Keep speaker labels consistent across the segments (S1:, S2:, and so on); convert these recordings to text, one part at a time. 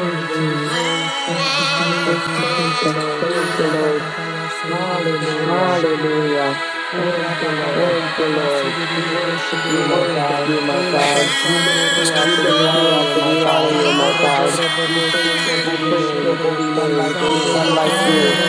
S1: Hallelujah. Thank you, Jesus. Thank you, Lord.
S2: Hallelujah.
S1: Hallelujah.
S2: Oh,
S1: Thank you, Lord. We
S2: my
S1: worship
S2: God.
S1: you, my
S2: We
S1: God. We lift you up and
S2: my
S1: we honor
S2: God.
S1: you, my
S2: We
S1: God. We praise your holy
S2: like
S1: name. There's none like you.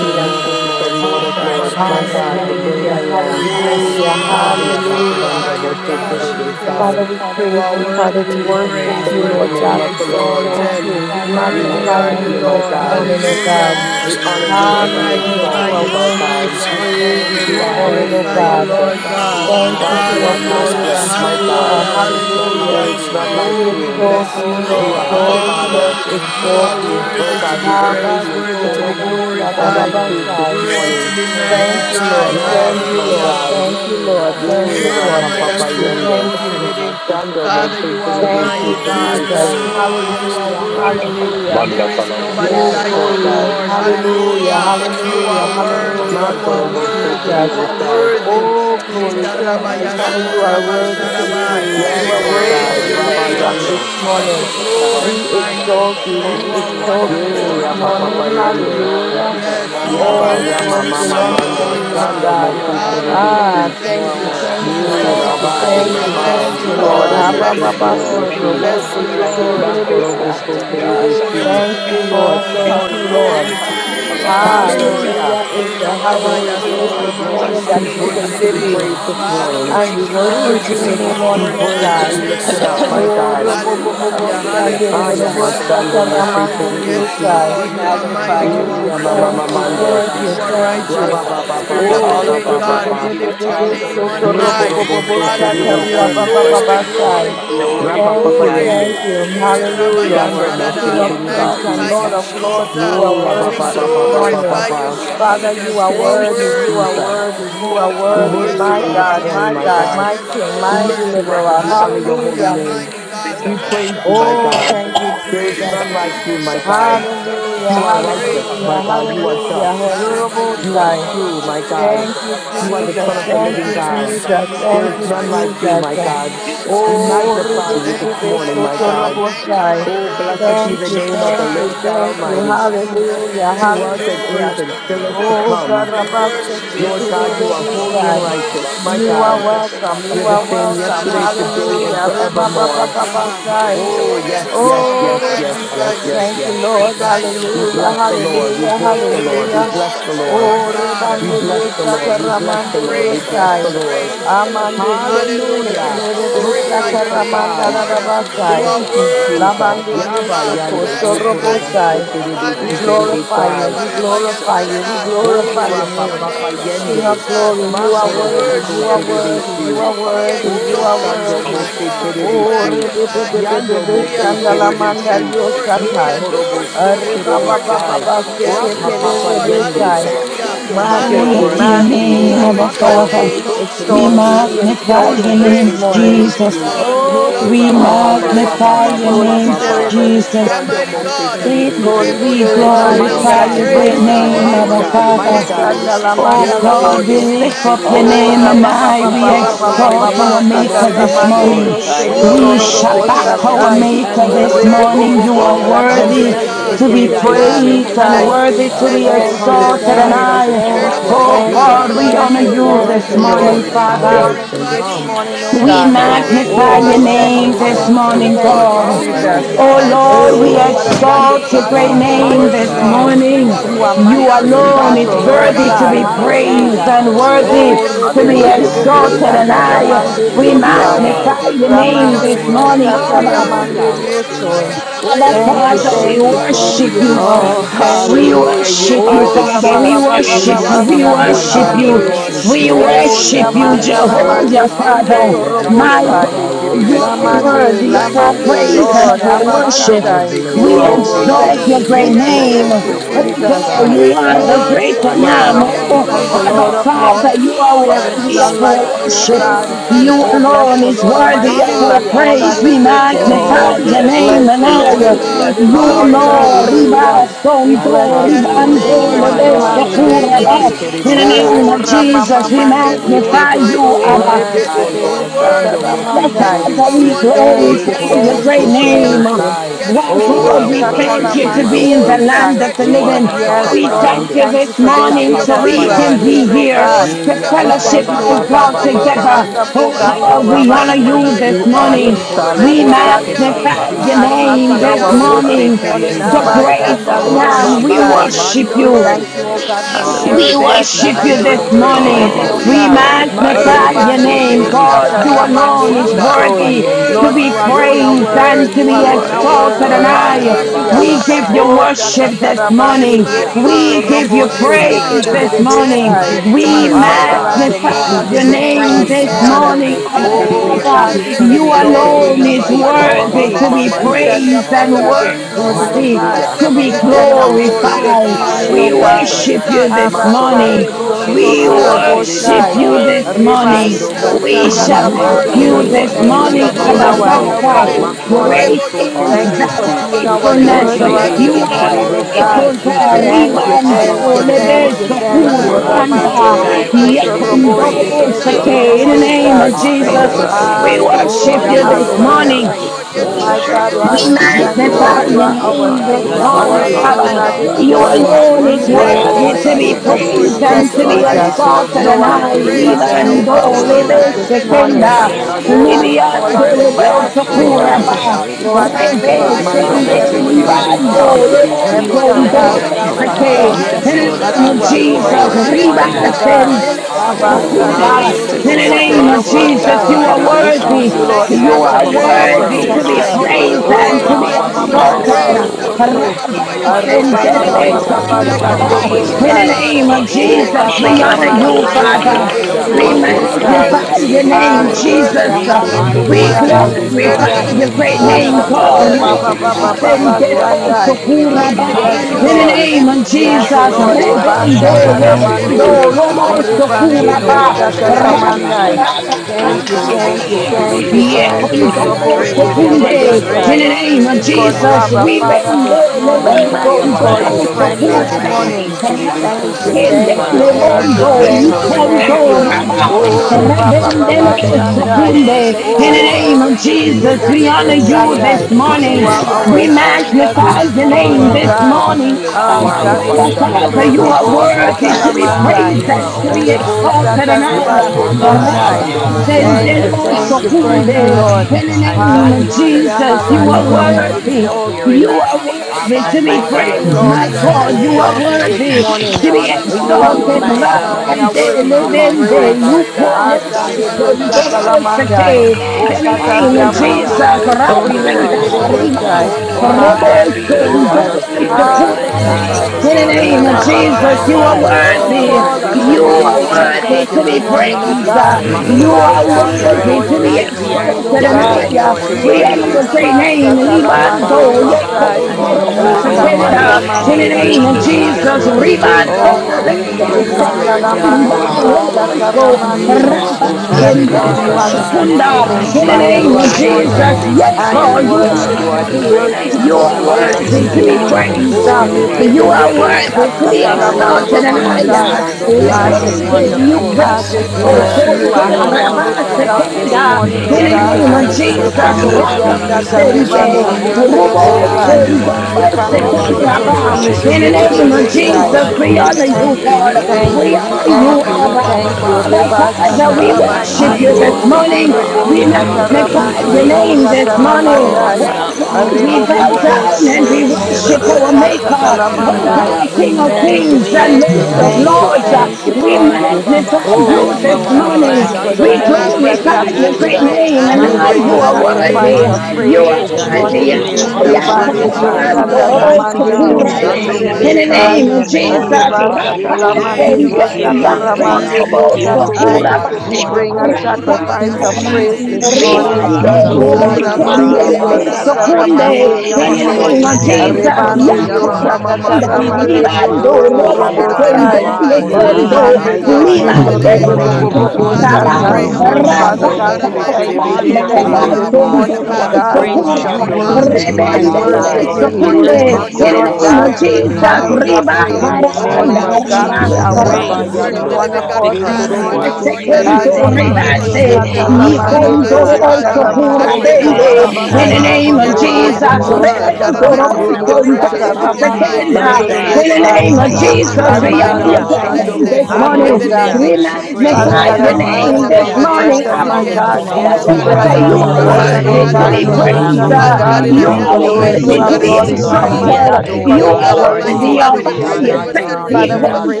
S1: King of kings and Lord
S2: my
S1: of
S2: God,
S1: lords, my God, the great
S3: hallelujah,
S1: I
S2: we
S1: am.
S2: bless you,
S3: hallelujah,
S1: Ah,
S2: Lord. We
S3: hallelujah.
S2: glorify
S1: Yabasando,
S2: your
S1: Mosei
S2: name, Jesus.
S3: Father, we
S2: You
S3: praise
S2: are
S3: you.
S2: worthy
S3: Father, we
S2: to be
S3: worship
S2: praised,
S3: you,
S1: Praise the
S2: worthy
S3: Lord
S2: to be
S1: name
S3: God.
S1: of the
S3: We
S1: Lord.
S3: exalt
S2: exalted.
S3: you. We
S1: We
S2: Worthy
S3: magnify
S2: are
S1: worship
S3: your
S2: you,
S1: you,
S3: name
S1: my
S3: this
S2: Lord.
S1: God.
S3: morning, O God.
S1: We
S2: Hallelujah.
S1: honor you
S2: We
S1: and we
S3: Hallelujah.
S1: exalt
S2: magnify
S3: You are
S1: you,
S2: you,
S1: my
S3: worthy to be
S1: God.
S2: Jesus.
S3: praised this
S2: We
S1: You are
S3: morning,
S1: holy
S3: O
S2: glorify
S1: and
S2: you,
S3: God.
S2: Lord
S1: righteous.
S2: God.
S3: Thank you,
S1: God,
S3: King
S1: you are
S3: of glory,
S2: Hallelujah.
S1: matchless,
S3: for who
S1: my
S3: you
S2: Hallelujah.
S3: are.
S1: God.
S3: Hallelujah.
S1: There is
S2: Hallelujah.
S1: none like
S2: Oh,
S3: We
S1: you.
S2: we bless
S3: exalt
S2: you,
S3: you, we
S1: You
S2: Lord.
S1: are Abba
S3: exalt
S2: Hallelujah.
S3: you,
S1: Father.
S3: we
S2: You
S3: exalt
S2: are
S3: you.
S1: Oh
S2: worthy to
S1: God,
S2: be
S1: we worship
S3: Abba,
S2: praised,
S1: you in
S2: worthy
S3: so,
S2: to
S1: spirit
S2: be
S3: robo,
S1: and
S2: glorified,
S1: in truth
S3: sadadabasai.
S1: this
S2: worthy to
S1: morning.
S2: be
S3: Thank you,
S2: magnified.
S3: Lord.
S1: Yes,
S3: Thank you,
S1: my
S3: Lord.
S2: Hallelujah.
S1: God.
S3: Thank you, Lord.
S1: Yea,
S3: Thank you, Lord.
S1: Rapa Papa
S3: Thank you.
S1: Yende.
S3: Thank you.
S1: Dando
S2: Father,
S1: Mose
S2: you are
S1: Terebe
S3: Thank
S1: Si
S2: mighty
S3: you,
S2: God.
S1: Terebe
S2: You are
S3: Jesus.
S1: So.
S2: holy. You are
S3: Hallelujah.
S2: worthy.
S3: Hallelujah.
S4: Manda
S2: There is nobody
S4: kalaboko
S3: Oh,
S4: so
S1: Yes,
S2: like
S1: Lord
S2: you,
S4: mahala
S3: glory.
S1: God.
S2: Lord.
S4: bedeshi.
S3: Hallelujah.
S2: Hallelujah.
S4: She
S2: You
S4: kalamana
S3: Hallelujah.
S2: are
S4: boho so
S2: worthy.
S3: Hallelujah.
S2: You
S4: kamanata.
S2: are
S3: Thank you,
S1: Makorobo So
S2: worthy. You
S3: Jesus.
S1: Terebe
S4: Zikate
S2: are
S1: Sai.
S4: behikera
S2: worthy.
S4: dosh.
S3: Oh, glory.
S4: Renda
S3: Thank you.
S2: Mindarabaya
S4: kashata la
S3: Father, you are
S5: Lord,
S2: soraba
S3: worthy
S4: makalaboko
S3: to be
S4: to.
S5: you
S2: sharabai.
S5: are
S3: praised.
S5: worthy
S2: We
S3: You
S1: Yes,
S3: are
S5: to
S4: Kashila
S5: be
S1: Lord
S3: worthy
S2: praise
S1: God.
S3: to
S4: manakala
S3: be
S2: your
S4: rende
S5: glorified.
S1: Rabba
S3: lifted
S5: You are
S2: name,
S3: up
S4: heshi.
S5: worthy
S3: this
S1: Yando.
S5: to be
S2: Jesus. We
S3: morning.
S4: Makaboho so
S5: magnified.
S3: We
S2: glorify
S4: kina
S2: you.
S3: exalt
S5: You
S3: you.
S4: varekate.
S5: are
S2: You
S3: We
S2: are
S3: exalt
S1: Yea,
S4: Rakati
S3: you
S2: wonderful.
S3: this
S2: You
S4: alamanda
S1: Rapa
S5: worthy,
S2: are
S1: Papa
S5: Lord,
S3: morning.
S5: I
S2: worthy
S5: give you
S4: borokoto.
S2: worthy.
S1: Yende.
S5: glory. I
S3: Hallelujah.
S5: give you
S4: Kandala
S2: Yes,
S5: honor,
S2: Lord, we
S4: varakasa
S1: Yaba
S3: All
S5: Lord.
S3: the
S1: Yama
S3: glory
S4: ikabe
S1: Mama
S2: magnify you,
S3: belongs to
S1: Mando.
S3: you,
S2: Lord
S4: ikalamonoto.
S3: Lord
S2: God.
S1: Dando
S5: Lord,
S3: God.
S5: you
S1: Mose
S5: are
S4: Viata
S5: worthy.
S1: Terebe
S2: Hallelujah.
S3: Ah,
S1: Si.
S5: Lord,
S4: manakabete.
S5: you
S2: Thank
S3: thank
S5: are
S2: you,
S3: you,
S5: worthy.
S3: thank you,
S4: Mamokoto
S5: Lord,
S1: Ye
S2: Jesus.
S5: you
S3: thank
S5: are
S3: you,
S4: kasandala
S1: Rabbi,
S2: Oh,
S5: worthy.
S3: thank
S2: we
S3: you,
S4: borosha.
S2: bless
S1: Rabbi,
S3: thank
S2: you,
S3: you,
S5: Oh,
S2: Lord.
S3: Lord.
S2: We
S5: I
S1: Sando
S4: Sinavalakala
S1: Mose
S5: give you
S2: bless
S5: the
S2: you,
S4: redekete.
S2: Lord.
S5: glory.
S3: Habababasto
S5: I
S2: We
S5: give
S1: Terebesi,
S5: you
S4: Nikala
S5: the
S2: bless you,
S5: honor.
S4: monoto.
S5: I give you
S2: Lord.
S5: the
S4: Landa
S5: praise,
S1: Makorobo So
S5: Lord
S4: Barakata, Lika
S5: God.
S2: Glory
S4: Shata,
S2: to
S1: Terebesi.
S2: the
S3: Thank you,
S2: name
S4: Labohosha,
S2: of
S5: Oh,
S3: Lord.
S2: the
S3: Thank
S2: Lord.
S3: you,
S4: Kilamana
S2: Glory
S5: hallelujah,
S3: Lord.
S2: to
S4: Havete,
S2: the name
S5: hallelujah,
S2: of the
S4: Ikalamana,
S5: hallelujah.
S1: Hallelujah.
S3: Hallelujah
S2: Lord.
S3: is
S4: Zikarohosho,
S3: the
S4: Renda
S3: highest
S5: Glory,
S2: Rababaya
S3: praise
S4: Valakata,
S5: glory,
S2: Sura
S3: this
S2: Mama
S5: glory
S3: morning
S5: to
S3: that
S5: the
S1: He's
S4: Zakaya
S3: we
S2: Shirede
S5: King
S1: worthy
S3: can
S5: of
S1: to
S3: give
S1: be
S2: Sedede.
S4: Varakavesi,
S3: you.
S1: praised
S5: Kings.
S1: this
S2: Father,
S1: morning.
S2: we
S3: And
S4: Ikaladosh,
S3: we
S4: Renda
S2: exalt
S3: worship
S5: Glory to
S2: you,
S3: you
S5: the
S2: we
S3: this
S4: Kashata
S5: Lord.
S1: He's
S3: morning,
S4: Malahala
S3: oh
S2: glorify
S1: worthy to
S2: your
S1: be
S3: God.
S4: Bodohosho,
S2: name,
S1: lifted up,
S2: Lord.
S1: my
S4: Manda
S3: Oh,
S1: God.
S4: Kavesi,
S5: hallelujah,
S3: robo
S2: Hallelujah,
S4: Ikalabodosho,
S5: hallelujah,
S2: hallelujah,
S1: Aya
S5: hallelujah.
S4: Renda
S1: Basando Mose
S2: hallelujah.
S4: Manakata, Vera
S2: Yes,
S4: Heveresi,
S1: Terebesi.
S5: We
S2: Lord, you are
S4: Kunda
S5: magnify
S2: mighty,
S5: your
S2: you
S3: Thank
S5: name,
S2: are
S4: Bobokoto,
S3: you,
S1: Ye
S4: Renda
S1: Mama
S2: holy,
S5: Lord.
S3: thank
S2: you
S3: you,
S2: are
S4: Vavakata,
S1: Mamando.
S3: thank
S2: worthy,
S5: Glorify
S3: you,
S2: you
S5: your
S2: are
S4: Kishade,
S3: thank
S5: name.
S3: you.
S2: righteous.
S1: Rabba ba ba
S5: We
S1: ba
S5: give
S2: Spirit
S5: you
S1: ba
S2: of
S4: Nikalabokoto,
S3: Oh,
S2: the
S1: ba
S5: all
S3: re
S5: of
S2: living
S5: the
S3: be
S4: Landa
S3: be
S2: God,
S5: honor.
S3: be
S2: we
S5: We
S3: be
S5: give
S3: be
S5: you
S2: lift
S3: be
S4: Varakata,
S2: your
S3: be
S5: all of
S4: Kira
S5: the
S2: name
S3: so
S2: on
S3: to
S1: Ye
S3: ro
S4: Varekesi,
S3: bo
S2: high.
S5: praise.
S3: bo bo
S1: Korobo
S3: bo
S1: So
S4: Rinda
S3: sa
S5: You
S3: ta
S5: are
S2: Hallelujah,
S3: ria
S4: Varokoto,
S5: worthy,
S3: ba
S1: Terebesi.
S3: ba
S4: Rinda
S5: Lord,
S3: ba
S2: glory,
S3: ba
S5: to be
S4: Vavakata,
S3: sai.
S2: glory,
S5: praised. You are
S2: glory,
S5: worthy
S4: Kashindele,
S1: Rapa
S5: to be
S3: Thank
S1: Papa
S3: you,
S4: Munda
S2: glory.
S3: thank
S1: Yende.
S3: you,
S5: magnified.
S4: Bookoto,
S2: Eh,
S5: You are
S3: hallelujah.
S1: Sando
S4: Viata,
S5: worthy to
S1: Mose
S3: King
S5: be
S2: We
S3: of kings
S4: Hazavahakate,
S3: and
S2: magnify
S1: Terebesi.
S5: exalted.
S3: Lord
S2: you,
S4: Ika,
S3: of
S2: Jesus.
S3: lords, you
S2: Jesus.
S4: Zaka,
S3: are
S1: Ye ya ba
S5: Oh,
S2: We
S3: worthy
S1: ba ba
S4: Mahalavosho,
S3: this
S1: ba ba
S5: hallelujah,
S1: ba
S2: glorify
S3: morning.
S2: you,
S4: Ashataya,
S5: hallelujah,
S4: Malaka
S5: hallelujah.
S3: Father,
S2: Jesus.
S3: you
S4: Vehesi,
S3: are
S2: You are
S1: Thank
S3: worthy,
S1: you,
S3: you are
S2: worthy.
S1: Jesus.
S4: Mindavadokoto,
S3: worthy, you are
S5: Oh,
S4: Minda
S1: We
S2: Oh,
S3: worthy.
S2: yes,
S1: worship
S3: My
S1: you
S4: Kavarakata,
S5: hallelujah,
S2: Lord.
S1: this
S3: God,
S2: Yes,
S1: morning,
S3: my
S1: my
S5: hallelujah.
S3: God,
S2: Lord.
S4: Kalaverekes,
S1: God.
S3: my
S2: Yes,
S3: King,
S1: We
S3: my
S4: Ikaladosh,
S2: Lord.
S1: lift you up and
S3: deliverer,
S1: we
S4: Rekasha,
S1: honor your
S2: Hallelujah.
S1: holy
S3: hallelujah.
S4: Mahakavaho,
S1: name.
S2: Mighty God, we
S4: Minda
S1: We praise
S4: Baraka,
S1: you,
S2: magnify
S1: my
S3: Oh,
S2: you.
S1: God.
S3: thank
S2: We
S3: you,
S4: Zavalahakoto,
S1: There is
S2: praise
S3: Jesus.
S1: none
S2: you,
S1: like
S4: Mikate,
S1: you,
S2: Lord. We
S1: my God.
S2: praise you,
S4: Kisamanakata,
S2: Lord.
S3: Hallelujah,
S1: You are
S2: We
S4: Sandala
S1: righteous,
S2: praise you,
S3: hallelujah,
S1: my
S4: Rakarados,
S1: God. You
S2: Lord.
S1: are
S4: Kilimahala
S3: hallelujah,
S1: just.
S4: Verese,
S2: Sharabaya
S1: You are
S3: hallelujah.
S1: true,
S2: Sandaraba
S1: my
S4: Ikalamanoko,
S2: Sedede.
S4: Rodoko,
S1: God.
S3: Thank you,
S1: You
S2: Father,
S1: are
S2: we
S1: the
S3: Jesus.
S1: son
S4: Kamanakata,
S1: of the
S3: Thank
S1: living
S2: magnify
S3: you,
S2: your
S1: God.
S4: Landavala
S2: name. We
S3: Jesus.
S1: There
S3: Thank
S4: Kalamanaka,
S1: is
S3: you,
S2: glorify
S1: none
S2: your
S1: like you,
S4: Vehesete,
S2: name.
S3: Jesus.
S1: my God.
S2: We
S4: he
S1: We
S2: exalt
S4: kalavado
S2: your
S3: Oh,
S1: magnify
S2: name.
S4: koto
S1: you
S2: Thank
S1: this
S2: you,
S4: mahala
S2: my
S1: morning, my
S4: barasa
S2: Father.
S1: God.
S2: Thank you,
S4: sira
S3: ribibibibistotoroboshai.
S2: my
S1: Oh,
S4: karade
S2: Father. Father.
S1: blessed
S4: kete
S1: be
S3: thank
S1: the
S3: you,
S2: We
S1: name of the
S3: thank
S4: shashahida
S2: charge
S3: you,
S1: Lord
S2: in the
S1: God
S2: name
S3: thank you.
S2: of
S1: Almighty,
S4: marakaravado
S2: Jesus.
S4: koto
S2: We
S3: Hallelujah,
S1: who
S2: bless you,
S1: was
S4: manda
S1: and
S2: Lord.
S3: hallelujah.
S1: is
S4: kobosha
S1: and still is
S2: We
S1: to
S4: linda
S3: Oh,
S2: worship
S1: come.
S4: balaha
S2: you, we
S4: katemehe
S2: worship you,
S1: Lord
S2: we
S4: ziala
S1: God, you
S4: borosa
S1: are
S2: worship you,
S1: holy
S2: we
S1: and
S3: garabastikitididibisai.
S4: kavarata
S1: righteous.
S2: worship
S4: landa
S1: My
S2: you,
S3: you are
S1: God,
S2: Lord.
S4: rodoko so
S3: welcome, you
S1: you're
S3: are
S1: the
S4: bakavahaka
S1: same
S3: welcome.
S1: yesterday,
S4: zika
S1: today, and
S3: Hallelujah.
S4: zehike
S1: forevermore.
S4: mahavarhosho
S3: Ribababababasai.
S2: Oh,
S1: Oh,
S4: rinchala
S1: yes,
S2: yes,
S4: bohoka
S1: yes,
S2: Lord. We
S1: yes,
S3: Oh,
S4: mamakata
S1: yes, yes,
S2: magnify
S3: Jesus,
S2: you,
S1: yes,
S3: thank
S4: kavehese
S1: yes.
S3: you,
S2: we
S3: Lord.
S4: manda
S2: glorify you.
S1: We
S4: kosho
S3: Hallelujah,
S1: bless the
S4: kalavere
S1: Lord. We
S4: hita
S3: hallelujah,
S1: bless
S2: Oh,
S1: the
S2: we
S4: landa
S1: Lord. We
S3: hallelujah,
S1: bless
S2: exalt
S4: kosaka
S1: the
S2: you,
S1: Lord.
S2: Lord
S3: Oh,
S4: rakatala
S2: God.
S1: We
S3: rebande
S1: bless
S2: We
S1: the
S3: diosa,
S1: Lord. We
S2: praise
S4: makabohokoto
S2: you,
S1: bless
S2: we
S1: the
S3: taramande
S1: Lord. We
S2: praise you,
S1: bless
S4: Rendavaka
S2: we
S1: the
S3: diosai.
S1: Lord.
S2: praise
S4: vale
S2: you.
S3: Amande
S4: Kaladosh,
S3: diose que
S2: Hallelujah.
S3: te
S2: We
S1: Hallelujah.
S4: Rendavalaha
S3: rebesta,
S2: glorify
S1: Glory
S2: your
S1: to
S4: Kalavarekete,
S2: name,
S3: taramanda
S1: God.
S4: E
S2: Lord.
S4: Kalamono
S2: You
S3: rabasai.
S2: are
S1: Thank
S4: Koto
S1: you,
S2: worthy, oh
S1: Jesus.
S3: Labande
S4: Vadavarakata,
S2: Father
S1: Yaba
S2: God.
S3: dioso
S2: We
S1: yando
S4: Sandavala
S3: coto
S1: ye
S2: magnify
S4: Karavado
S1: korobo
S2: you.
S4: Koto
S1: so
S3: robosai.
S1: terebe
S3: We
S1: si
S4: Vahalavarekete,
S2: Anderebo
S1: terebe
S3: glorify
S4: El
S3: you,
S1: sai.
S3: we
S4: Elion
S2: barabaya
S3: glorify you,
S2: sarara.
S3: we
S4: Shashahida,
S2: We
S1: Oh,
S3: glorify your
S2: bless
S4: Mandara
S1: rapa
S2: your
S3: name.
S1: papa
S2: name,
S4: Kalavarakata,
S2: Jesus.
S3: King
S1: yende.
S3: of glory,
S2: Jesus.
S4: Rabako
S1: Ma
S3: you are
S2: We
S4: Sayala
S1: korobo
S3: worthy,
S1: so
S3: you
S2: worship
S3: are
S2: you,
S1: terebe
S4: Vahakavarese,
S3: worthy,
S2: Lord.
S3: you
S1: si.
S3: are
S4: E
S2: We
S3: worthy,
S4: Kalamodo
S3: you
S1: Oh,
S3: are
S4: Koto,
S2: exalt
S1: Shando
S2: you,
S3: worthy.
S2: my
S1: Mose
S4: Mamamo
S2: God. We
S4: Koto
S3: Oh,
S1: Terebesi,
S4: Kashandala
S2: magnify you.
S4: Varaka,
S1: Yando
S3: rebebebebebe,
S4: E
S2: We
S1: Mose
S2: adore you. We
S3: sandalamanda
S4: Kalavendehese,
S1: Terebesi,
S2: adore you. We
S1: Ye
S3: diosatai.
S4: Indaraho
S2: adore
S1: Korobo
S4: Koto,
S2: you. We
S1: So
S3: Reba
S2: adore
S4: Mandavala
S6: Jesus, I
S2: you.
S3: papa
S6: thank
S1: Terebesi,
S3: papa,
S4: Katavala
S2: Yes,
S3: seke
S1: Rapa
S3: te
S1: Papa
S4: Kalarekese,
S2: Lord.
S4: E
S1: Yende,
S3: rebesai.
S2: Hallelujah.
S4: Kalavado
S1: Shando
S4: Koso
S5: You
S1: Mose
S5: are
S7: Hallelujah
S3: Majesty,
S7: to
S5: worthy
S7: your
S2: Hallelujah.
S5: to be
S1: Terebesi,
S3: majesty,
S7: name,
S3: we
S2: Glory
S7: Abba
S2: to the
S5: magnified.
S3: exalt
S5: I
S3: you,
S1: Makorobo
S7: Father.
S5: give
S2: name
S3: we
S2: of
S5: you
S1: So
S7: We
S3: exalt
S5: glory,
S3: you,
S1: Terebe,
S5: I
S2: Jesus.
S3: we
S5: give you
S2: We
S7: magnify
S5: honor,
S3: exalt
S5: and
S1: Yando
S5: I
S7: your
S3: you
S5: give
S3: this
S5: you
S7: name,
S1: Mose
S2: praise you,
S3: morning.
S6: thank
S5: praise,
S2: mighty
S6: you
S7: Jesus.
S1: Terebesi,
S6: for
S5: Lord.
S2: God.
S6: life,
S2: We
S3: Oh,
S1: Ye
S2: love
S6: oh
S3: sweet
S7: We
S2: you,
S3: Holy
S6: God,
S5: Oh,
S1: Rababa
S6: I
S1: Baba
S5: you
S3: Spirit,
S5: are
S1: Baba
S6: thank
S7: magnify
S3: sweet
S5: worthy,
S2: Lord.
S7: your
S6: you.
S3: Holy
S1: Baba
S5: Lord.
S7: name,
S5: You are
S1: Baba,
S3: Spirit,
S5: worthy
S6: Heavenly
S7: Jesus.
S2: Hallelujah,
S6: Father,
S1: Shando
S2: mighty
S6: I
S1: Mose
S2: God.
S6: thank
S3: sweet Holy
S1: Terebesi.
S6: you,
S2: Rebo
S7: We
S6: I
S3: Spirit,
S1: What
S5: Oh,
S6: thank
S1: a
S6: you,
S5: you
S2: Yosanana,
S3: mighty
S5: are
S1: mighty
S2: we
S6: Lord
S7: glorify
S3: God,
S1: God,
S7: your
S5: worthy,
S2: praise
S7: great
S6: Jesus.
S1: mighty
S3: yes,
S5: Lord.
S2: your
S1: God,
S5: You
S3: Lord,
S5: are
S7: name,
S3: ye
S2: name.
S1: mighty
S3: po
S7: Abba
S3: po
S6: Thank
S5: worthy.
S1: God,
S6: you
S3: po
S2: We
S5: You
S6: for
S3: po
S1: mighty
S7: Father.
S5: are
S1: God.
S3: shanda
S2: exalt
S6: grace.
S3: la
S5: worthy.
S2: you,
S6: Thank
S2: we
S6: you
S7: Oh
S3: manda
S1: Ye
S6: for
S3: la
S2: adore
S7: God,
S2: you,
S7: we
S2: we
S3: mande.
S6: mercy.
S1: Terebesi
S7: lift up your
S2: magnify
S6: Oh
S3: Oh,
S5: Oh, I
S7: name
S2: you.
S7: and
S6: God,
S1: Terebesi.
S3: rabba
S6: I
S3: ba
S7: I,
S3: ba
S1: We
S6: thank
S5: magnify
S2: You
S7: we
S3: ba
S6: you
S3: ba
S5: you,
S1: call
S2: are
S6: for
S3: ba
S1: upon
S3: ba
S1: the
S2: mighty
S6: life.
S5: Lord.
S3: ba
S7: exalt
S3: ba
S1: name
S2: God.
S7: our
S1: of the
S2: You
S6: Thank
S3: sata
S6: you
S2: are
S7: maker
S1: Lord
S6: for
S1: this
S7: this
S5: I
S6: your
S3: ramande
S1: morning.
S6: authority.
S2: holy,
S7: morning.
S3: dios
S5: glorify your
S1: We
S6: Thank
S3: soto
S6: you
S3: ro
S7: We
S5: name.
S2: holy,
S1: bless
S3: ro
S6: for
S5: I
S3: ro
S6: my
S7: shall
S1: the
S3: bo
S2: holy,
S1: King
S7: back
S5: exalt
S1: of
S5: your
S7: our
S2: holy.
S3: satai.
S1: Kings
S6: children.
S5: name,
S7: maker
S1: and
S2: The
S6: Oh
S1: the
S5: Lord.
S7: this
S2: whole
S1: Lord of
S3: Rebo
S2: earth
S3: bo
S2: is
S7: morning.
S3: bo
S1: Lords.
S6: Father,
S7: You
S2: full
S6: my
S3: bo
S2: of
S7: are
S2: your
S5: Oh,
S3: sate
S1: We
S5: how
S2: glory,
S7: worthy
S3: rebe
S1: bless
S6: grandchildren, I
S1: the
S7: to
S5: excellent
S3: seke
S2: God.
S7: be
S1: great
S3: te
S6: thank
S5: is
S1: I
S3: de
S5: your
S3: de
S6: you.
S2: Father,
S1: am.
S5: name
S2: we
S5: in
S6: I
S7: praised and
S2: bless
S3: sai.
S5: all
S6: thank
S2: you,
S1: Oh,
S2: we
S6: you
S1: we
S5: the
S7: worthy
S6: for
S7: to
S5: earth,
S2: bless
S1: bless
S7: be
S2: you,
S1: the
S6: loving
S2: we
S3: Thank
S5: Lord.
S6: me.
S3: you,
S2: bless
S6: Oh
S1: conquering
S7: exalted.
S2: you.
S7: And
S3: thank
S6: God,
S1: lion
S3: you,
S6: I
S1: of the
S7: I,
S2: Spirit
S3: thank
S6: thank
S2: of
S1: tribe
S3: you,
S2: the
S5: Oh,
S1: of
S6: you.
S2: living
S7: oh
S3: thank
S2: God, we
S3: you,
S1: Judah.
S7: God, we
S2: honor
S5: hallelujah,
S3: thank
S1: He
S7: honor
S2: you.
S3: you,
S1: who
S7: you
S3: thank
S1: was
S2: We
S5: hallelujah.
S7: this
S3: you,
S1: and
S2: honor
S3: Lord.
S1: is
S7: morning,
S2: you,
S5: Glory
S6: Heavenly
S2: we
S5: to
S1: and
S5: the
S3: We
S6: Father,
S5: King
S1: still
S7: Father.
S5: of
S6: I
S1: is
S3: honor
S1: to
S3: you
S6: thank
S2: glorify
S3: this
S2: you,
S5: Kings.
S1: come.
S2: we
S6: you.
S3: morning, oh
S2: thank
S1: He
S6: I
S7: We
S2: you,
S1: is
S3: God.
S2: we
S1: the
S6: thank
S5: Glory
S6: you,
S1: bishop
S5: to the
S7: magnify
S1: and
S6: Lord
S2: magnify
S1: the
S7: your
S3: Oh,
S5: Lord
S8: Hallelujah.
S2: you.
S5: of
S1: lover
S3: thank
S1: of
S7: name
S8: Glory
S3: you,
S6: Jesus.
S2: You
S5: Lords.
S8: to
S7: this
S6: I
S2: are
S1: our
S3: thank
S8: God.
S3: you,
S7: morning,
S6: thank
S2: beautiful,
S3: thank
S1: soul.
S6: you.
S3: you,
S2: you
S8: Hallelujah.
S7: God.
S5: Oh,
S2: are
S5: I
S3: Jesus.
S6: Heavenly
S1: Hallelujah.
S7: Oh
S8: We
S5: exalt
S6: Father,
S5: you,
S2: magnificent,
S7: Lord,
S8: bless
S6: you
S8: your
S7: we
S5: Lord.
S3: Oh,
S2: you
S6: are
S8: name.
S3: what
S1: Oh,
S2: are
S3: a
S6: God.
S3: mighty
S7: exalt your
S1: wonderful
S2: marvelous,
S3: God we
S7: great
S2: you
S5: Oh,
S6: Oh
S1: God,
S2: are
S3: serve
S7: name
S6: God,
S3: this
S1: mighty
S7: this
S5: glorify
S2: worthy,
S6: you
S5: your
S1: God,
S6: are
S3: morning.
S2: you
S5: name,
S6: the
S1: Prince
S7: morning.
S2: are
S1: of
S3: You
S6: light.
S5: Lord.
S3: are
S1: Peace,
S7: You
S3: mighty
S2: glorious,
S3: in
S6: Oh
S2: you
S7: alone
S2: are
S5: I
S7: is
S3: battle,
S6: God,
S1: Counselor,
S3: Lord
S6: you
S7: worthy
S1: my
S7: to
S2: glorious,
S6: are
S3: God.
S5: glorify
S7: be
S6: the
S1: God, my
S5: you. I
S6: light
S5: give
S6: of
S1: God.
S7: praised
S3: Hallelujah.
S2: you
S6: my
S5: you
S7: and
S2: are
S5: glory. I
S6: life.
S5: give
S7: worthy
S5: you
S1: Thank
S3: Oh,
S2: glorious.
S1: you,
S7: to
S5: honor.
S2: You
S5: I
S7: be
S6: Oh
S2: are
S5: give
S1: Jesus.
S5: you
S6: God,
S3: rebebebebebe
S1: Yea,
S6: you
S2: glorious.
S5: praise,
S7: exalted.
S6: are
S7: And
S3: sata
S6: the
S5: Lord
S1: Kodobo,
S2: You
S5: God.
S7: I,
S6: Alpha
S1: si,
S2: are
S6: and
S3: ramande
S1: te,
S6: the
S7: we
S1: de,
S5: You are
S2: glorious.
S3: diosai.
S2: You
S6: Omega.
S7: magnify
S5: worthy,
S2: are
S7: your
S5: Lord.
S6: You
S5: You
S7: name
S6: are
S5: are
S2: glorious.
S3: Ramande
S7: this
S6: the
S2: You are
S5: worthy.
S6: lion
S7: morning,
S5: You
S6: of
S3: diosata
S5: are
S6: the
S7: Abba.
S2: glorious.
S5: worthy,
S6: tribe
S1: Hallelujah.
S3: ramande
S6: of
S2: Eh,
S5: Lord.
S3: diosoi.
S2: Rabaya,
S6: Judah.
S1: Oh,
S7: Abba,
S2: Rabaya,
S3: Thank
S6: Oh
S3: you,
S1: Shando
S7: Father,
S2: Sororo,
S7: we
S6: God,
S3: thank
S2: You
S1: Mose
S3: you,
S6: you
S2: are
S6: are
S3: thank
S7: worship
S6: the
S3: you,
S7: you,
S2: glorious.
S1: Terebesi.
S3: thank
S5: Oh,
S3: you,
S7: God.
S6: ancient of
S2: Yes,
S3: thank
S7: We
S3: you.
S1: Makorobo
S6: days.
S5: hallelujah.
S2: Lord,
S1: So
S5: You
S2: yes,
S7: worship you,
S5: are
S3: Oh,
S5: the
S2: Lord,
S7: Father.
S2: you.
S5: King
S3: rapa
S5: of
S7: We
S3: pa
S1: Terebesi.
S3: pa
S2: You
S3: pa
S2: are
S5: kings.
S7: worship
S3: pa pa
S6: Oh
S7: you.
S2: glorious.
S1: Rapa
S7: We
S3: sata
S1: Papa
S5: You
S2: You
S6: God, I
S7: worship
S5: are
S2: are
S5: the
S1: Yende.
S7: you.
S3: ramandi.
S2: worthy
S5: Lord
S6: worship
S5: of
S2: to be
S7: We
S6: you
S5: lords.
S3: Oh,
S6: this
S1: Yay,
S2: praised.
S7: worship you,
S1: Yaba,
S2: You
S6: morning,
S3: riamanda
S6: oh
S2: are
S3: la
S1: Yaba,
S2: worthy
S5: Oh,
S3: mandi
S6: Lord.
S7: Jehovah,
S2: to be
S7: Father.
S1: Yamando,
S3: sokoto
S5: hallelujah. I
S2: praised.
S6: Heavenly
S5: give
S1: Shando
S5: you
S7: My
S5: your
S3: roboshai.
S6: Father,
S1: Mose
S6: I
S7: God,
S2: You
S5: glory. I
S7: you
S2: are
S6: worship
S5: give
S7: are
S6: you
S1: Terebesi.
S2: worthy
S5: you
S2: to
S3: Lamande,
S6: this
S2: be
S5: honor
S7: worthy
S5: and I
S7: of our
S5: give
S6: morning.
S5: you
S1: Spirit
S3: Lamande,
S1: of the
S2: magnified.
S7: praise and
S5: praise,
S1: Living
S3: Lord,
S7: of our
S2: You
S1: God,
S5: Lord.
S2: are
S1: Mando
S2: worthy
S7: worship.
S6: I
S2: to
S3: Abasatai.
S2: be
S1: Mose
S5: You
S6: bless
S7: We
S5: are
S6: your
S3: Oh,
S1: Terebesi.
S5: worthy,
S2: glorified.
S6: holy
S7: exalt
S3: thank
S5: Lord,
S7: your
S3: you,
S5: to
S7: great
S5: be
S1: Ye
S3: thank
S6: name,
S2: Yes,
S3: you,
S6: my
S5: praised.
S1: Korobo
S7: name.
S3: thank
S2: Lord.
S5: You
S3: you,
S5: are
S1: So
S6: Father,
S2: Yes,
S5: worthy
S7: Oh
S5: to be
S3: Jesus.
S7: God,
S2: Lord.
S6: and
S1: Terebesi.
S6: I
S7: you
S2: Yes,
S7: are
S3: We
S5: magnified.
S7: the
S2: Lord.
S7: great
S2: Yes,
S3: worship
S7: I
S6: glorify
S1: Oh,
S5: You
S3: the
S5: are
S6: your
S1: Rabba,
S3: King
S7: am.
S2: Lord.
S3: of
S1: ba,
S5: worthy
S2: Yes,
S1: ba,
S5: to
S3: Kings
S1: ba,
S7: Oh
S6: name,
S5: be
S1: ba,
S6: my
S3: and the
S2: Lord.
S6: Heavenly
S7: Abba
S3: Lord of
S5: exalted.
S6: Father.
S7: Father,
S3: Lords.
S7: you are
S2: Hallelujah.
S3: There
S5: Oh
S3: is
S6: I
S7: worthy
S3: none
S5: Lord
S7: of
S6: lift
S3: like
S7: our
S6: up
S3: you,
S5: Father
S6: your
S3: O
S5: God,
S7: worship.
S2: Namasayoraba.
S1: Thank
S3: God.
S1: you,
S6: name as a
S5: I
S7: You
S3: Oh,
S6: rich
S1: Jesus.
S5: just
S3: bless
S2: Hallelujah.
S7: alone
S3: the
S6: father,
S7: is
S3: Lord,
S6: for
S3: O
S2: Glory
S5: glorify
S3: my
S6: you
S2: to
S7: worthy
S5: you,
S6: are
S7: of
S3: soul,
S2: God.
S7: our
S3: and
S5: Lord.
S1: Hallelujah.
S3: all
S6: worthy
S3: that
S7: praise.
S6: and
S3: is
S7: We
S6: worthy
S2: Hallelujah.
S6: to
S3: within
S6: be
S5: Oh,
S7: magnify
S3: me.
S2: Glory to
S7: your
S2: God.
S3: Bless
S7: name
S6: praised.
S5: blessed,
S7: and
S3: your
S7: I.
S2: Glory to
S3: holy
S5: blessed,
S6: Oh
S3: name
S2: God.
S3: this
S5: blessed
S7: You
S5: be the
S2: Glory
S6: God,
S3: morning,
S2: to
S6: I
S5: name
S7: alone,
S1: Hallelujah.
S5: of the
S2: God.
S6: thank
S3: hallelujah.
S7: Riba
S6: you.
S5: Lord.
S3: We
S6: I
S3: bless
S7: Sondo,
S3: your
S6: bless
S2: Yes,
S6: your
S3: name
S5: Hallelujah.
S3: this
S1: Thank
S5: We
S7: Ribande,
S1: you,
S2: Lord.
S6: holy
S1: my
S7: Lebe,
S3: morning,
S6: name,
S1: God.
S5: exalt
S2: In the
S5: you,
S6: Abba
S1: Shando
S2: name
S7: Sokura,
S5: Lord.
S2: of
S3: hallelujah.
S5: We
S1: Mose
S7: Ba.
S6: Father.
S7: In the
S5: exalt
S2: Jesus.
S6: I
S5: your
S1: Terebesi.
S7: name
S3: Oh,
S7: of
S5: name.
S7: Jesus,
S6: worship
S7: we
S2: Hallelujah.
S6: you,
S3: Ramamamande
S2: Yes,
S5: We
S2: you
S6: O
S3: Dios,
S2: are
S7: magnify
S5: lift
S6: God.
S5: your
S7: you,
S2: mighty.
S3: Soto,
S5: name on
S7: Abba.
S1: Yes,
S2: Yes,
S5: high,
S2: you
S1: Lord
S2: are
S5: Lord
S3: Rebebebe,
S1: God.
S5: Father
S1: Shando
S2: worthy.
S1: Mose
S5: God.
S7: Abba
S2: Yes,
S3: Sataramandai.
S2: you
S7: Father,
S2: are
S7: we
S5: We
S1: Terebesi.
S5: lift your
S2: wonderful.
S3: Thank
S1: Ye
S3: you,
S5: name
S2: Yes,
S7: glorify
S2: you
S7: your
S2: are
S3: thank
S7: great
S1: Koroboso
S3: you,
S5: on
S7: name.
S2: glorious.
S3: thank
S5: high.
S3: you.
S1: Terebesai.
S2: Yes,
S7: Well,
S5: You
S2: Lord,
S3: Oh,
S7: God,
S2: we
S5: are
S7: we
S1: Yando
S2: adore
S1: Mose
S3: Shatala
S7: thank
S5: worthy.
S2: you.
S7: you
S5: You
S7: to
S5: are
S7: be in
S2: Oh,
S7: the
S1: Terebesi.
S2: we
S5: worthy
S3: Manderiosai.
S7: land of
S5: because
S2: stretch
S7: the
S5: you
S2: in
S5: are
S2: your
S7: living.
S5: the
S1: Ora Papa
S3: Yes,
S5: Lord
S7: We
S2: presence.
S5: God
S3: Lord, we
S7: thank you
S1: Yende.
S2: We
S3: thank
S2: be
S3: you
S7: this
S3: for
S5: Almighty.
S3: this
S2: stretched in
S7: morning
S1: Tapa
S3: day
S2: your
S7: so
S3: that you
S1: Papa
S7: we
S5: You
S3: have
S7: can
S5: are
S2: presence.
S5: the
S3: made,
S1: Yende.
S7: be
S3: oh
S5: great
S7: here
S5: I
S2: Oh,
S3: God.
S5: am,
S7: to
S2: Spirit
S1: Ye
S2: of
S1: ya
S5: Lord
S2: the
S3: We
S1: ba
S5: God.
S2: living
S1: ba
S5: You
S7: fellowship,
S3: thank
S6: Oh,
S5: are
S1: ba
S5: the
S3: you,
S2: God,
S3: oh
S7: my
S1: ba ba
S6: Father,
S3: God,
S5: lifter
S7: God,
S1: ba
S6: I
S5: up
S2: Rabba
S3: for
S1: ba
S5: of
S3: waking
S5: my
S6: thank
S1: ba.
S3: us
S7: together.
S6: you.
S3: up,
S5: head,
S3: oh
S7: Oh,
S2: Yoramasanana,
S5: Lord
S3: God, in
S1: Rapa
S7: God,
S5: Father
S6: Oh,
S3: our
S2: we
S7: we
S5: God.
S1: Papa
S3: right
S7: honor
S6: Father,
S7: you
S6: I
S3: minds
S2: magnify
S1: Yende.
S6: thank
S3: this
S2: your
S7: this
S5: You are
S2: name,
S5: the
S1: Ye
S7: morning.
S6: you.
S3: morning.
S6: I
S2: Lord.
S5: solid
S7: We
S3: Oh
S6: thank
S5: rod,
S1: Koroboso
S3: God,
S5: uh,
S6: you,
S3: we
S2: Hallelujah.
S5: uh,
S3: thank
S6: Heavenly
S3: you
S7: magnify
S3: for
S5: rock
S1: Terebesi.
S7: your
S5: on which
S6: Father.
S3: starting
S5: we
S6: I
S3: us
S7: name
S3: on
S5: stand,
S2: Hallelujah,
S6: thank
S7: this
S3: our
S1: Shando
S5: Lord
S3: way
S6: you.
S3: this
S1: Mose
S5: Father
S7: morning.
S2: hallelujah.
S5: God.
S3: morning,
S2: Yes,
S7: The
S6: Heavenly
S3: Abba
S2: Lord,
S1: Terebesai.
S2: yes,
S7: great
S6: Father,
S7: I
S2: Lord,
S3: Sandaledo
S5: Oh,
S6: you
S2: yes,
S6: are
S1: Rama
S7: am, we
S6: the
S3: Bosai.
S1: Mama
S2: Lord.
S5: hallelujah.
S6: great
S7: worship
S3: We
S5: Glory
S6: and
S7: you.
S5: to
S1: Mando.
S3: thank
S2: Worthy
S5: your
S2: is
S3: you, oh
S2: the
S6: unknown
S3: God,
S5: name.
S3: for
S2: Lamb,
S3: the very
S7: We
S6: God.
S2: worthy
S5: Hallelujah.
S3: breath
S1: Thank
S2: is
S1: you,
S2: the
S3: that
S7: worship
S3: we
S7: you
S2: Lamb,
S6: Lion
S1: Shando
S6: of
S7: this
S3: breathe
S1: Mose
S6: the
S3: this
S2: worthy is
S7: morning.
S6: tribe
S3: morning,
S5: Oh,
S2: the
S3: oh
S6: of
S5: we
S7: We
S1: Terebesi,
S2: Lamb.
S3: God.
S6: Judah, I
S5: glorify your
S7: magnify
S2: Worthy
S5: name.
S1: Makorobo
S2: is
S7: your
S2: the
S1: So
S5: We
S6: worship
S7: name.
S2: Lion
S3: Rebanderio
S2: of
S6: you.
S2: the
S7: God,
S5: magnify
S1: Terebesi,
S7: you
S5: you.
S2: tribe
S6: I
S2: of
S7: alone is
S3: Sataramanderio
S1: Rapa
S5: Glorify
S2: Judah.
S5: you.
S3: Soi.
S1: Papa
S5: We
S6: glorify
S7: worthy
S1: Yende,
S7: to
S2: Worthy
S3: Lord,
S6: you,
S7: be
S3: you
S5: exalt
S2: are
S6: Abba
S2: you,
S5: you.
S3: alone
S1: Rebe
S3: are
S2: Lord,
S7: praised
S6: Father.
S3: worthy.
S7: and
S1: Bebe,
S2: worthy
S7: to
S3: You
S7: be
S5: You
S2: are you,
S3: alone
S5: are
S6: Oh,
S3: are
S2: Lord,
S1: Oh,
S7: exalted.
S3: worthy.
S7: And
S6: God, I
S2: worthy
S1: Rabbi,
S5: exalted.
S7: I,
S2: are
S6: honor
S2: you,
S1: Rabbi,
S3: Hallelujah.
S5: Oh,
S7: we
S6: you.
S2: Lord.
S7: give
S3: O
S1: Rabbi,
S7: you
S6: I
S5: hallelujah.
S7: worship
S6: bless
S7: this
S3: shakatara
S6: your
S2: Yes,
S6: holy
S7: morning.
S3: banderi o
S2: mighty
S1: Hallelujah.
S6: name
S3: soto
S2: God.
S7: We
S1: We
S2: Yes,
S1: give
S7: give
S6: this
S3: robo
S1: you
S7: you
S2: mighty
S1: glory,
S6: morning.
S1: my
S3: shekete
S9: you,
S2: God.
S7: praise
S3: de de
S1: God.
S7: this
S3: de
S6: I
S9: Jesus,
S2: Yes,
S9: thank you,
S1: We
S7: morning.
S3: besai.
S1: give
S2: mighty
S1: you
S9: praise,
S6: glorify
S7: We
S2: God.
S1: honor, my
S6: you,
S2: Yes,
S3: Alpha
S1: God.
S3: and
S6: Abba
S2: mighty
S9: thank you,
S7: magnify
S1: We
S3: Omega,
S2: God.
S6: Father,
S1: give
S7: your
S9: praise,
S1: you
S2: Yes,
S3: beginning
S9: thank you,
S3: and
S7: name
S6: for
S2: mighty
S3: the
S1: praise,
S6: you
S7: this
S9: Jesus.
S6: are
S3: end.
S2: God.
S1: Shando
S7: morning,
S1: Mose
S6: greatly
S7: Abba
S9: We
S6: and
S3: Oh
S2: Hallelujah.
S9: worship
S7: Father.
S3: God,
S1: Terebesi.
S6: greatly
S9: you,
S3: we
S6: to
S2: Blessed be
S9: Father.
S7: You
S6: be
S2: the
S9: We
S3: exalt
S2: name
S3: thee,
S9: adore
S1: Yay,
S2: of
S7: alone
S2: the
S9: you,
S3: we
S6: praised.
S7: is
S1: Rabbi
S9: Lord.
S2: Lord.
S9: We
S1: Yama
S3: exalt
S6: Heavenly
S1: Mama
S7: worthy
S9: exalt
S3: thee.
S7: to
S1: Mama
S9: you,
S7: be
S2: Blessed
S6: Father,
S3: We
S2: be
S9: Lord.
S1: Mando.
S2: the
S3: send
S6: this
S3: up
S7: praised
S2: name of the
S7: and
S3: Judah
S6: morning
S3: this
S2: mighty
S6: we
S9: We
S2: Lord.
S3: morning, oh
S9: lift you
S7: worthy
S9: up,
S3: God.
S6: glorify
S1: Hallelujah.
S2: Blessed
S7: to
S6: you,
S2: be
S9: Abba
S7: be
S3: We
S2: the
S6: O
S3: send
S2: name
S9: Father.
S3: up
S1: Oh,
S2: of
S9: We
S6: God.
S3: glory
S2: Almighty
S1: Jesus,
S3: this
S9: praise
S7: glorified.
S9: you,
S2: God.
S9: we
S3: morning,
S1: Jesus,
S6: Father,
S3: oh
S7: We
S6: we
S3: God.
S9: magnify
S1: Jesus.
S9: your
S7: worship
S6: honor
S9: name
S7: you
S2: Jesus,
S6: you
S2: you
S7: this
S3: Abba
S9: because
S2: are
S6: this
S9: you are
S1: Makorobo
S7: morning.
S3: Sande
S2: worthy.
S6: morning.
S1: so
S9: God
S3: Dios
S9: and you
S7: We
S9: are
S3: Soto
S6: I
S2: Jesus,
S9: God
S1: terebesi
S9: all
S3: Robo
S9: by
S6: bless
S2: you
S6: your
S7: worship
S3: Sai.
S2: are
S7: you
S9: yourself.
S1: terebesai.
S6: holy
S7: this
S2: worthy.
S6: name
S2: Jesus.
S7: morning.
S3: Rebande
S1: Yando
S6: this
S9: So
S2: Jesus,
S9: we
S3: Dios
S6: morning.
S7: We
S1: mose
S5: Oh,
S2: you
S3: Sata
S5: we
S9: praise you
S7: shall
S2: are
S5: give you
S9: this
S7: back
S6: Father,
S1: terebesi.
S2: worthy.
S9: morning,
S5: honor,
S7: you
S6: we
S9: Jesus.
S5: Lord.
S2: Robo
S7: this
S5: We
S6: lift
S3: Thank you
S5: give
S6: up
S5: you
S1: Ye
S3: for
S7: morning,
S6: your
S3: being
S5: glory.
S6: name
S2: sananana
S7: Abba
S5: We
S3: our
S5: give
S6: for
S9: We
S1: abayando.
S5: you
S6: you
S3: helper
S7: Father.
S2: maserebe.
S6: are
S9: worship
S3: this
S5: praise,
S9: you,
S5: Lord.
S9: God.
S1: Makorobo
S6: worthy.
S3: morning.
S2: Rebo
S7: Great
S2: yo
S1: so
S7: is
S3: Thank
S6: Father,
S3: you
S6: you
S7: thy
S3: for
S2: sarararara
S1: terebesi.
S6: are
S3: being
S9: We
S3: our
S2: basaya.
S6: worthy
S9: bless
S1: Ye
S9: you,
S7: faithfulness.
S6: and
S5: Worthy
S9: great
S3: deliverer
S5: are
S2: Leba
S3: this
S6: worthy
S5: you,
S7: You
S1: terebesi
S6: to
S9: Jehovah.
S5: Lord.
S2: labando
S3: morning,
S6: be
S7: are
S3: oh
S7: a
S2: robo
S5: Worthy
S3: God.
S2: robo
S5: are
S1: terebesai.
S7: faithful
S6: praised.
S5: you,
S9: We
S2: serebe.
S7: God.
S5: Lord.
S9: bless
S1: Oh,
S3: Thank
S9: you,
S6: Abba
S2: We
S9: our
S3: you,
S5: Worthy
S1: rapa
S5: are
S2: bless
S6: Father,
S3: thank
S5: you,
S1: papa
S3: you,
S7: Ribando
S2: your
S9: Savior,
S5: Lord.
S6: this
S2: name,
S3: thank
S1: yende.
S7: lebe
S9: our
S3: you,
S6: morning uh,
S3: thank you.
S2: Jesus.
S9: Jehovah
S7: sokura
S1: Shando
S6: I
S2: We
S1: mose
S5: Worthy
S6: bow
S5: are
S3: Ramande
S7: panda.
S5: you,
S3: Dios
S6: down
S9: Jireh.
S2: glorify
S1: terebesi
S6: to
S9: We
S3: soto
S2: your
S5: Lord.
S9: give
S6: you
S9: you
S2: name,
S3: robo
S6: this
S5: Worthy
S1: terebeso.
S5: are
S9: praise,
S5: you,
S7: Yekondorobo
S9: our
S6: morning.
S3: shekete
S2: Jesus.
S6: Uh,
S3: de
S1: Lover
S9: Jehovah
S5: Lord.
S3: de
S7: seke.
S1: of
S3: de
S7: In
S2: You
S7: the
S1: our
S2: are
S9: Nissi. We
S6: Heavenly
S7: name
S9: give
S1: soul.
S7: of
S3: besai.
S9: you
S2: worthy. You
S6: Father,
S5: From
S2: are
S5: the
S6: I
S9: praise.
S7: Jesus,
S1: Makorobo so
S2: wonderful.
S5: rising
S6: cast
S7: we
S5: of
S2: You
S5: the
S6: my
S2: are
S1: terebesi
S9: Oh,
S7: worship
S5: sun
S3: Hallelujah,
S6: crown
S5: to
S7: you
S5: the
S9: you
S2: glorious.
S7: this
S6: at
S9: are
S6: your
S5: going
S9: our
S1: terebesai.
S2: Yes,
S5: down
S3: hallelujah,
S7: morning.
S5: of
S6: feet
S5: the
S9: great
S2: Lord.
S6: this
S2: Yes,
S1: Oh,
S3: my
S5: same,
S9: healer,
S2: Lord.
S6: morning. uh,
S3: God,
S2: Yes,
S1: shando
S9: Rapha.
S7: We
S9: We
S5: we
S3: Lord,
S6: and
S3: we
S2: Lord.
S5: give
S1: mose
S6: I
S9: thank
S5: you
S2: Yes,
S3: thank
S9: you,
S6: say,
S3: you that
S7: magnify
S5: glory,
S2: Lord.
S9: Lord,
S5: we
S3: you
S1: terebesi.
S7: your
S3: are
S5: give you
S3: our
S7: name
S5: honor,
S6: Hallelujah
S7: this
S5: we
S6: to
S3: Savior,
S5: give
S9: because
S6: the
S5: you
S9: you
S3: our
S9: are
S7: morning,
S6: Lamb
S5: praise,
S2: Praise
S6: of
S1: Rabayando,
S2: the
S7: Abba.
S3: Redeemer
S5: Lord
S9: awesome.
S2: name
S3: this
S6: God.
S2: of
S5: Father
S6: uh,
S7: You
S2: the
S5: God.
S9: You
S2: Lord.
S3: morning.
S9: are
S7: alone
S1: Yekorobosi,
S7: is
S9: worthy
S5: We
S9: to
S2: Praise
S9: be
S2: the
S3: Oh,
S7: worthy
S6: hallelujah
S7: to
S5: magnify
S2: name
S6: to
S9: praised
S7: be
S5: your
S6: the
S1: Makoroboso
S2: of the
S3: Jesus,
S6: Lion
S5: name,
S2: Lord.
S7: praised
S5: we
S6: of
S1: Terebesi,
S6: the
S9: from
S3: Jesus,
S7: and
S2: Praise
S9: the
S7: to
S2: the
S7: be
S5: exalt
S6: tribe
S5: your
S2: name
S3: Jesus.
S6: of
S2: of
S9: rising
S2: the
S9: of
S5: name,
S9: the
S7: exalted.
S3: No
S5: Lord
S2: Lord.
S7: And
S1: Yekoroboso
S3: other
S6: Judah.
S9: sun
S5: God.
S7: I,
S9: to the
S3: name
S2: Praise
S3: but
S2: the
S3: the
S9: going
S5: You
S1: Terebesi,
S3: name
S9: down
S2: name
S3: of
S9: of
S2: of
S5: are
S6: Yeshua,
S9: the
S2: the
S7: Limando,
S6: I
S2: Lord.
S5: worthy,
S3: Jesus
S7: Lebe
S2: I
S9: same.
S3: this
S5: Lord.
S2: bless
S5: You
S6: worship
S2: your
S5: are
S1: Haya
S3: morning.
S7: Sekenda,
S6: you.
S2: name,
S9: Your
S5: worthy.
S6: uh,
S9: name
S1: Bashando.
S5: You
S3: Oh,
S2: Jesus.
S6: I
S3: we
S5: are
S9: alone is
S3: call
S2: I
S7: Libiando,
S3: on
S5: worthy.
S3: the
S9: forever
S3: name
S9: worthy
S7: Lebe
S6: glorify
S3: of
S1: Yes,
S9: to
S2: glorify
S6: your
S9: be
S1: Lord
S2: you,
S5: Lord,
S3: Jesus.
S1: God.
S5: you
S6: name,
S5: are
S9: praised.
S7: Sokuraba,
S2: Father.
S5: worthy
S2: We
S5: to
S3: For at
S5: be
S3: the
S6: Yeshua.
S3: name
S9: And
S3: of
S7: Rebe
S2: magnify
S5: praised.
S6: I
S9: so
S2: your
S5: You
S9: we
S1: Mando
S5: are
S3: Jesus,
S2: name,
S6: honor
S9: bless
S7: Sende,
S5: worthy
S3: every
S1: Mose
S9: you,
S5: to
S2: Lord
S6: your
S3: knee
S5: be
S9: Lord.
S2: God.
S3: shall
S2: You
S6: name,
S4: Rabbi,
S1: Terebesi
S2: are
S3: bow
S7: Libando,
S5: exalted.
S2: worthy
S3: and
S2: and
S4: Rabbi,
S7: Lobo
S6: Yeshua.
S1: Terebesi.
S9: We
S3: every
S9: will
S3: tongue
S6: I
S9: bless
S2: wonderful.
S5: Oh,
S3: that
S9: your
S4: Kalabahesi,
S7: Sondorobo
S3: shall
S9: name
S6: bless
S5: come
S4: Kiva
S6: your
S9: at
S2: You
S9: all
S2: are
S7: Seke.
S3: confess
S5: exalt
S6: holy
S5: the
S4: Hadadosh,
S7: In
S1: Yes,
S9: times.
S7: the
S2: highly
S9: Your
S1: Lord
S6: name,
S5: Lord,
S2: lifted
S3: that
S7: name
S4: Shanda
S1: God.
S2: up.
S7: of
S3: you
S9: praise,
S3: are
S5: the
S9: your
S5: the
S2: You
S3: Lord
S4: Kalamanaka
S2: are
S7: Jesus,
S6: Yeshua.
S3: this
S5: Lord
S9: praise,
S1: Yakoroboso
S9: your
S2: high
S5: with
S2: and
S4: Vehesi,
S6: My
S3: morning, oh
S2: lifted
S7: Riba
S5: me.
S9: praise,
S2: up.
S6: God,
S9: your
S4: Rinda
S3: God.
S1: Terebesi.
S6: my
S7: Sende,
S2: Father,
S9: praise
S4: Vakalabo
S2: we
S7: Lebe
S6: Father,
S1: He
S3: Abba,
S2: exalt
S6: I
S4: Koto
S1: is
S5: Oh,
S9: will
S5: let
S1: high
S3: Shandiri,
S5: us
S2: exalt
S7: Sokunda.
S4: Makama,
S6: worship
S1: and
S2: you.
S7: In
S5: sing
S1: lifted
S7: the
S5: his
S9: continually
S6: you.
S3: Osoko,
S1: up.
S9: be
S6: uh,
S2: Thank
S9: in
S4: Ziketi
S7: name
S2: you
S7: of
S9: our
S5: praise
S2: for
S3: Torobo,
S2: who
S6: My
S2: you
S9: mouths,
S7: Jesus,
S3: Shai.
S5: forever,
S1: Makoroboso
S7: you
S6: God,
S2: are,
S4: Kisamahosha,
S9: Lord
S7: are
S6: my
S9: God.
S5: Lord
S3: We
S2: Lord.
S4: Shanda
S3: thank
S6: Father,
S7: worthy.
S3: you,
S1: Terebesi.
S2: Thank
S3: Lord
S6: I
S2: you
S9: We
S5: Jesus.
S4: Lavaraka
S2: for
S9: will
S7: You
S3: God,
S2: your
S3: for
S6: honor
S7: are
S1: Rapa
S9: say,
S3: being
S1: Papa
S3: our
S4: Semeheti,
S9: You
S6: you.
S2: grace.
S6: uh,
S9: are
S7: worthy to
S1: Yende.
S7: be
S6: My
S9: our
S2: Thank
S5: Jesus,
S7: praised
S3: protector.
S5: you
S2: you for
S9: refuge,
S5: are
S4: Mikalamonoko
S6: God,
S9: our
S2: your
S1: Oh,
S7: praised
S3: Oh,
S6: my
S1: Rabba
S7: and
S2: grace.
S7: to
S5: worthy.
S1: Baba
S7: be
S9: strength,
S3: Rama
S2: Thank
S6: Father,
S4: Vaharavarasa,
S2: you
S9: our
S1: Baba
S2: for
S6: you
S3: Mama
S2: your
S6: are
S7: exalted.
S5: Jesus, you
S1: Baba
S4: Lekeshi
S2: grace.
S3: Dios
S5: are
S9: fortress.
S6: worthy to
S4: Hikato,
S6: be
S5: worthy.
S3: Soto.
S9: In you
S7: Rabba
S6: praised.
S4: Mandavaraka,
S6: uh,
S3: Arriba
S9: alone, in
S1: Thank
S9: you
S1: you,
S3: Baba
S6: Oh
S7: sendelebe
S4: Isate,
S3: Baba
S2: We
S9: alone,
S1: Jesus.
S5: Oh,
S9: in
S6: God,
S9: you
S6: you
S1: Yapa
S5: glory,
S3: Bastande
S2: magnify
S6: are
S9: alone
S7: sekuraba.
S1: Papa
S2: you,
S9: will
S3: Dios
S9: we
S7: In
S4: Nakalaburukoso,
S2: Lord
S7: the
S5: glory,
S9: put
S1: Yende.
S3: Sai.
S6: worthy
S9: our
S2: God.
S6: to
S7: name
S4: Radakasa,
S7: of
S6: be
S5: glory
S2: We
S9: trust.
S5: to
S3: Oh,
S1: Oh,
S5: your
S4: Leka
S7: Jesus,
S6: praised.
S5: name.
S7: we
S6: uh,
S2: exalt
S9: In
S2: you.
S7: honor
S4: Mohosho,
S9: you
S2: We
S1: Ramamamamanda,
S7: you,
S3: Kataramande
S6: Oh
S1: high
S2: praise
S9: alone,
S1: and
S9: in
S2: your
S4: Zakaya
S9: you
S7: Father.
S6: God,
S1: lifted
S2: name.
S6: I
S1: up.
S9: alone will
S7: We
S9: we
S4: Manakavesi,
S2: You
S5: Glory
S9: put
S2: are
S5: to
S9: our
S1: Makorobo,
S6: magnify
S5: your
S4: Ika
S3: Seketerebesai.
S1: so
S2: worthy,
S7: magnify
S6: your
S4: Shato
S7: your
S2: Jesus
S5: name.
S6: name,
S9: confidence,
S6: oh
S7: name,
S2: praise,
S9: my
S1: terebesi.
S5: Glory to
S4: Mahalavarata,
S6: Lord.
S2: worthy
S9: God.
S5: your
S2: to
S7: Jesus.
S5: name.
S3: Hallelujah,
S2: be
S6: uh,
S1: Ne
S4: Shanda
S6: I
S1: korobo,
S9: You
S4: Valaka
S7: We
S1: so
S3: hallelujah,
S2: magnified.
S9: are
S4: Redesi,
S2: Spirit
S6: glorify
S2: of
S9: beautiful.
S1: terebesi.
S7: glorify
S2: the
S3: hallelujah.
S6: your
S4: Mika
S7: your
S2: living
S5: In the
S7: great
S6: name,
S2: God,
S1: Oh,
S3: Oh,
S7: name,
S6: Abba
S4: Mohoshoto,
S5: name
S1: Shando
S7: God.
S5: of
S2: oh
S9: You
S3: Katareba
S1: Mose
S6: Father.
S9: are
S2: Holy
S3: Baba
S4: Nedavares
S7: Rabba
S2: Father,
S6: Father,
S3: Baba
S2: we
S4: Klima
S1: terebesi.
S6: I
S5: Jesus.
S9: beautiful. You
S6: lift
S9: are
S7: sendelebo
S6: your
S3: Bastandai.
S2: glorify
S4: Halabrakata,
S2: you,
S9: beautiful
S2: we
S6: name on
S9: without
S5: In the
S6: high,
S7: sekuraba.
S3: Yes,
S2: magnify
S6: O
S2: you.
S5: name
S4: Manakarakara
S7: In
S9: description,
S7: the
S5: of
S3: Lord.
S1: Hallelujah.
S9: Lord.
S6: God.
S7: name
S6: Uh,
S7: of
S4: Simeneti,
S1: The
S3: Yes,
S5: Jesus.
S6: Father,
S1: true
S7: Jesus,
S4: Biato
S1: and
S3: Lord.
S6: you
S1: living
S9: You are
S6: are
S4: Mohosha,
S1: God.
S6: the
S9: too
S3: Ebasa
S7: rebende
S1: Shando Mose
S9: marvelous
S6: covenant
S4: Shirahesi,
S9: for
S3: talamande.
S7: lebendo
S6: keeping
S9: words.
S1: terebesi.
S7: lobo
S6: God.
S4: Mihikalavanda,
S6: Uh,
S3: Orebande
S1: Ne
S6: Oh
S9: So
S4: Bakatele,
S7: sekuraba.
S9: we
S3: diosa
S1: korobo,
S6: God, you
S1: so
S9: bless you,
S4: Bakatele,
S6: are the
S9: we
S7: Rabba
S3: taramandai.
S6: lion
S1: terebesi.
S7: ba
S9: bless
S6: of
S9: you,
S7: ba
S6: the
S9: we
S4: Ikalavoroko,
S3: Thank
S1: Ne
S7: ba
S6: tribe
S9: bless
S3: you,
S7: ba
S9: you,
S8: Mhm.
S6: of
S9: we
S7: ba
S1: korobo,
S3: thank you,
S1: so
S9: bless
S7: ba.
S9: you.
S8: Mhm.
S6: Judah.
S3: thank you,
S4: Sandalabarakata
S1: terebesi.
S6: Abba
S3: thank you.
S4: Halekilimane,
S9: We
S6: Father,
S3: Robo
S6: you
S9: praise
S6: are
S4: Rikiri
S9: you,
S6: the
S9: we
S7: Kunde.
S4: Kusana,
S1: Yabayando.
S7: In
S6: ancient
S3: sederebesai.
S7: the
S9: praise
S6: of
S7: name
S9: you
S7: of
S3: We
S9: this
S6: days.
S3: call
S4: Manahitsale
S3: you
S6: Uh,
S7: Jesus,
S3: Abba
S9: morning.
S7: we
S4: Manakate,
S6: Oh
S3: Father
S7: bend
S3: this
S6: God, you
S4: Manahula
S6: are
S9: We
S3: morning.
S6: the
S4: Monoko
S6: I
S7: lebeso
S1: Haya
S3: We
S6: am
S9: magnify
S3: call
S10: Worship
S3: you
S6: that you
S9: you,
S1: bashando
S4: Lavarakata,
S7: ndoroboso
S9: my
S3: friend
S6: say
S1: Mose
S2: In
S3: this
S9: God,
S2: the
S6: I
S10: you,
S9: my
S7: kuraba.
S6: am.
S2: name
S4: Rikeshi,
S3: morning.
S1: terebesi
S6: Uh,
S2: of
S9: King.
S6: And I
S1: terebeso
S3: Thank
S7: Rabba
S4: Ikalavoroso,
S3: you,
S2: Jesus,
S10: Lord.
S9: You
S3: thank
S7: kende
S3: you,
S1: terebesi.
S6: glorify
S9: alone
S2: oh
S4: Rakatia,
S6: you
S9: are
S3: thank you,
S2: God,
S7: lebondo
S6: this
S9: God.
S1: Yea,
S2: oh
S4: Manakale,
S3: thank
S9: You
S3: you,
S2: God,
S10: Hallelujah.
S6: morning.
S9: alone
S2: oh
S6: uh,
S3: thank
S9: are
S1: Kadoboso
S7: ikondo
S3: you.
S10: You
S2: God,
S9: worthy.
S6: I
S10: are
S4: Likalavanda,
S2: oh
S10: the
S9: You
S7: raba.
S6: bow
S1: Terebesi.
S3: Oh,
S10: Alpha and
S9: alone
S4: Baraka,
S6: down
S2: God,
S9: are
S3: reba
S6: to
S3: ba
S10: Omega,
S4: Baraka,
S6: you
S10: the
S9: worthy.
S1: Oh,
S9: You
S6: this
S1: thank
S10: beginning
S1: you,
S7: Rebendelebesto
S4: Karekesi,
S9: alone
S10: and the
S9: are
S3: sandai.
S6: morning,
S1: thank
S6: uh,
S1: you,
S10: end.
S7: kunde.
S2: Jesus,
S10: I
S9: worthy.
S4: Ikamoso.
S1: thank
S2: we
S1: you,
S7: In
S6: for
S10: worship
S7: the
S3: Oh,
S6: you
S2: bless
S10: you.
S2: you.
S1: Lord.
S4: Randa
S7: name
S6: are
S3: rebe
S7: of
S3: be
S4: Baraka
S3: be
S10: You,
S3: be
S6: greatly
S7: Jesus,
S10: yeah,
S6: and
S7: we
S10: yeah,
S4: Sedekisha,
S10: I
S7: honor
S10: don't
S9: Oh,
S6: greatly
S10: know
S7: you
S6: to
S10: for
S9: glory
S10: sure.
S7: this
S3: sandai.
S6: be
S10: Da,
S9: be
S4: Malaboroko
S10: da,
S9: to
S10: da,
S9: the
S10: da,
S3: You
S7: morning.
S6: praised.
S3: are
S10: da,
S9: Most
S10: da,
S4: Savaraka,
S6: Uh,
S1: Hallelujah.
S10: da,
S9: High
S10: da,
S3: our
S7: We
S10: da.
S2: Jesus,
S9: God.
S6: oh
S3: healer
S10: You
S2: Jesus,
S3: this
S7: magnify
S10: know,
S6: God,
S7: your
S10: like,
S6: you
S10: da, da,
S3: morning,
S6: are
S9: You
S10: da,
S7: name
S9: are
S3: oh
S6: the
S10: da, da,
S9: our
S7: this
S10: da,
S6: lion
S10: da,
S3: God.
S10: da.
S6: of the
S7: morning,
S9: shield.
S3: Ah,
S9: You
S10: You,
S6: tribe
S2: Jesus, Oh, Jesus, Lord,
S7: Abba.
S9: are
S10: yeah,
S6: of
S1: Haya
S9: our
S10: yeah, no,
S7: Abba,
S3: Shade
S9: only
S10: no,
S1: Bashando
S6: Judah.
S10: no,
S7: Father,
S10: da,
S1: Mose
S9: maker.
S10: da,
S7: you are
S10: da, da,
S6: Abba
S3: Sotorobo
S10: da, da, da.
S7: worthy
S6: Father,
S1: Terebesi.
S7: to
S9: My
S6: you
S7: be
S10: You,
S6: are
S9: God,
S10: yeah,
S3: Satalamandai.
S6: the
S7: praised
S9: you
S10: no, da,
S9: are
S7: and
S10: da, da, da, da, da,
S7: to
S9: our
S7: be
S6: ancient of
S10: da,
S3: Lebo
S10: da.
S9: rock.
S7: exalted.
S6: days.
S7: And I,
S6: Uh,
S1: Yes,
S7: uh,
S9: Oh,
S10: You,
S1: Lord
S10: oh,
S6: Abba
S1: God,
S10: da,
S9: God,
S3: Satarebanderiosai.
S6: Father,
S1: Shando
S7: Rabba,
S6: I
S9: you
S1: Mose
S2: Father,
S9: are
S3: Thank
S2: Holy
S3: you,
S7: Sendelmo,
S6: glorify
S1: Terebesi.
S3: thank you,
S9: everything,
S2: Father,
S6: you
S9: Lord
S3: thank
S2: Holy
S6: this
S3: you,
S7: Sokunde,
S9: God.
S3: Lord.
S2: Father,
S7: in
S6: morning.
S7: the
S6: Uh,
S9: And
S7: name
S9: God,
S6: I
S7: of
S9: we
S3: Hallelujah,
S9: bless you,
S7: Jesus,
S6: magnify
S10: And
S7: you
S9: God.
S10: you
S7: are
S9: You
S6: your
S9: are
S3: hallelujah.
S9: our
S3: We
S6: name
S10: the
S9: rock in a
S7: worthy.
S6: this
S3: exalt
S9: weary
S3: thee.
S7: You
S6: morning.
S9: land.
S7: are
S6: uh,
S7: worthy
S6: Abba,
S7: to
S9: And
S7: be
S3: We
S9: my
S6: Father,
S9: God,
S6: I
S7: praised,
S10: Yeah, yeah,
S9: without
S3: exalt
S9: you,
S7: my
S3: thee,
S6: bless
S9: Lord,
S3: we
S6: your
S9: we
S10: yeah.
S7: God. You
S9: can
S6: holy
S7: are
S9: do
S3: exalt thee this
S6: name.
S9: nothing,
S7: worthy
S6: uh,
S3: morning.
S7: to be
S6: For
S9: Jesus.
S6: you
S3: You
S7: exalted.
S6: alone
S3: alone
S9: My
S3: this
S6: are
S3: morning
S9: God,
S3: are
S6: holy.
S7: Rapande
S3: worthy
S9: in
S3: to
S9: you
S3: be
S6: Abba,
S9: we
S7: lebende
S9: find,
S3: praised.
S6: Father,
S9: Lord
S6: you
S9: God,
S6: are the
S7: yukorobo
S9: everything
S3: Ashande
S6: lion
S9: we
S6: of
S3: Dios
S9: need.
S6: the
S9: In you we
S6: tribe
S7: sondorobo
S9: put
S10: Yeah,
S9: our
S6: of
S3: Catalamandai.
S7: seke.
S9: trust.
S3: O
S6: Judah.
S7: In the
S9: We
S6: And
S7: name of
S9: put
S6: we
S9: our
S6: bow
S7: Jesus,
S1: Hallelujah.
S3: Catariamando
S6: down
S9: confidence,
S6: to
S3: Rieste
S5: Oh,
S9: Lord
S3: que
S5: you
S6: you
S3: te
S5: are the
S6: this
S7: Rabanda
S9: Jesus.
S5: Lord
S6: morning.
S3: rebesai.
S7: riba.
S6: uh,
S5: Most
S1: Oh,
S6: And
S9: Oh
S5: High.
S7: robo
S6: we
S1: Jesus,
S9: God,
S6: give you
S1: Jesus,
S9: breathe
S5: You
S3: Hallelujah.
S6: all
S9: upon
S5: are the
S6: the
S1: Jesus,
S9: us,
S7: sondorobo
S9: we
S5: King of
S6: glory
S1: Jesus.
S9: pray,
S6: and
S9: my
S5: Kings. You
S6: all the
S7: sokuraba.
S9: God.
S5: are
S3: Hallelujah,
S5: the
S7: In the
S5: Lord
S3: Lord.
S6: honor.
S5: of
S3: Ya
S7: name of
S1: Oh,
S3: Baba
S5: Lords.
S6: Honor,
S1: Ababa
S6: and
S7: Jesus,
S9: Sanctify our
S7: you are
S6: glory
S3: Mamandai.
S1: Mamando,
S9: souls
S5: Oh,
S3: We
S9: this
S5: I
S6: belongs
S1: Shando
S7: worthy.
S6: to
S5: give you
S3: call
S6: you,
S9: morning
S1: Mose
S3: on the
S7: You
S6: Abba,
S3: name
S7: are
S3: of
S5: glory, I
S1: Terebesi.
S9: because,
S5: give you
S3: Jesus
S6: Father.
S7: worthy
S9: God,
S7: to
S3: this
S9: we
S7: be
S5: honor,
S6: Oh
S5: and I
S9: need
S3: morning,
S9: you.
S3: O
S5: give you
S7: praised.
S6: God,
S9: We
S6: I
S7: Uh,
S3: God.
S9: need
S3: We
S9: you.
S5: praise.
S7: You
S9: We
S3: bow
S7: are
S9: need
S1: Makoroboso
S6: glorify
S9: you,
S3: down
S5: You
S2: Thank
S9: Lord.
S2: you
S5: are
S6: you.
S7: worthy
S3: before
S7: to
S3: you
S1: Terebesi.
S7: be
S2: sedede.
S6: I
S5: worthy,
S3: this
S9: We
S5: Lord, to
S9: are
S3: morning,
S6: bless
S5: be
S3: O
S7: exalted.
S6: your
S2: Roma
S7: And
S3: God.
S7: I,
S1: Yando
S5: praised.
S9: desperate
S5: You
S2: sanda
S6: holy
S5: are
S7: uh,
S9: for you,
S2: raba
S1: Mose
S5: worthy
S6: name
S7: we
S5: to
S9: Lord,
S2: raba
S5: be
S7: honor
S9: and
S3: Yendo
S6: this
S9: we
S7: your
S9: can
S7: great
S2: baba.
S1: Terebesi.
S9: do
S5: magnified.
S6: morning.
S3: Rabasha
S5: You
S6: uh,
S5: are
S2: Leba
S9: nothing
S2: la
S7: name.
S5: worthy
S2: la
S5: to
S6: in
S9: without
S2: la
S6: the
S5: be
S2: la
S3: Talamande
S2: la
S1: Rabbi,
S9: you.
S2: ba
S7: Ribando ye
S6: mighty
S2: shoro
S1: Rabbi,
S5: exalted.
S2: boro
S3: Diosai.
S6: name
S9: And
S11: You
S2: bo
S1: Robo
S11: are
S6: of
S2: bo
S9: so,
S2: bo
S7: contorobo
S9: God,
S3: O
S1: Shama,
S9: we
S11: worthy
S5: Oh,
S11: of
S9: look to
S6: Jesus.
S5: Lord,
S2: sedede.
S5: I
S9: you,
S6: Uh,
S7: sekenda.
S9: the
S1: Mamando,
S5: lift
S7: In
S5: your
S11: worship.
S7: the
S9: author
S11: You
S6: oh
S5: name
S11: are
S3: Cataramanderio
S9: and
S7: name
S5: on
S7: of
S1: Yete
S2: Ola
S6: God,
S2: ba
S11: worthy
S6: I
S9: finisher
S1: Pepe
S5: high.
S2: ba
S11: of
S9: of
S7: Jesus,
S2: ba
S9: our
S1: Pepe
S2: ba
S9: faith.
S2: ba
S11: praise.
S6: worship
S1: Pe,
S2: ba
S11: You
S5: Oh,
S2: ba ba
S11: are
S6: you.
S3: Seketerebesai,
S2: ba
S7: ribando
S6: Uh,
S2: ba
S5: Lord,
S1: Ye
S5: I
S7: le
S2: ba.
S5: give
S6: my
S5: you
S9: You,
S11: worthy.
S1: Korobo
S11: You
S6: God,
S7: besende
S1: So
S11: are
S2: Sendo
S9: Lord
S2: lo
S6: my
S5: praises,
S9: God,
S2: lo
S5: Lord.
S9: are
S2: lo
S6: Father,
S11: worthy.
S1: Terebesi,
S9: our
S3: Yekandalamanderio
S6: I
S5: All
S2: lo lo
S5: of my
S9: great
S2: sende
S7: libaroboso
S6: worship you.
S1: Ye
S2: rebo
S11: Holy
S3: Sataramande.
S9: Jehovah.
S5: hallelujahs
S11: is
S6: Uh,
S2: sana
S11: your
S1: Korobo
S2: na na
S5: belong
S1: So
S2: ma
S5: to
S6: my
S3: Yes,
S11: name.
S5: you,
S3: Lord,
S9: You
S2: sedede.
S3: you
S6: God,
S7: rabakendele
S9: are
S5: Lord
S3: are
S1: Terebesai,
S3: the
S6: my
S11: Holy.
S5: God.
S9: God.
S11: You are
S2: Roba
S9: You
S6: Father,
S7: sekunda.
S2: ba
S9: are
S6: I
S3: consuming
S2: ba
S7: In
S2: ba
S11: holy,
S7: the
S9: our
S1: Ye
S2: ba
S3: fire
S2: ba
S5: You
S11: holy,
S7: name
S2: ba
S7: of
S5: are
S3: this
S6: worship
S1: Korobo
S5: the
S9: desire,
S1: Si
S6: you.
S5: great
S2: sata.
S11: holy.
S9: Lord.
S5: I
S3: morning,
S9: We
S7: Jesus,
S11: In
S6: Uh,
S1: Terebesi
S2: Kata
S5: am.
S3: and
S2: ya
S6: by
S3: we
S9: desire
S7: Yeko,
S6: the
S7: you
S2: raba
S9: you,
S7: are
S11: the
S2: ba
S1: Terebesai,
S3: worship
S2: ba
S5: You
S9: God.
S6: Spirit
S11: name
S5: are
S3: you,
S2: ba
S11: of
S5: the
S6: of
S3: we
S2: ba
S6: the
S7: worthy.
S2: ba
S5: great
S2: ba
S5: I
S9: And
S3: worship
S2: ba.
S6: living
S5: am.
S7: You
S3: you,
S9: so
S11: Jesus,
S5: You
S7: are
S3: we
S9: we
S5: are
S6: God.
S11: we
S5: the
S2: Lebo
S6: Uh,
S9: bless
S3: worship
S7: worthy
S5: great
S1: Yabayando,
S2: robo
S9: you,
S7: to
S5: I
S1: Ye
S11: thank
S3: you.
S2: bo
S11: you.
S7: be
S2: bo
S11: You
S5: am.
S9: Lord.
S2: bo
S11: are
S1: Korobo
S6: Glory
S2: bo
S7: praised.
S1: So
S2: bo
S6: to
S3: O
S7: uh,
S5: You
S6: your
S5: are
S7: but
S5: the
S7: you
S1: Terebesi,
S11: Redeemer.
S6: holy
S7: are
S5: bright
S3: Rebebebepe
S5: and
S9: Oh,
S6: name.
S7: worthy
S2: sedede.
S5: morning
S7: to
S6: Uh,
S9: soon
S7: be
S2: Thank
S9: and
S1: O
S5: star.
S11: You
S5: You
S11: are
S5: are
S9: coming
S5: the
S1: Ramama
S7: exalted. And
S6: glory
S3: Satalamanderio
S11: Redeemer.
S7: I,
S6: to
S5: conquering
S9: King,
S11: You
S1: Mamando,
S3: Sai,
S11: are
S7: uh,
S5: lion
S6: your
S5: of
S1: Shando
S5: the
S9: you
S6: holy
S1: Mose
S5: tribe
S9: are
S5: of
S11: Creator.
S6: name.
S7: lebende
S3: Majesty,
S11: You
S6: Uh,
S1: Terebesi,
S5: Judah.
S7: you
S11: create
S9: wonderful.
S11: us to
S3: Majesty,
S7: korobo
S9: God
S6: glory
S5: Oh,
S9: of
S6: to
S11: worship
S5: you
S3: you
S5: are
S7: sondo
S1: Ye
S6: your
S3: are
S5: the
S3: high
S11: you.
S5: Lord
S3: and
S9: Jacob,
S1: Yamama
S6: holy
S7: raba
S9: God
S5: Most
S3: lifted
S9: of
S3: up
S6: name. Uh,
S3: this
S5: High.
S1: Mamando,
S7: sekenda.
S11: You
S3: morning,
S9: David,
S11: are
S3: O
S7: In
S9: God
S7: the
S1: Ye
S9: of
S3: God.
S7: name of
S11: wonderful.
S1: Korobo
S6: Jesus,
S11: You
S9: Isaac,
S1: So
S3: Ye
S11: are
S6: you
S7: Jesus,
S6: are
S5: You are the
S3: Yekandoria
S11: wonderful.
S1: Terebesi,
S9: God
S11: You
S9: of
S7: Rabba
S5: great I
S6: worthy.
S11: exalt
S5: am.
S1: Ye
S3: Satareba
S11: your
S5: You
S7: sende.
S6: Oh,
S9: Moses.
S5: are the
S11: name.
S1: Korobo
S11: We
S5: great
S1: So
S5: I
S7: Rubo
S11: exalt
S9: Oh,
S5: am.
S6: Yeshua,
S3: Saterobosai.
S11: your
S10: Yeah,
S9: we
S1: Terebesi,
S6: you are
S11: name.
S3: Ye
S7: sundorobo
S9: worship you. We
S5: Oh,
S3: canderio
S6: worthy.
S9: worship
S5: Lord,
S3: soto
S11: We
S7: sekeraba.
S1: Rabayando,
S9: you.
S5: Lord,
S7: In the
S11: exalt you,
S5: Lord,
S1: Yete
S9: The
S7: name
S6: Yeshua,
S11: we
S7: of
S5: Lord,
S6: you
S1: Pepe
S9: same
S3: rebebebebebesai.
S6: are
S1: Pepe
S5: Lord.
S11: exalt
S7: Jesus,
S9: God
S11: you,
S7: we
S5: Oh,
S11: we
S3: We
S7: honor
S1: Pepe,
S5: X
S6: worthy.
S5: is
S7: you,
S3: thank
S5: your
S9: yesterday,
S3: you,
S11: exalt you,
S7: God.
S3: we
S6: I
S5: name in
S3: thank
S9: today,
S1: O
S7: We
S3: you,
S9: and
S11: Lord.
S3: we
S7: honor
S6: glorify
S3: thank
S5: all
S7: you,
S9: forever.
S3: you,
S6: your
S5: the
S3: we
S9: We
S5: earth,
S7: Abba.
S6: name,
S3: thank you.
S9: worship
S6: Abba
S5: Lord.
S1: Rabababababababa,
S7: Abba,
S9: you.
S3: Rebasta
S6: Father.
S11: You
S7: Father,
S11: are
S7: we
S11: the
S5: Father,
S6: Oh
S5: we
S9: My
S5: give you
S7: worship
S9: God,
S6: God,
S11: beginning,
S7: you
S9: if
S6: you
S11: and
S3: tarabasete,
S7: this
S11: you
S9: we
S5: glory.
S6: are
S11: are
S5: We
S9: don't
S5: give
S6: God
S1: Hakoroboso
S11: the
S2: you
S5: you
S7: morning.
S6: of
S9: cry out,
S5: honor.
S7: We
S9: the
S5: We
S6: all
S11: end,
S3: rebosta
S5: give
S6: the
S11: you are
S5: you
S1: Terebesi,
S11: the
S9: rocks will
S2: name of Jesus. Come come come along, along,
S6: earth.
S7: magnify
S5: praise.
S6: Uh,
S7: your
S9: cry
S1: Ye
S3: taramanderio
S9: out.
S7: name
S6: Oh
S7: this
S6: God,
S11: everlasting.
S1: Koroboso,
S6: I
S7: morning.
S9: We
S5: Oh,
S9: do
S3: sataramandai.
S7: Oh
S9: not
S6: magnify
S9: want
S11: You
S7: God,
S6: your
S11: are
S5: hallelujah.
S7: we
S9: rocks
S7: bow
S6: name.
S9: crying
S3: Rebobobobo
S6: Uh,
S7: down
S9: out
S7: and
S9: for
S7: we
S6: Oh
S9: us,
S3: shekete
S5: Hallelujah.
S3: de
S6: Lord,
S7: worship
S11: everlasting.
S6: you
S7: our
S3: rebesta
S9: Jesus.
S6: are
S7: Maker.
S6: King of
S7: Oh
S9: Even
S6: all
S11: We
S9: the
S6: the
S3: tatalamandai.
S7: God,
S5: Hallelujah.
S7: King
S9: wind
S7: of
S11: thank
S9: and the
S3: Thank
S11: you, we
S3: you,
S7: Kings
S6: universe.
S7: and
S6: Uh,
S11: thank
S3: thank
S9: waves
S3: you,
S11: you,
S7: Lord
S11: we
S10: yeah,
S1: yes,
S7: of
S6: Oh
S3: thank
S9: obey,
S1: Lord
S3: you,
S11: thank
S7: Lords,
S11: you.
S7: uh,
S6: Father,
S1: God,
S9: obey
S3: thank you,
S9: you,
S6: you
S7: we
S6: are
S3: thank
S9: Lord.
S3: you.
S6: King.
S11: We
S7: magnify
S6: Uh,
S3: Oh,
S9: And
S7: you
S9: so
S7: this
S3: Jesus,
S9: we
S6: Jesus
S11: glory,
S1: Yabababababababa,
S3: thank
S7: morning.
S3: you
S11: you
S2: along,
S11: are
S3: for
S6: Christ
S3: the
S1: Shando
S9: magnify
S7: We
S6: is
S2: Have
S3: very
S9: you.
S11: glory,
S1: Mose
S6: Lord
S2: your
S9: The
S3: breath
S6: to the
S7: glorify
S2: way,
S3: that
S11: glory,
S3: we
S7: your
S2: have
S11: glory.
S2: your
S6: glory
S1: Terebesi,
S7: great
S3: breathe.
S9: creation
S2: way,
S6: of
S7: name,
S10: yeah.
S2: have
S6: God
S7: and
S2: your
S3: We
S9: declares
S6: the
S7: I,
S9: your
S2: way,
S3: bring a
S11: Glorify
S7: you are
S11: your
S2: have
S9: glory.
S1: Makoroboso
S2: your
S6: Father,
S10: No,
S7: worthy
S11: holy
S2: way.
S3: sacrifice
S7: worthy.
S10: no,
S6: and
S10: I
S3: of
S6: I
S1: Terebesi,
S11: name.
S7: You
S3: praise
S6: bless
S7: are
S3: this
S2: Lebo
S6: his
S9: Creation
S10: don't
S1: Ye
S2: robo
S7: worthy.
S3: morning.
S11: We
S2: bo
S6: holy
S9: declares
S2: sanda
S1: Terebesi
S9: your
S6: name.
S7: Abaya
S2: raba
S6: Uh,
S11: glorify
S3: Rebande
S11: your
S2: raba
S6: I
S9: majesty,
S3: Dios
S1: Terebesai,
S11: holy
S3: tata
S9: Lord.
S2: sandaya.
S11: name. We
S7: karabandorobo
S1: Mighty
S6: glorify
S3: ramande
S1: God,
S6: your
S9: We
S3: Dios
S2: Thank
S11: glorify
S7: sukuraba.
S3: sete
S9: bless
S6: holy
S1: Shando
S2: you,
S9: you,
S2: my
S11: your
S7: In
S10: get
S6: name,
S1: Mose
S7: the
S10: it.
S9: maker of
S3: rebesai.
S7: name of
S11: holy
S2: Father.
S9: heaven and
S6: Yeshua.
S1: Terebeso,
S7: Jesus,
S11: name.
S9: earth.
S6: I
S3: Rebasa
S1: Ye
S7: Rabba
S2: Thank
S3: talamande
S2: you,
S9: We
S7: Sende
S1: Koroboso
S6: glorify
S3: Dios
S11: Thank
S2: my
S11: you,
S9: give
S6: your
S3: tata
S9: you
S2: Father.
S11: thank
S6: name,
S11: you,
S1: Terebesi,
S3: ramande
S9: praise.
S2: Thank
S9: We
S2: you,
S3: Dios
S7: Yakorobo
S11: thank
S9: give
S1: Ye
S2: Lord.
S6: Yeshua,
S11: you.
S9: you
S2: Thank
S3: tatai.
S9: praise.
S2: you,
S6: for
S9: We
S7: Sokuraba,
S6: you
S3: We
S2: Lord.
S9: give
S6: are
S2: sacrifice
S9: you
S3: bring a
S2: of
S1: Koko
S2: praise
S9: praise.
S6: greatly
S7: Rabba
S6: and
S2: Urabaya
S3: sacrifice
S11: You are
S2: this
S3: of
S2: morning.
S6: greatly
S7: Karaba,
S6: to
S3: praise
S11: worthy of
S3: this
S6: be
S2: sededededebo
S9: You are
S1: Oh,
S3: morning.
S6: praised.
S11: worship,
S2: shorobo
S6: Uh,
S7: Ribande
S2: robo
S1: Shando
S9: awesome,
S2: We
S3: Oh
S9: God.
S7: Lebe
S2: sanara.
S1: Mose
S9: You
S11: worthy
S2: lift
S9: are
S11: of
S2: up
S7: Sende
S2: your
S3: ramande
S2: Leba
S9: awesome
S3: Dios
S7: Lebe
S1: Terebesi.
S2: raba
S6: Shikarabasi
S9: this
S11: praise.
S2: name
S3: tata
S6: and
S2: raba on ya
S9: morning.
S2: high,
S3: ramande
S1: Ye, ya
S2: sorobo my
S6: Karabasi
S7: in
S3: Dios
S2: God,
S9: And
S7: the
S1: Papa
S9: so
S3: se.
S11: Thank
S7: name
S9: we
S11: you,
S7: of
S6: Oroko
S10: Yeah,
S9: thank
S1: Yende.
S11: Lord.
S9: you
S10: yeah,
S7: Jesus,
S9: for
S10: yeah.
S9: who
S3: Rebande
S6: Rebasi
S11: Thank
S9: you
S3: Dios
S1: Yama
S6: and
S11: you,
S2: mama
S9: are.
S1: Mama
S2: mama
S3: sakata
S6: Terebe
S9: We
S11: Lord.
S1: Mando.
S7: Yakarabanda,
S3: ramande
S9: bless you
S3: Dios
S2: sorabarabaya.
S9: for
S7: Ribando
S3: soto
S1: Oh,
S2: Oh,
S9: who
S7: Robo
S2: Spirit
S9: you
S2: of the
S6: Rebakaseti
S1: Rabbi,
S9: are.
S7: Sondo
S2: living
S3: roboshai.
S11: Thank
S1: Rabbi,
S2: God,
S6: Oroko
S11: you,
S3: Oh
S2: Spirit of
S9: We
S2: the
S11: Lord.
S1: Rabbi,
S6: Nasi
S7: Yekondo,
S9: lift
S11: You
S3: rebande
S2: living
S1: my
S6: and
S9: you
S11: are
S9: up
S2: God,
S3: Dios
S1: God,
S9: for
S2: Spirit
S1: in
S2: of
S6: Taraba.
S1: the
S2: the
S3: soto
S9: who
S11: worthy,
S10: Yeah, yeah,
S7: Libande
S1: name
S2: living
S9: you
S1: of
S11: you
S7: Lebe
S2: God.
S10: I
S9: are.
S11: are
S10: can
S1: Jesus.
S10: see
S2: Father,
S10: you
S2: we
S11: worthy,
S6: Rebabasi
S9: You
S10: do
S7: Sekeraba,
S2: pray
S11: you
S9: are
S3: rebeboboboboshatai.
S2: and
S11: are
S2: we
S1: Oh,
S2: cover,
S3: Father
S2: Lord
S9: wonderful.
S1: Shando
S11: worthy.
S3: God,
S2: God
S3: we
S9: You
S1: Mose
S9: are
S6: antarabasete.
S2: Almighty.
S3: thank you. We
S1: Terebesi
S2: Oh,
S7: Rabba
S3: thank
S11: Holy,
S3: you
S10: you
S2: Father,
S9: wonderful.
S2: oh the
S3: this
S11: holy,
S2: people
S1: Terebeso.
S10: know,
S2: in the
S3: morning,
S6: Shikarabasi
S9: You
S3: oh
S2: path
S9: are
S2: of
S11: holy,
S2: the
S3: God.
S2: storm,
S1: Oh,
S9: great
S11: you
S2: worship
S11: are
S6: antaraba.
S3: We
S2: Lord
S1: Shando
S10: worship
S9: redeemer.
S10: you,
S3: worship
S2: God.
S1: Mose
S11: worthy,
S10: adore
S3: you,
S5: Hallelujah.
S10: you,
S3: we
S2: Father,
S9: And
S2: those
S11: Lord.
S2: who
S9: so,
S2: have
S6: Rebabasi
S10: magnify
S3: worship
S1: Terebesai.
S2: been
S3: you,
S9: Lord,
S3: we
S10: you,
S9: we
S10: lift
S9: just
S2: impacted,
S10: you
S3: worship
S10: up,
S2: Lord
S9: give
S3: you,
S6: ontorobosi
S9: you
S7: in
S2: God,
S7: the
S3: Lord
S2: in
S11: Thank
S1: Makorobo
S11: you,
S7: name
S2: one
S1: So
S7: of
S3: God.
S2: way
S6: araba.
S2: or
S9: honor.
S11: Father
S7: Jesus,
S11: God.
S10: hallelujah,
S2: another.
S3: Father,
S1: Terebesi.
S3: we
S9: We
S3: are
S9: give
S2: Lord
S6: Rakasi
S7: Riba
S2: God,
S9: you
S3: praying
S2: we
S10: hallelujah.
S1: In the
S3: this
S2: cover them
S1: name
S7: Karabanda
S3: morning,
S9: glory.
S2: under the
S3: oh
S9: We
S1: of
S2: blood
S6: antarabasi
S3: God,
S9: give
S2: of
S11: Thank you,
S7: Raba,
S3: we
S9: you
S10: Yeah,
S1: Jesus.
S3: are
S10: da
S2: Jesus.
S11: Father
S10: da
S1: Rabbi
S3: worshiping
S10: da
S6: orokonosi
S11: God.
S9: praise
S7: Rabba
S2: Spirit
S10: da
S3: in
S2: of the
S1: Yando.
S3: one
S2: living God,
S6: orobo.
S2: we
S3: accord
S1: Ye
S7: Papa
S3: this
S9: because
S2: ask,
S9: you
S2: you
S1: Korobo
S7: Papa
S11: Thank
S9: are
S2: know,
S3: morning.
S11: you,
S1: So
S2: Lord
S6: Rebasi
S2: God
S11: thank
S3: And
S7: Secondo
S2: Almighty,
S11: you,
S9: beautiful.
S2: to
S10: Yeah,
S1: Terebesi.
S6: ente.
S9: You're
S3: Ramanderio
S11: thank you.
S7: Rebase,
S1: Ye
S2: protect
S3: Sata
S2: them,
S9: exceptional,
S2: Lord
S1: Korobo
S2: God
S9: my
S1: Si
S3: Ramanderio
S6: Shikarabasi
S2: Almighty.
S7: Yikondo
S9: God.
S3: Shata
S2: Father,
S1: Terebesai.
S2: I
S7: Sokura
S9: Oh
S2: pray
S3: Ramanderio
S6: antarabasi
S2: that, Lord
S9: God,
S7: Bende,
S6: orom.
S2: Jesus,
S7: in
S2: you
S9: sometimes
S7: the
S3: Boshatai.
S2: will
S11: Thank
S9: God,
S2: keep
S7: name
S9: we
S6: Nasi
S7: of
S11: you,
S2: their
S9: don't even
S1: Rabababababababa.
S2: mind,
S9: have
S7: Jesus,
S3: Rebonderio
S6: antarabasi
S11: thank
S2: Lord
S9: words.
S3: Sata
S2: God
S9: We
S11: you,
S9: don't
S2: Almighty,
S1: Yando
S9: even
S7: Rebendorobo
S2: from
S9: have
S3: Ramanderio
S1: Mose
S3: Sata
S2: depression,
S9: words,
S7: Sondorobo
S2: keep their
S1: Terebesi.
S11: thank
S2: mind
S6: orokorakasata.
S3: Ramanderio
S2: from
S11: you.
S1: In
S9: Lord
S7: Sekenda,
S1: the
S3: Dododo
S9: God.
S7: in
S1: name
S7: the
S2: anxiety,
S1: of
S9: So we
S3: Boshai.
S7: name of
S9: just
S2: keep
S1: Jesus.
S2: them,
S9: say
S6: Shikarabasi
S7: Jesus,
S2: their
S11: You
S3: Father
S7: we
S11: are
S1: My
S2: mind
S3: God,
S7: honor
S2: from
S3: we
S7: your
S1: God,
S9: hallelujah,
S6: antaraba
S7: great
S11: wonderful,
S3: thank
S11: you
S3: you
S1: Shando
S7: name
S11: are
S3: this
S6: in
S7: this
S2: hopelessness.
S6: the
S1: Mose
S3: morning,
S2: In
S3: oh
S2: the
S7: morning,
S11: wonderful,
S6: mighty
S11: you
S3: God.
S2: name
S9: hallelujah
S2: of
S11: are
S7: we
S1: Terebesi.
S6: name
S2: Jesus.
S9: to the
S6: of
S9: great
S2: Jesus, uh,
S3: Father
S9: I
S7: magnify
S3: God,
S1: Oh,
S6: Jesus.
S7: your
S3: as
S9: am,
S2: and
S3: we
S6: uh,
S3: pray
S11: wonderful.
S2: cause
S7: name
S2: them,
S7: this
S2: Lord
S3: against
S9: hallelujah
S2: God, to be
S7: morning,
S3: depression,
S1: Rabababababababa.
S3: my
S11: You
S9: to
S6: Rebesion
S9: the
S7: Abba.
S11: are a
S9: King
S3: God,
S9: of
S2: resilient.
S7: Abba
S2: Lord
S3: we
S1: Yes,
S2: God,
S3: pray
S11: faithful
S1: Lord
S9: glory,
S2: cause
S7: Father,
S2: them
S1: God.
S2: to
S7: you
S3: against
S6: Torobosiaraba,
S7: are
S11: God.
S2: process,
S1: Shando
S3: depression,
S2: Lord
S3: oh
S7: worthy
S2: God,
S1: Mose
S7: to
S3: God,
S9: hallelujah
S2: their
S3: and
S9: to
S7: be
S11: You
S9: the
S11: are
S2: loss.
S11: a
S9: Lamb
S7: praised.
S3: oppression,
S9: of
S3: oh
S1: Terebeso.
S7: Uh,
S2: Father
S11: faithful
S2: God,
S3: God,
S9: God.
S2: in a
S7: You
S11: God.
S6: Shekarabasianta.
S7: are
S3: for
S11: You
S2: healthy
S3: those
S11: are
S2: way,
S11: a
S9: We
S6: We
S3: who
S2: Lord
S7: worthy
S1: Yakoroboso
S3: have
S7: to
S2: God,
S9: love
S2: and
S7: be
S2: to
S3: lost
S11: just
S9: you,
S2: move
S3: much,
S9: Lord.
S6: glorify
S1: Terebesi.
S3: my
S9: We
S11: God.
S2: forward.
S6: your
S7: exalted.
S3: God,
S6: name,
S9: adore
S3: because
S7: You
S2: Lord
S3: of
S1: Oh,
S9: you,
S3: the
S2: God
S7: are
S9: Lord.
S1: Shando
S2: Almighty,
S9: You
S6: Yahshua.
S7: worthy
S1: Mose
S11: Thank
S9: are
S3: hurricane.
S7: all
S11: you,
S2: Father, we
S6: We
S7: by
S2: pray that
S11: Lord.
S2: you
S6: honor
S2: will
S9: excellent
S7: yourself.
S9: in
S1: Terebesi.
S6: your
S2: send
S9: all the
S3: Father,
S6: name,
S2: relief,
S3: we
S11: You
S2: uh,
S9: earth.
S11: are
S3: pray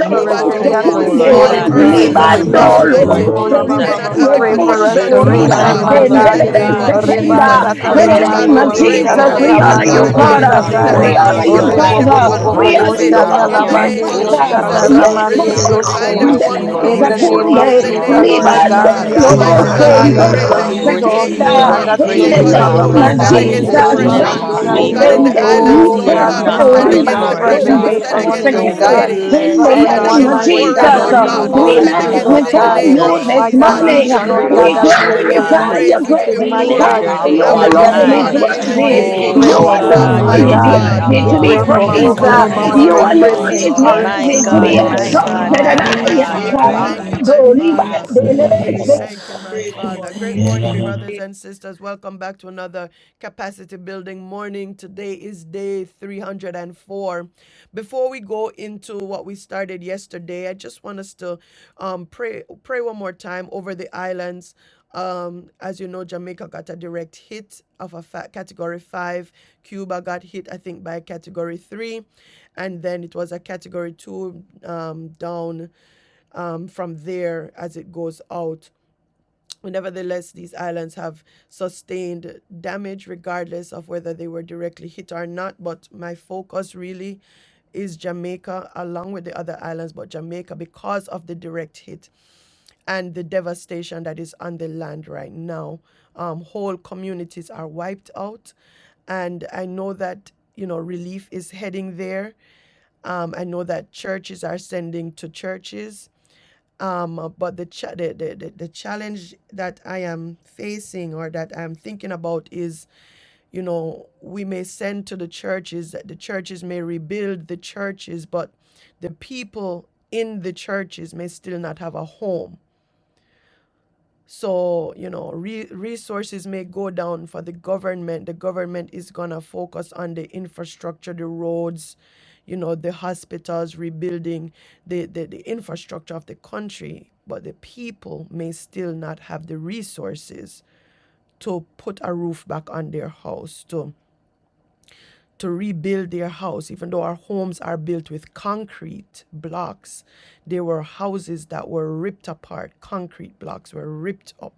S3: for
S2: oh
S1: Ye
S2: God, to
S9: And
S2: the,
S3: resilience
S2: the,
S6: for
S9: so,
S1: Koroboso
S3: this
S2: the
S6: you
S11: a
S9: Lord
S11: God
S7: sokunde,
S2: small
S6: are
S11: of
S3: morning.
S9: God,
S3: We
S9: we
S3: pray
S11: grace
S1: Terebesai.
S2: persons,
S6: greatly
S11: and
S3: for
S9: just
S6: and
S2: Lord God
S9: thank
S7: libando
S11: truth,
S3: recovery
S6: greatly
S9: you,
S3: this
S6: to
S9: Lord
S2: Almighty,
S7: lobo
S11: Lord.
S1: Oh,
S6: be
S3: morning.
S2: who
S7: sondo
S2: may
S9: Jesus.
S2: not
S3: We
S6: praised.
S2: have the
S7: ye
S3: pray
S6: uh,
S1: Rabababamando.
S3: for
S11: You are
S2: connections,
S7: kondo
S2: Lord
S11: worthy,
S7: riba
S3: restoration,
S1: Shando
S2: God.
S9: Thank
S11: you
S3: my
S9: you,
S11: are
S2: In
S1: Mose
S9: Lord
S2: the
S3: God.
S7: sendelebe
S2: name of
S9: God,
S11: worthy,
S6: Shekarabasiente,
S1: Terebesi.
S3: Oreba
S11: you
S9: for
S7: sekenda.
S9: the
S11: are
S2: Jesus,
S3: sata
S7: In
S1: In
S7: the
S2: mighty
S1: the
S9: privilege to
S2: God,
S7: name
S2: we
S3: ramande
S1: name
S7: of
S9: come
S1: of
S3: dio
S2: pray
S11: worthy,
S9: before
S3: sata
S7: Jesus,
S6: Nesatarabasioro
S1: Jesus.
S9: you
S2: today,
S7: we
S2: Lord
S9: this
S7: honor
S2: God
S3: ramande
S7: you,
S11: you
S3: dio
S9: morning
S7: God.
S11: are
S1: in the
S7: Uh,
S2: Almighty, that
S1: name
S6: Korabasata.
S3: satai.
S7: We
S1: of
S9: and for
S2: relief
S7: honor
S9: us,
S2: will
S7: you,
S11: worthy.
S9: Lord
S6: No
S1: Jesus.
S3: Orebo
S2: find
S9: God, to
S3: bo
S7: Father.
S9: give
S3: bo
S2: everyone
S9: you
S3: bo
S2: who
S3: bo
S7: We
S6: sotorobo
S9: praise
S2: needs
S3: bo
S7: honor
S9: where you
S2: it
S7: you,
S3: shanda
S9: can
S1: Hallelujah.
S7: our
S2: in
S3: la
S9: hear
S2: the
S9: our
S6: siaraba,
S7: great
S3: mande
S2: name of
S11: Thank
S3: dio
S11: you,
S1: Oh,
S9: distinct
S7: Father.
S3: sata
S2: Jesus.
S1: Shando
S11: Lord.
S6: rebaka
S1: Mose
S7: Ye
S9: voices.
S3: ramande
S2: Relief will
S3: dio
S7: korobo
S11: Thank
S2: find
S3: se.
S11: you,
S6: siantaraba
S1: Terebesi.
S2: everyone
S9: Receive
S2: who
S7: sendelebe
S9: our
S3: In
S2: needs
S6: sioro
S1: Ye
S3: the
S11: Lord.
S2: it
S9: worship,
S3: name
S6: kono
S3: of
S2: in
S7: sekunde,
S2: the
S1: Koroboso
S9: receive our
S2: name
S3: Jesus,
S2: of
S11: We
S3: my
S6: siorobo,
S9: worship,
S3: God,
S2: Jesus.
S3: we
S1: Terebesai.
S9: receive
S3: ask
S11: magnify
S9: our
S7: libando
S6: reba
S2: Mighty
S3: us,
S10: yeah,
S11: your
S2: God,
S10: yeah,
S9: worship,
S3: God,
S2: we
S11: holy
S3: that
S10: yeah,
S3: you
S2: pray
S10: yeah.
S3: will
S2: that
S1: Jesus,
S2: you
S11: name.
S6: sienterebe
S2: will
S11: We
S3: restore
S2: take
S9: receive
S1: Jesus,
S6: sete,
S3: and
S9: our
S2: over,
S3: that we
S7: in
S3: will
S11: magnify
S2: take
S7: the
S9: praise.
S11: your
S9: Let
S1: Jesus.
S9: it
S3: recover,
S2: control.
S7: name
S2: We
S9: be
S3: my
S9: a
S7: of
S11: holy
S2: stand
S6: shikaraba
S3: God, in
S9: sweet
S2: against
S3: the
S11: name.
S7: Jesus,
S3: name
S1: Oh,
S3: of
S9: smelling
S2: depression.
S6: siantaraba
S1: Yando
S7: Rabba
S2: Oh
S3: Jesus.
S1: Mose
S11: You
S2: God,
S9: Savior
S2: in
S11: are
S2: the
S6: sioro
S7: Sende
S6: kona
S2: islands,
S9: to
S3: Oh,
S2: Lord
S9: your
S11: worthy.
S1: Terebesi.
S3: God, we
S2: God,
S11: You
S2: we
S3: come
S7: Ikondo
S11: are
S2: stand
S6: siaraba,
S1: My
S9: nostrils,
S3: against
S2: against
S7: Riba
S1: God,
S11: worthy.
S9: Lord.
S1: in the
S2: depression.
S11: You
S3: depression
S2: We
S6: reba
S1: name
S11: are
S3: this
S2: stand
S1: of
S9: And
S7: Sondorobo
S3: morning,
S2: against
S9: so
S3: oh
S11: worthy.
S9: we
S6: sienterebe
S3: God
S1: Jesus.
S2: anxiety.
S7: In
S3: for
S7: the
S9: bless
S2: We
S1: Father
S2: stand
S9: you,
S6: sete,
S1: God,
S7: name
S3: anyone,
S1: we
S2: against
S7: of
S9: Lord.
S3: mighty
S1: pray for
S2: worry,
S3: God, that
S7: Jesus,
S2: Lord
S1: those
S3: may
S7: uh,
S11: Thank
S9: We
S3: be
S11: you,
S1: who
S2: God.
S1: are
S2: We
S6: shikaraba
S7: we
S3: going
S11: Lord
S2: stand
S1: affected
S9: worship
S3: through,
S1: by
S11: God.
S2: against
S1: this
S9: you,
S3: Lord
S2: it in the
S7: magnify
S6: sataraba
S3: God.
S2: name of
S1: hurricane.
S7: you
S9: Jesus.
S3: My
S6: sioro
S7: this
S3: God,
S1: God,
S6: kona
S7: morning.
S9: We
S11: Thank
S2: Jesus.
S3: thinking, Lord
S11: you.
S1: Shando
S3: God,
S7: We
S9: praise
S1: Mose
S3: that
S9: you,
S11: Thank
S6: siaraba,
S2: And
S3: may
S11: you.
S2: we
S9: my
S3: they
S2: give
S3: have
S2: you
S9: God.
S7: glorify
S1: Terebesi.
S3: lost
S2: praise,
S11: Thank
S7: your
S2: we
S11: you.
S2: give
S7: great
S2: you
S3: everything,
S1: Ye
S9: We
S3: my
S7: name,
S2: glory,
S9: lift
S3: God.
S9: your
S7: God.
S1: Koroboso
S7: You
S9: name
S2: and we
S3: Give
S11: We
S9: on
S2: give
S3: them
S2: you
S7: alone is
S3: hope
S1: Terebesi.
S9: high.
S2: honor
S6: Shekarabasien
S2: in
S3: this
S11: magnify
S2: the
S3: morning.
S11: your
S1: Ye
S6: terebes
S2: name
S3: We
S7: worthy.
S2: of
S9: Oh
S3: pray
S7: You
S11: great
S3: for
S1: Koroboso
S6: yoroko
S3: hope,
S2: Jesus,
S9: God,
S3: my
S7: alone
S9: your
S2: mighty
S7: is
S11: name.
S3: God.
S9: will
S1: Terebesi.
S2: God.
S9: be
S7: worthy
S3: We
S7: to
S9: done,
S6: rabasiara.
S7: be
S3: pray
S9: your
S1: Rama
S11: You
S3: for
S2: Yes,
S11: are
S1: Mama
S3: hope
S7: praised.
S9: kingdom
S3: this
S7: Uh,
S1: Mama
S11: great
S2: Lord,
S9: come,
S6: Nesien
S2: yes,
S1: Mama
S11: and
S3: morning.
S7: You
S3: We
S9: Lord.
S2: Lord,
S3: pray
S6: terebes
S11: greatly
S3: for
S1: Mando.
S7: alone
S2: yes,
S7: is
S11: to be
S3: encouragement.
S9: My
S6: yoroko
S7: worthy to
S2: Lord.
S7: be
S9: God, my
S11: praised.
S7: exalted.
S11: You
S9: God,
S11: are
S7: And
S2: Thank
S6: rabasata.
S2: you,
S9: my
S11: great
S2: my
S7: I, uh,
S9: God,
S11: and
S2: Father.
S9: my
S6: Sheka.
S9: God.
S2: Thank
S11: greatly
S2: you, my
S7: Karamando
S11: to be
S2: Father.
S7: Libande
S12: praise,
S7: Lebese.
S11: praised.
S2: Thank you, my
S12: praise
S11: We
S12: your
S2: Father. Great
S11: thank
S2: morning,
S11: you.
S2: brothers
S12: name
S2: and sisters. Welcome back to another capacity building morning. Today is day 304. Before we go into what we started yesterday, I just want us to um, pray pray one more time over the islands. Um, as you know, Jamaica got a direct hit of a fa- category five. Cuba got hit, I think, by a category three, and then it was a category two um, down um, from there as it goes out. Nevertheless, these islands have sustained damage regardless of whether they were directly hit or not. But my focus really is Jamaica along with the other islands, but Jamaica because of the direct hit and the devastation that is on the land right now. Um, whole communities are wiped out. And I know that, you know, relief is heading there. Um, I know that churches are sending to churches um but the, cha- the, the the the challenge that i am facing or that i'm thinking about is you know we may send to the churches the churches may rebuild the churches but the people in the churches may still not have a home so, you know, re- resources may go down for the government. The government is going to focus on the infrastructure, the roads, you know, the hospitals, rebuilding the, the, the infrastructure of the country. But the people may still not have the resources to put a roof back on their house, to, to rebuild their house. Even though our homes are built with concrete blocks, there were houses that were ripped apart, concrete blocks were ripped up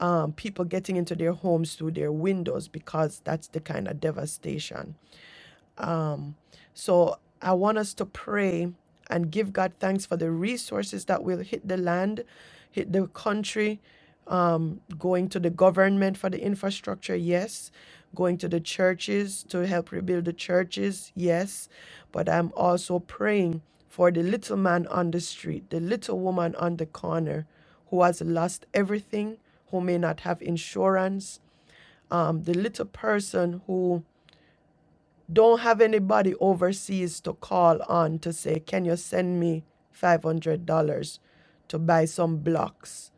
S2: um, people getting into their homes through their windows because that's the kind of devastation um, so I want us to pray and give God thanks for the resources that will hit the land, hit the country, um, going to the government for the infrastructure, yes. Going to the churches to help rebuild the churches, yes. But I'm also praying for the little man on the street, the little woman on the corner who has lost everything, who may not have insurance, um, the little person who don't have anybody overseas to call on to say, Can you send me $500 to buy some blocks